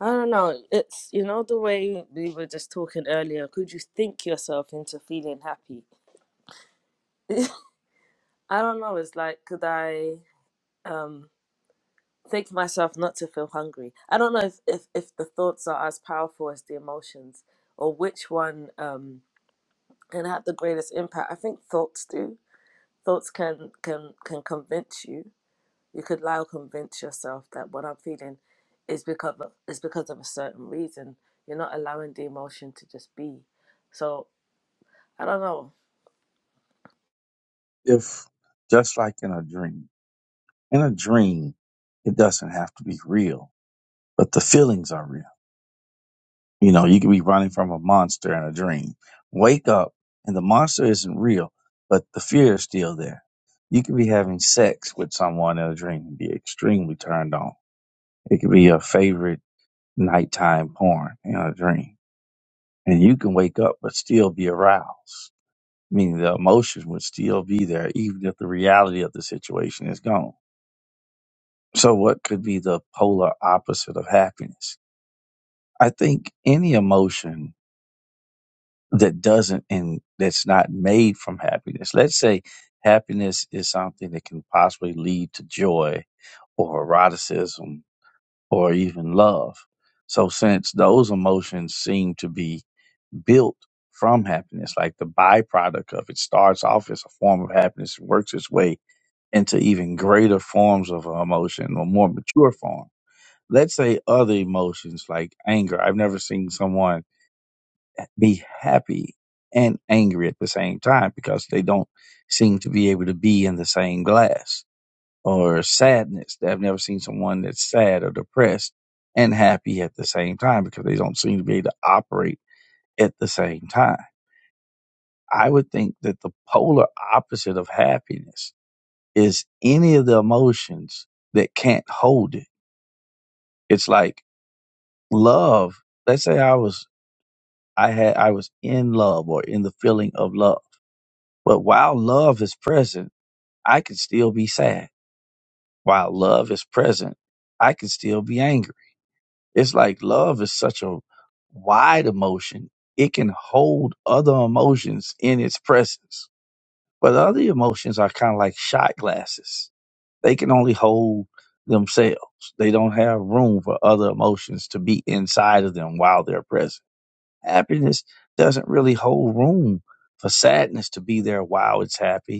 [SPEAKER 8] I don't know. It's you know the way we were just talking earlier. Could you think yourself into feeling happy? [laughs] I don't know. It's like could I um think myself not to feel hungry? I don't know if if, if the thoughts are as powerful as the emotions, or which one um can have the greatest impact. I think thoughts do. Thoughts can can can convince you You could lie or convince yourself that what I'm feeling is because of, is because of a certain reason. You're not allowing the emotion to just be. So I don't know.
[SPEAKER 7] If just like in a dream in a dream, it doesn't have to be real, but the feelings are real. You know, you could be running from a monster in a dream. Wake up and the monster isn't real, but the fear is still there. You could be having sex with someone in a dream and be extremely turned on. It could be your favorite nighttime porn in a dream. And you can wake up but still be aroused. Meaning the emotion would still be there even if the reality of the situation is gone. So what could be the polar opposite of happiness? I think any emotion that doesn't and that's not made from happiness. Let's say happiness is something that can possibly lead to joy or eroticism or even love. So since those emotions seem to be built from happiness, like the byproduct of it starts off as a form of happiness and works its way into even greater forms of emotion or more mature form. Let's say other emotions like anger. I've never seen someone be happy and angry at the same time because they don't seem to be able to be in the same glass or sadness. I've never seen someone that's sad or depressed and happy at the same time because they don't seem to be able to operate at the same time. I would think that the polar opposite of happiness is any of the emotions that can't hold it. It's like love. Let's say I was I had I was in love or in the feeling of love But while love is present, I can still be sad. While love is present, I can still be angry. It's like love is such a wide emotion. It can hold other emotions in its presence. But other emotions are kind of like shot glasses. They can only hold themselves. They don't have room for other emotions to be inside of them while they're present. Happiness doesn't really hold room for sadness to be there while it's happy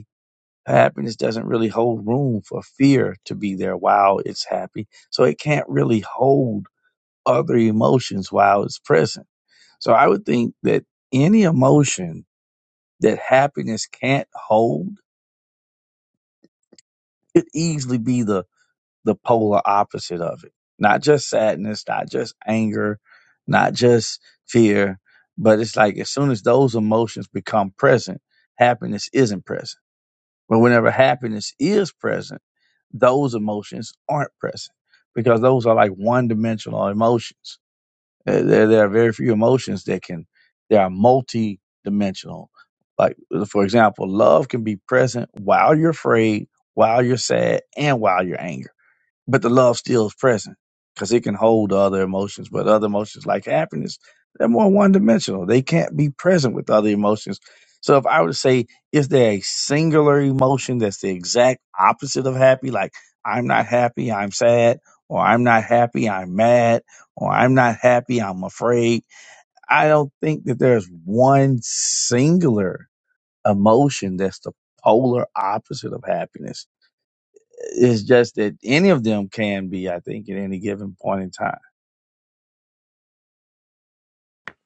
[SPEAKER 7] happiness doesn't really hold room for fear to be there while it's happy. So it can't really hold other emotions while it's present. So I would think that any emotion that happiness can't hold could easily be the, the polar opposite of it. Not just sadness, not just anger, not just fear, but it's like as soon as those emotions become present, happiness isn't present. But whenever happiness is present, those emotions aren't present because those are like one dimensional emotions. Uh, There, there are very few emotions that can, they are multi dimensional. Like, for example, love can be present while you're afraid, while you're sad, and while you're angry but the love still is present because it can hold other emotions. But other emotions like happiness, they're more one dimensional. They can't be present with other emotions. So if I were to say, is there a singular emotion that's the exact opposite of happy? Like I'm not happy, I'm sad, or I'm not happy, I'm mad, or I'm not happy, I'm afraid. I don't think that there's one singular emotion that's the polar opposite of happiness it's just that any of them can be, I think, at any given point in time.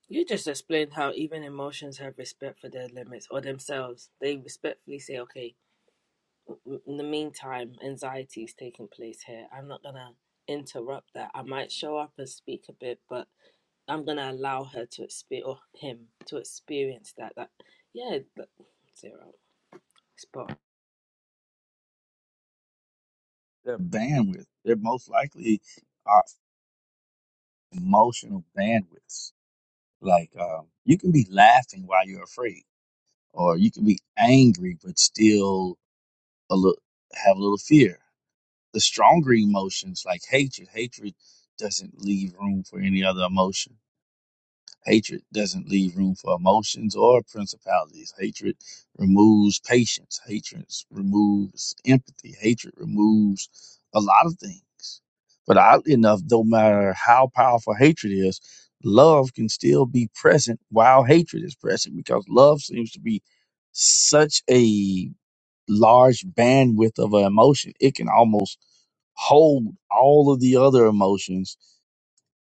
[SPEAKER 8] You just explained how even emotions have respect for their limits or themselves. They respectfully say, "Okay, w- in the meantime, anxiety is taking place here. I'm not gonna interrupt that. I might show up and speak a bit, but I'm gonna allow her to experience or him to experience that. That yeah, that- zero spot. on.
[SPEAKER 7] Their bandwidth, they're most likely are emotional bandwidths. Like um, you can be laughing while you're afraid, or you can be angry but still a little have a little fear. The stronger emotions, like hatred, hatred doesn't leave room for any other emotion Hatred doesn't leave room for emotions or principalities. Hatred removes patience. Hatred removes empathy. Hatred removes a lot of things. But oddly enough, no matter how powerful hatred is, love can still be present while hatred is present because love seems to be such a large bandwidth of an emotion. It can almost hold all of the other emotions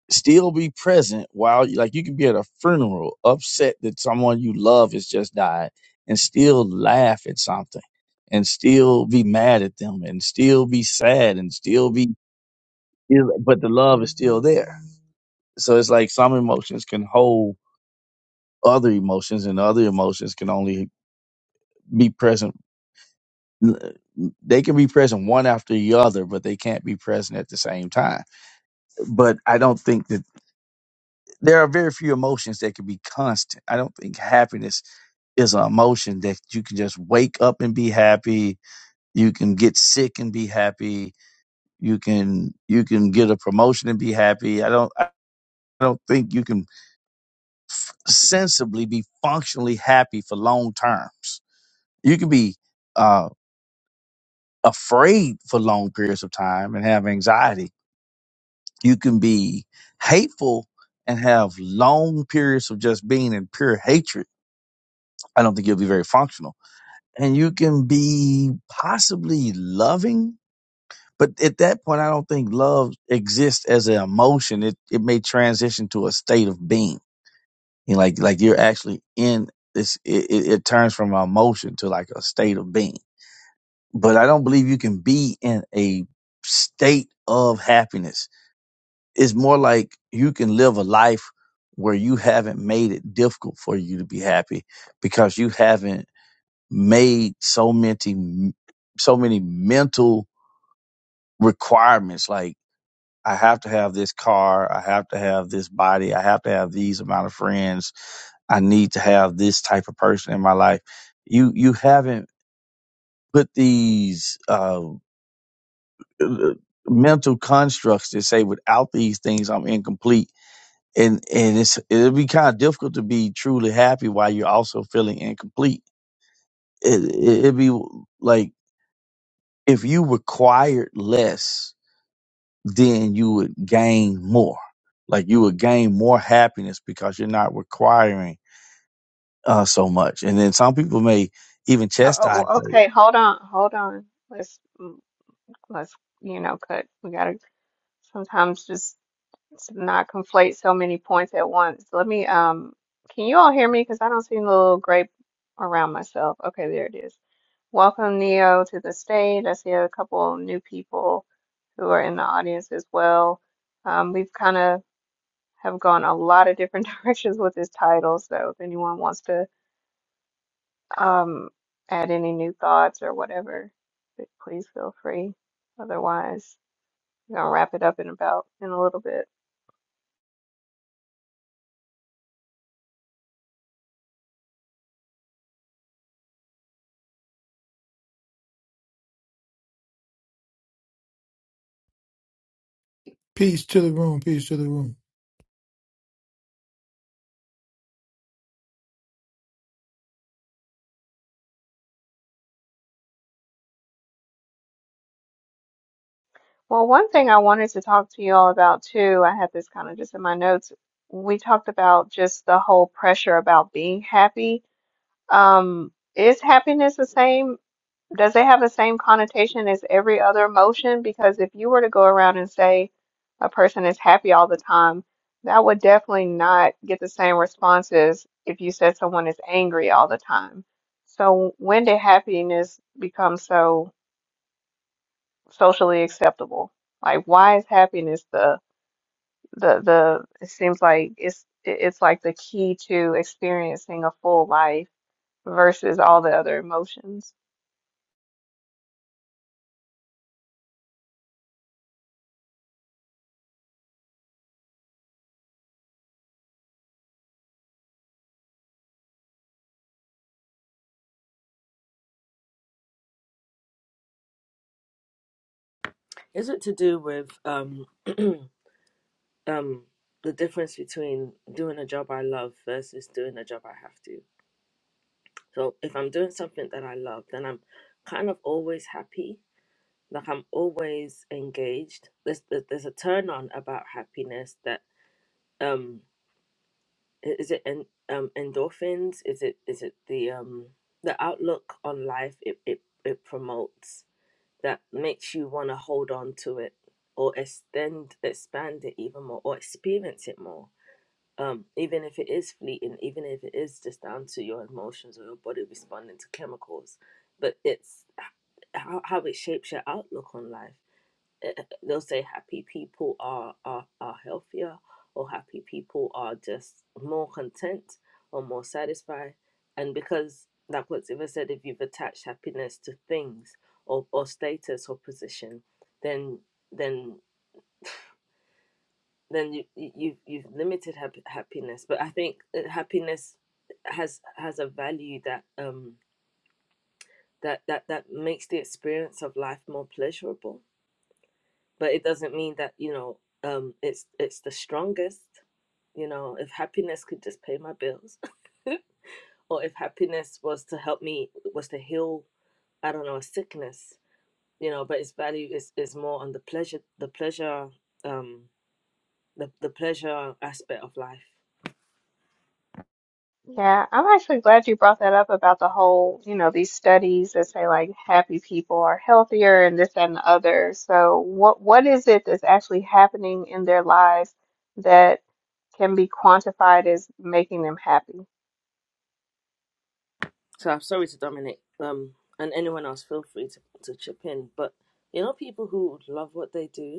[SPEAKER 7] still be present while like you could be at a funeral upset that someone you love has just died and still laugh at something and still be mad at them and still be sad and still be but the love is still there so it's like some emotions can hold other emotions and other emotions can only be present they can be present one after the other but they can't be present at the same time but i don't think that there are very few emotions that can be constant i don't think happiness is an emotion that you can just wake up and be happy. You can get sick and be happy. You can you can get a promotion and be happy. I don't I don't think you can sensibly be functionally happy for long terms. You can be uh, afraid for long periods of time and have anxiety. You can be hateful and have long periods of just being in pure hatred. I don't think you'll be very functional. And you can be possibly loving But at that point, I don't think love exists as an emotion. It it may transition to a state of being. You know, like like you're actually in this. It, it, it turns from an emotion to like a state of being. But I don't believe you can be in a state of happiness. It's more like you can live a life where you haven't made it difficult for you to be happy because you haven't made so many so many mental requirements like I have to have this car. I have to have this body. I have to have these amount of friends. I need to have this type of person in my life. You you haven't put these uh, uh, mental constructs that say without these things I'm incomplete, and and it's it'll be kind of difficult to be truly happy while you're also feeling incomplete. It, it, it'd be like if you required less then you would gain more. Like you would gain more happiness because you're not requiring uh, so much. And then some people may even
[SPEAKER 1] Oh, oh,
[SPEAKER 7] chastise.
[SPEAKER 1] oh,
[SPEAKER 7] you,
[SPEAKER 1] okay, hold on, hold on. Let's mm, let's you know cut. We gotta sometimes just to not conflate so many points at once. Let me, um, can you all hear me? Because I don't see the little grape around myself. Okay, there it is. Welcome, Neo, to the stage. I see a couple new people who are in the audience as well. Um, we've kind of have gone a lot of different [laughs] directions with this title, so if anyone wants to um, add any new thoughts or whatever, please feel free. Otherwise, we're gonna wrap it up in about in a little bit.
[SPEAKER 11] Peace to the room. Peace to the room.
[SPEAKER 1] Well, one thing I wanted to talk to you all about too, I had this kind of just in my notes. We talked about just the whole pressure about being happy. Um, is happiness the same? Does it have the same connotation as every other emotion? Because if you were to go around and say a person is happy all the time, that would definitely not get the same responses if you said someone is angry all the time. So when did happiness become so? socially acceptable. Like, why is happiness the the the? It seems like it's it- it's like the key to experiencing a full life versus all the other emotions.
[SPEAKER 8] Is it to do with um [clears throat] um the difference between doing a job I love versus doing a job I have to? So if I'm doing something that I love, then I'm kind of always happy. Like I'm always engaged. There's there- there's a turn on about happiness that um i- is it en- um endorphins? Is it is it the um the outlook on life it it, it promotes? that makes you want to hold on to it or extend expand it even more or experience it more um, even if it is fleeting even if it is just down to your emotions or your body responding to chemicals but it's how, how it shapes your outlook on life [laughs] eh, they'll say happy people are, are, are healthier or happy people are just more content or more satisfied. And because, like what's ever said, if you've attached happiness to things or, or status or position, then then then you, you you've you've limited hap- happiness. But I think that happiness has has a value that um that that that makes the experience of life more pleasurable but it doesn't mean that you know um it's it's the strongest you know if happiness could just pay my bills [laughs] or if happiness was to help me was to heal i don't know a sickness you know but its value is is more on the pleasure the pleasure um the, the pleasure aspect of life
[SPEAKER 1] Yeah, I'm actually glad you brought that up about the whole, you know, these studies that say like happy people are healthier and this that, and the other. So what what is it that's actually happening in their lives that can be quantified as making them happy?
[SPEAKER 8] so i'm sorry to Dominic, um and anyone else feel free to, to chip in but you know people who love what they do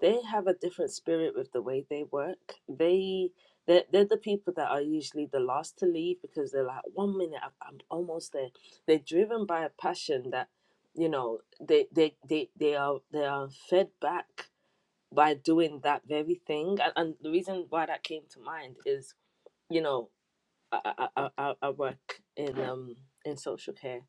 [SPEAKER 8] they have a different spirit with the way they work. They they're, they're the people that are usually the last to leave because they're like one minute I'm, I'm almost there. They're driven by a passion that you know they they they, they are they are fed back by doing that very thing. And, and the reason why that came to mind is you know I, I, I, I work in um in social care,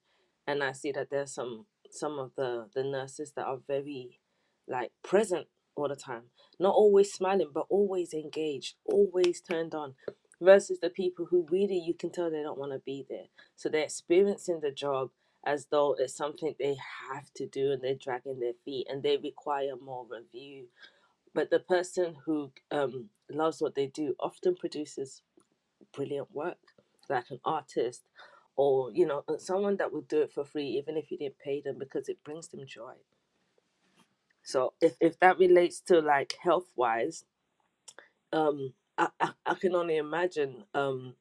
[SPEAKER 8] and I see that there's some some of the the nurses that are very like present all the time, not always smiling but always engaged, always turned on, versus the people who really you can tell they don't want to be there. So they're experiencing the job as though it's something they have to do and they're dragging their feet and they require more review. But the person who um, loves what they do often produces brilliant work, like an artist or, you know, someone that would do it for free even if you didn't pay them because it brings them joy. So if, if that relates to like health wise, um, I, I, I can only imagine um,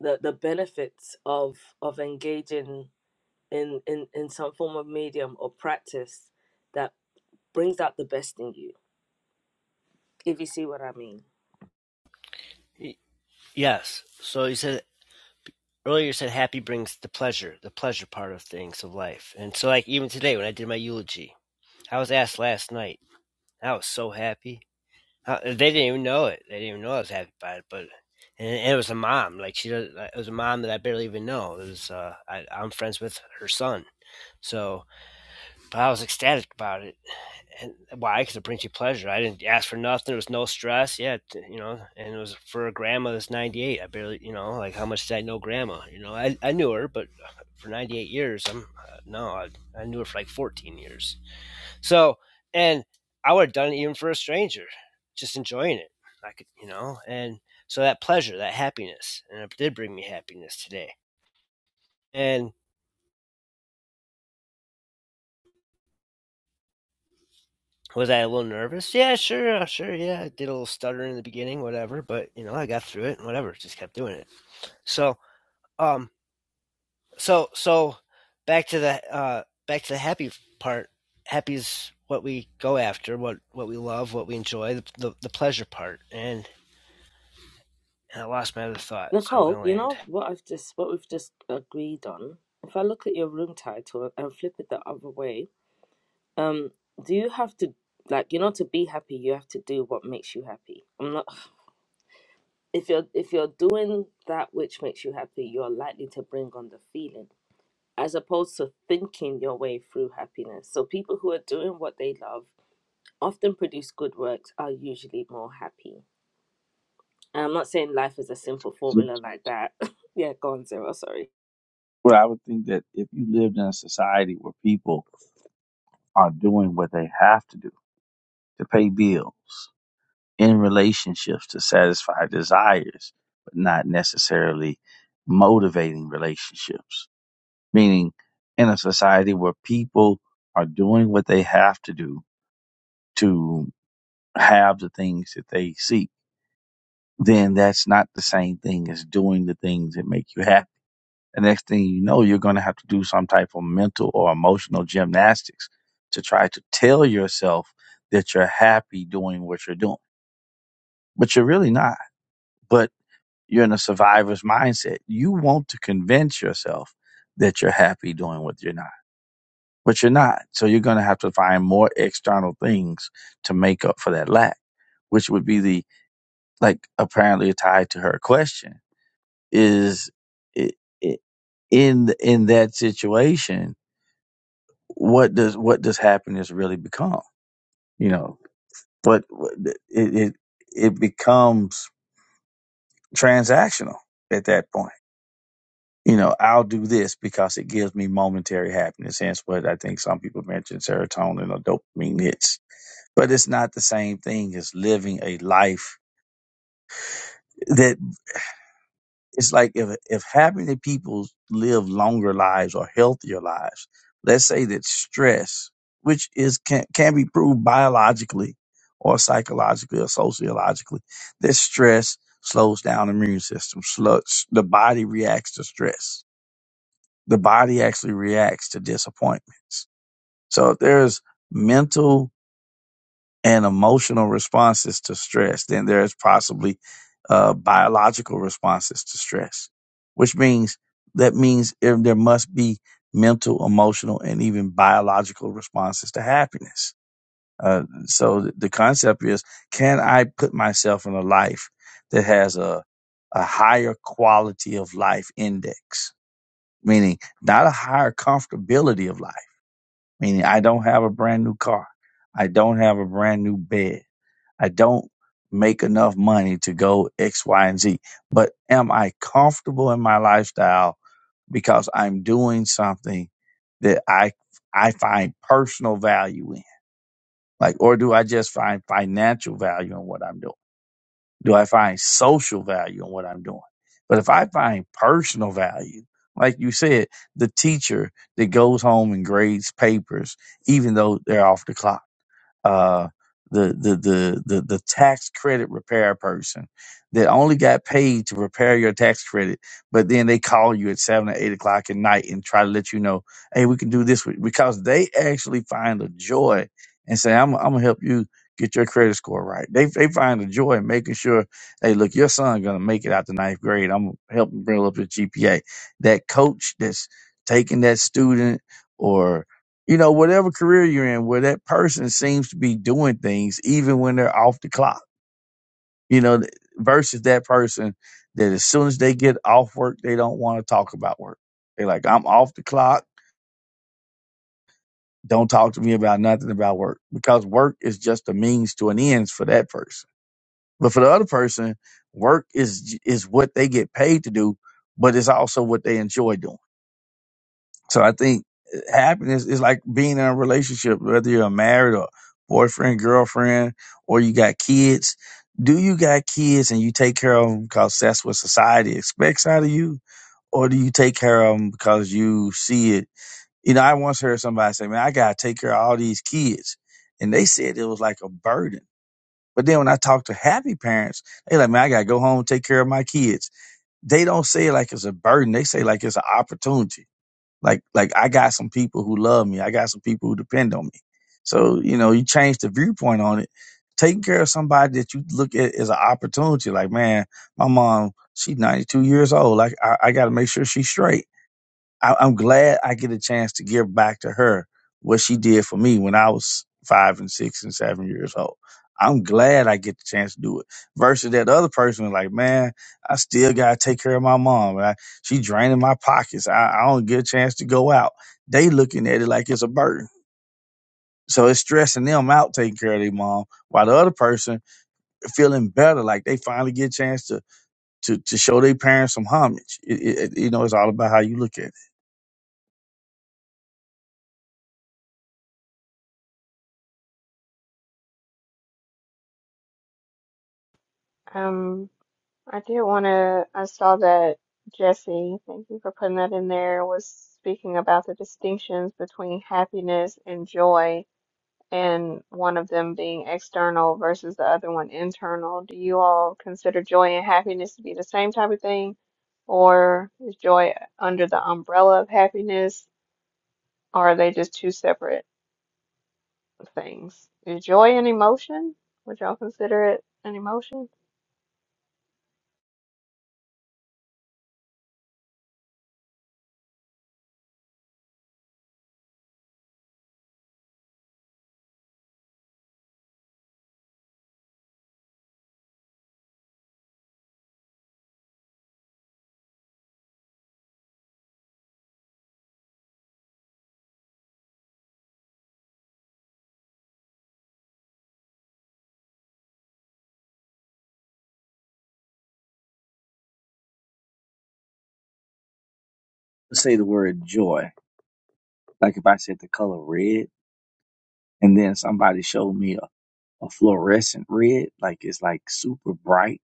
[SPEAKER 8] the, the benefits of, of engaging in, in, in some form of medium or practice that brings out the best in you, if you see what I mean.
[SPEAKER 10] yes. So you said earlier, you said happy brings the pleasure, the pleasure part of things of life. And so, like, even today when I did my eulogy, I was asked last night, I was so happy. Uh, they didn't even know it. They didn't even know I was happy about it. But and, it was a mom. Like she, does, like, it was a mom that I barely even know. It was. Uh, I, I'm friends with her son. So, but I was ecstatic about it. and wow, it's a brings you pleasure. I didn't ask for nothing. There was no stress. Yeah, you know, and it was for a grandma that's 98. I barely, you know, like how much did I know grandma? You know, I, I knew her, but uh, for 98 years, I'm uh, no, I, I knew her for like 14 years. So, and I would have done it even for a stranger, just enjoying it. I could, you know, and so that pleasure, that happiness, and it did bring me happiness today. And Was I a little nervous? Yeah, sure, uh, sure, yeah. I did a little stutter in the beginning, whatever, but you know, I got through it and whatever, just kept doing it. So, um so so back to the uh back to the happy part. Happy's what we go after, what what we love, what we enjoy, the the, the pleasure part. And, and I lost my other thought, so I'm going
[SPEAKER 8] Nicole,
[SPEAKER 10] to
[SPEAKER 8] you
[SPEAKER 10] land.
[SPEAKER 8] know what I've just what we've just agreed on. If I look at your room title and flip it the other way, um do you have to like you know to be happy you have to do what makes you happy i'm not [sighs] if you're if you're doing that which makes you happy you're likely to bring on the feeling as opposed to thinking your way through happiness so people who are doing what they love often produce good works are usually more happy and i'm not saying life is a simple formula
[SPEAKER 7] which-
[SPEAKER 8] like that [laughs] yeah go on zero sorry
[SPEAKER 7] But I would think that if you lived in a society where people are doing what they have to do to pay bills, in relationships to satisfy desires, but not necessarily motivating relationships, meaning in a society where people are doing what they have to do to have the things that they seek, then that's not the same thing as doing the things that make you happy. The next thing you know, you're going to have to do some type of mental or emotional gymnastics to try to tell yourself that you're happy doing what you're doing, but you're really not. But you're in a survivor's mindset. You want to convince yourself that you're happy doing what you're not, but you're not. So you're going to have to find more external things to make up for that lack, which would be the like apparently tied to her question is i- i- in th- in that situation what does what does happiness really become you know but what- it it, it becomes transactional at that point you know i'll do this because it gives me momentary happiness hence what i think some people mention serotonin or dopamine hits but it's not the same thing as living a life that. it's like if if half many people live longer lives or healthier lives, let's say that stress, which is can can be proved biologically or psychologically or sociologically, that stress slows down the immune system. Slow, the body reacts to stress. The body actually reacts to disappointments. So if there's mental and emotional responses to stress then there is possibly uh, biological responses to stress, which means that means if there must be mental, emotional, and even biological responses to happiness. Uh, so th- the concept is, can I put myself in a life that has a, a higher quality of life index, meaning not a higher comfortability of life, meaning I don't have a brand new car. I don't have a brand new bed. I don't make enough money to go X, Y, and Z. But am I comfortable in my lifestyle because I'm doing something that I I find personal value in? Like, or do I just find financial value in what I'm doing? Do I find social value in what I'm doing? But if I find personal value, like you said, the teacher that goes home and grades papers, even though they're off the clock uh, the, the the the the tax credit repair person that only got paid to repair your tax credit, but then they call you at seven or eight o'clock at night and try to let you know, hey, we can do this with-" because they actually find a joy and say, I'm I'm gonna help you get your credit score right. They they find a joy in making sure, hey, look, your son gonna make it out to ninth grade. I'm gonna help him bring up his GPA. That coach that's taking that student or you know, whatever career you're in, where that person seems to be doing things even when they're off the clock, you know, th- versus that person that as soon as they get off work, they don't want to talk about work. They're like, I'm off the clock. Don't talk to me about nothing about work because work is just a means to an end for that person. But for the other person, work is is what they get paid to do, but it's also what they enjoy doing. So I think eh, happiness is like being in a relationship, whether you're married or boyfriend, girlfriend, or you got kids. Do you got kids and you take care of them because that's what society expects out of you? Or do you take care of them because you see it? You know, I once heard somebody say, man, I got to take care of all these kids. And they said it was like a burden. But then when I talk to happy parents, they like, man, I got to go home and take care of my kids. They don't say it like it's a burden. They say like it's an opportunity like like I got some people who love me. I got some people who depend on me. So you know, you change the viewpoint on it. Taking care of somebody that you look at as an opportunity. Like man, my mom, she's ninety two years old. Like I, I got to make sure she's straight I, I'm glad I get a chance to give back to her what she did for me when I was five and six and seven years old. I'm glad I get the chance to do it. Versus that other person, is like, man, I still gotta take care of my mom. And I, she draining my pockets. I, I don't get a chance to go out. They looking at it like it's a burden. So it's stressing them out taking care of their mom, while the other person feeling better, like they finally get a chance to to to show their parents some homage. It, it, it- you know, it's all about how you look at it.
[SPEAKER 1] Um, I did want to, I saw that Jesse, thank you for putting that in there, was speaking about the distinctions between happiness and joy, and one of them being external versus the other one internal. Do you all consider joy and happiness to be the same type of thing, or is joy under the umbrella of happiness, or are they just two separate things? Is joy an emotion? Would y'all consider it an emotion?
[SPEAKER 7] Say the word joy Like if I said the color red, and then somebody showed me a, a fluorescent red, like it's like super bright,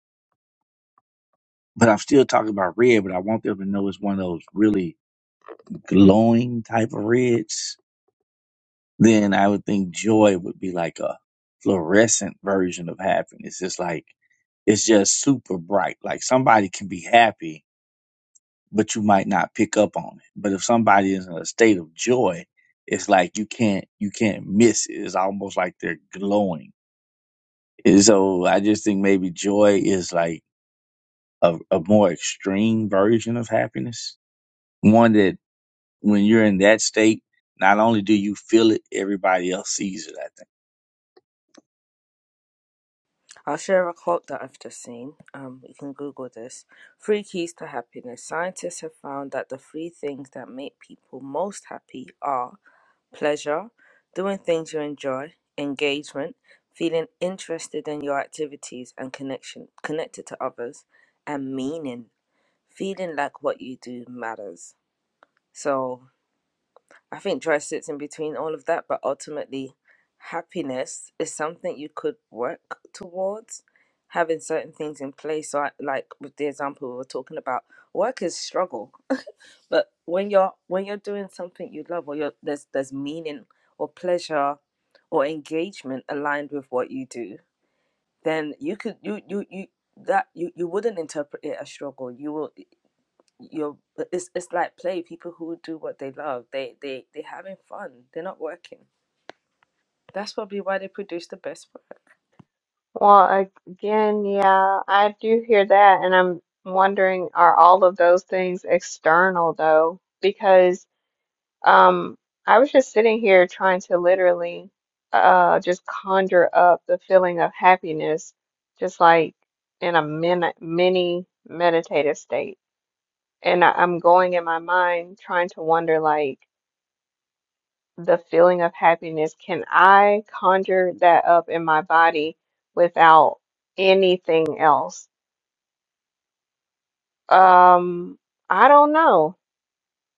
[SPEAKER 7] but I'm still talking about red, but I want them to know it's one of those really glowing type of reds. Then I would think joy would be like a fluorescent version of happiness. It's like it's just super bright. Like somebody can be happy, but you might not pick up on it. But if somebody is in a state of joy, it's like you can't you can't miss it. It's almost like they're glowing And so I just think maybe joy is like a, a more extreme version of happiness. One that when you're in that state, not only do you feel it, everybody else sees it. I think
[SPEAKER 8] I'll share a quote that I've just seen. Um, you can Google this. Three keys to happiness. Scientists have found that the three things that make people most happy are pleasure, doing things you enjoy, engagement, feeling interested in your activities and connection connected to others, and meaning, feeling like what you do matters. So I think joy sits in between all of that, but ultimately, happiness is something you could work towards having certain things in place. So, I, like with the example we were talking about, work is struggle, but when you're when you're doing something you love, or you're, there's there's meaning or pleasure or engagement aligned with what you do, then you could you you you that you, you wouldn't interpret it as struggle. You will you're uh, it's it's like play people who do what they love they they they're having fun they're not working that's probably why they produce the best work
[SPEAKER 1] Well, again, yeah, I do hear that, and I'm wondering, are all of those things external though? Because um, I was just sitting here trying to literally uh just conjure up the feeling of happiness, just like in a min mini meditative state. And I, I'm going in my mind trying to wonder, like, the feeling of happiness, can I conjure that up in my body without anything else? Um, I don't know.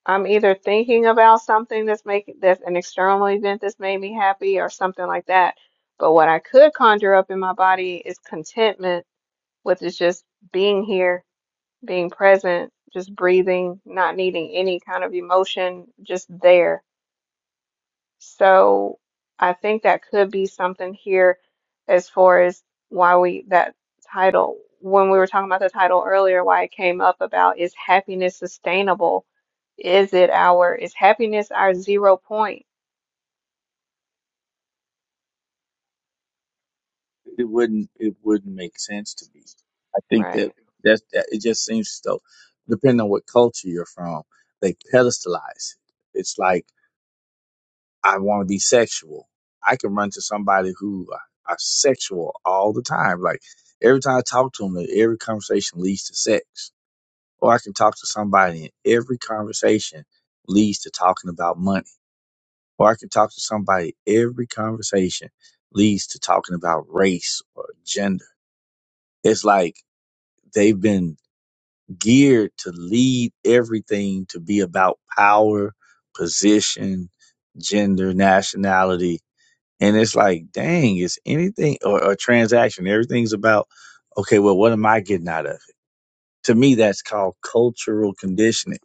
[SPEAKER 1] I'm either thinking about something that's making that's an external event that's made me happy or something like that. But what I could conjure up in my body is contentment with is just being here, being present, just breathing, not needing any kind of emotion, just there. So I think that could be something here as far as why we that title when we were talking about the title earlier, why it came up about is happiness sustainable? Is it our is happiness our zero point?
[SPEAKER 7] it wouldn't it wouldn't make sense to me. I think that
[SPEAKER 1] Right.
[SPEAKER 7] that's, that it just seems as though, depending on what culture you're from, they pedestalize it. It's like I want to be sexual. I can run to somebody who are sexual all the time. Like every time I talk to them, every conversation leads to sex Or I can talk to somebody and every conversation leads to talking about money. Or I can talk to somebody, every conversation leads to talking about race or gender. It's like they've been geared to lead everything to be about power, position, gender, nationality. And it's like, dang, it's anything or a transaction. Everything's about, okay, well, what am I getting out of it? To me, that's called cultural conditioning.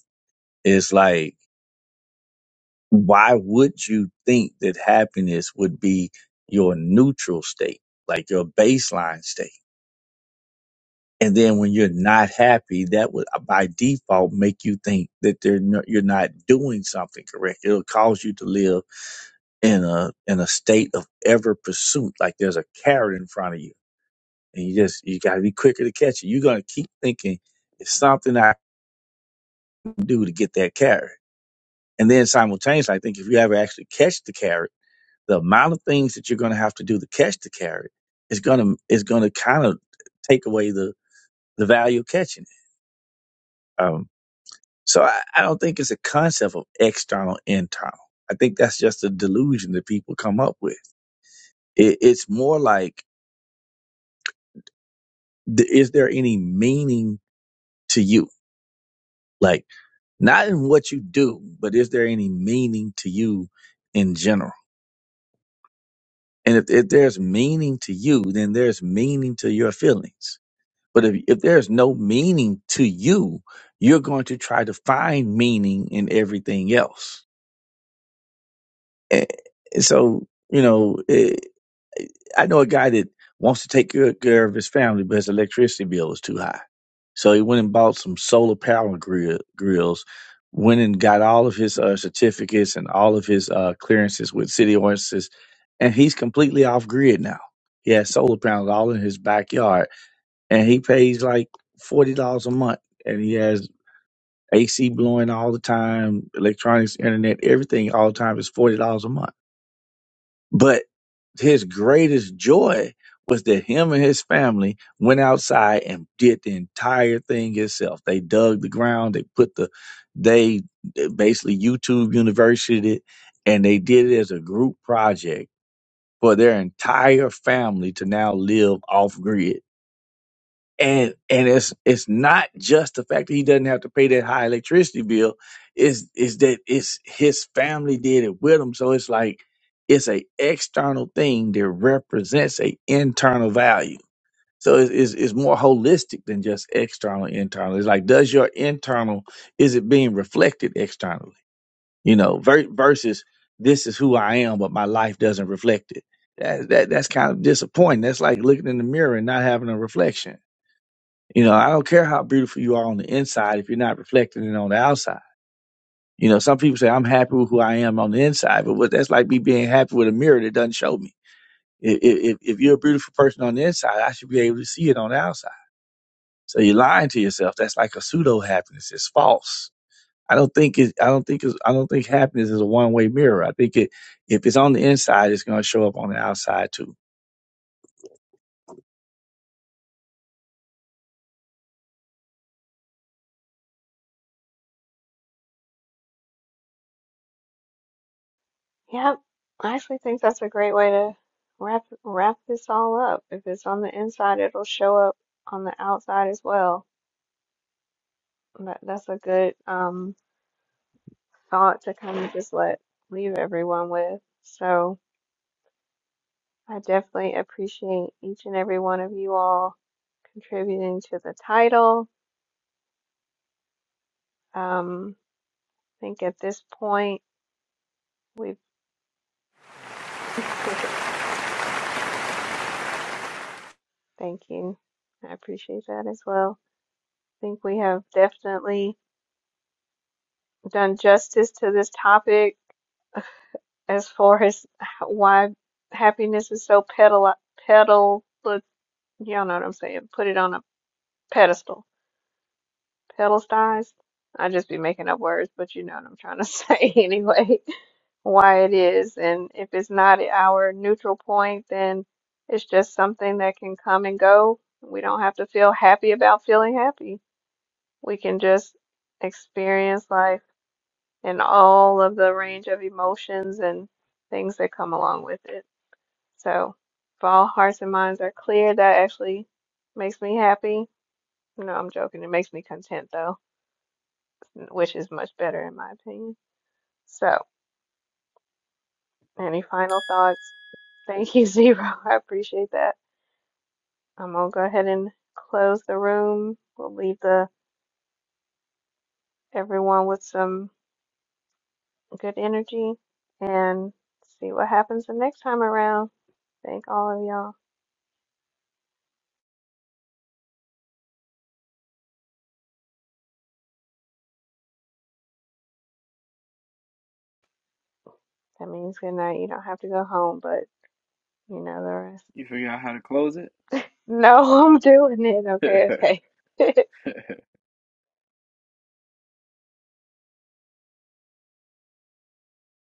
[SPEAKER 7] It's like why would you think that happiness would be your neutral state, like your baseline state? And then when you're not happy, that would uh, by default make you think that they're no, you're not doing something correct. It'll cause you to live in a in a state of ever pursuit, like there's a carrot in front of you, and you just you got to be quicker to catch it. You're gonna keep thinking it's something I can do to get that carrot, and then simultaneously, I think if you ever actually catch the carrot the amount of things that you're going to have to do to catch the carrot is going to is going to kind of take away the the value of catching it. Um, so I, I don't think it's a concept of external internal. I think that's just a delusion that people come up with. It, it's more like, th- is there any meaning to you? Like not in what you do, but is there any meaning to you in general? And if, if there's meaning to you, then there's meaning to your feelings But if, if there's no meaning to you, you're going to try to find meaning in everything else. And so, you know, eh, I know a guy that wants to take good care of his family, but his electricity bill is too high. So he went and bought some solar power grill, grills, went and got all of his uh, certificates and all of his uh, clearances with city ordinances, and he's completely off grid now. He has solar panels all in his backyard and he pays like forty dollars a month, and he has AC blowing all the time, electronics, internet, everything all the time is forty dollars a month. But his greatest joy was that him and his family went outside and did the entire thing himself. They dug the ground, they put the, they basically YouTube University, it, and they did it as a group project for their entire family to now live off grid and and it's it's not just the fact that he doesn't have to pay that high electricity bill is is that it's his family did it with him so it's like it's a external thing that represents a internal value so it's, it's, it's more holistic than just external internal it's like does your internal is it being reflected externally you know ver- versus this is who i am but my life doesn't reflect it that, that that's kind of disappointing that's like looking in the mirror and not having a reflection you know, I don't care how beautiful you are on the inside if you're not reflecting it on the outside. You know, some people say I'm happy with who I am on the inside, but what that's like me being happy with a mirror that doesn't show me. If, if, if you're a beautiful person on the inside, I should be able to see it on the outside. So you're lying to yourself. That's like a pseudo happiness. It's false. I don't think it. I don't think. It's, I don't think happiness is a one way mirror. I think it. If it's on the inside, it's going to show up on the outside too.
[SPEAKER 1] Yep. I actually think that's a great way to wrap wrap this all up. If it's on the inside, it'll show up on the outside as well. That that's a good um thought to kind of just let leave everyone with. So I definitely appreciate each and every one of you all contributing to the title. Um, I think at this point, we've, [laughs] thank you. I appreciate that as well. I think we have definitely done justice to this topic as far as why happiness is so pedal, pedal, but y'all know what I'm saying. Put it on a pedestal, pedestalized. I just be making up words, but you know what I'm trying to [laughs] say anyway. why it is. And if it's not at our neutral point, then it's just something that can come and go. We don't have to feel happy about feeling happy. We can just experience life and all of the range of emotions and things that come along with it. So, if all hearts and minds are clear, that actually makes me happy. No, I'm joking. It makes me content, though, which is much better in my opinion. So, any final thoughts? Thank you, [laughs] Zero. I appreciate that. Um, we'll go ahead and close the room. We'll leave the everyone with some good energy and see what happens the next time around. Thank all of y'all. That means good night. You don't have to go home, but you know the rest.
[SPEAKER 6] you figure out how to close it?
[SPEAKER 1] No, [laughs] I'm doing it. Okay,
[SPEAKER 6] [laughs]
[SPEAKER 1] okay. [laughs]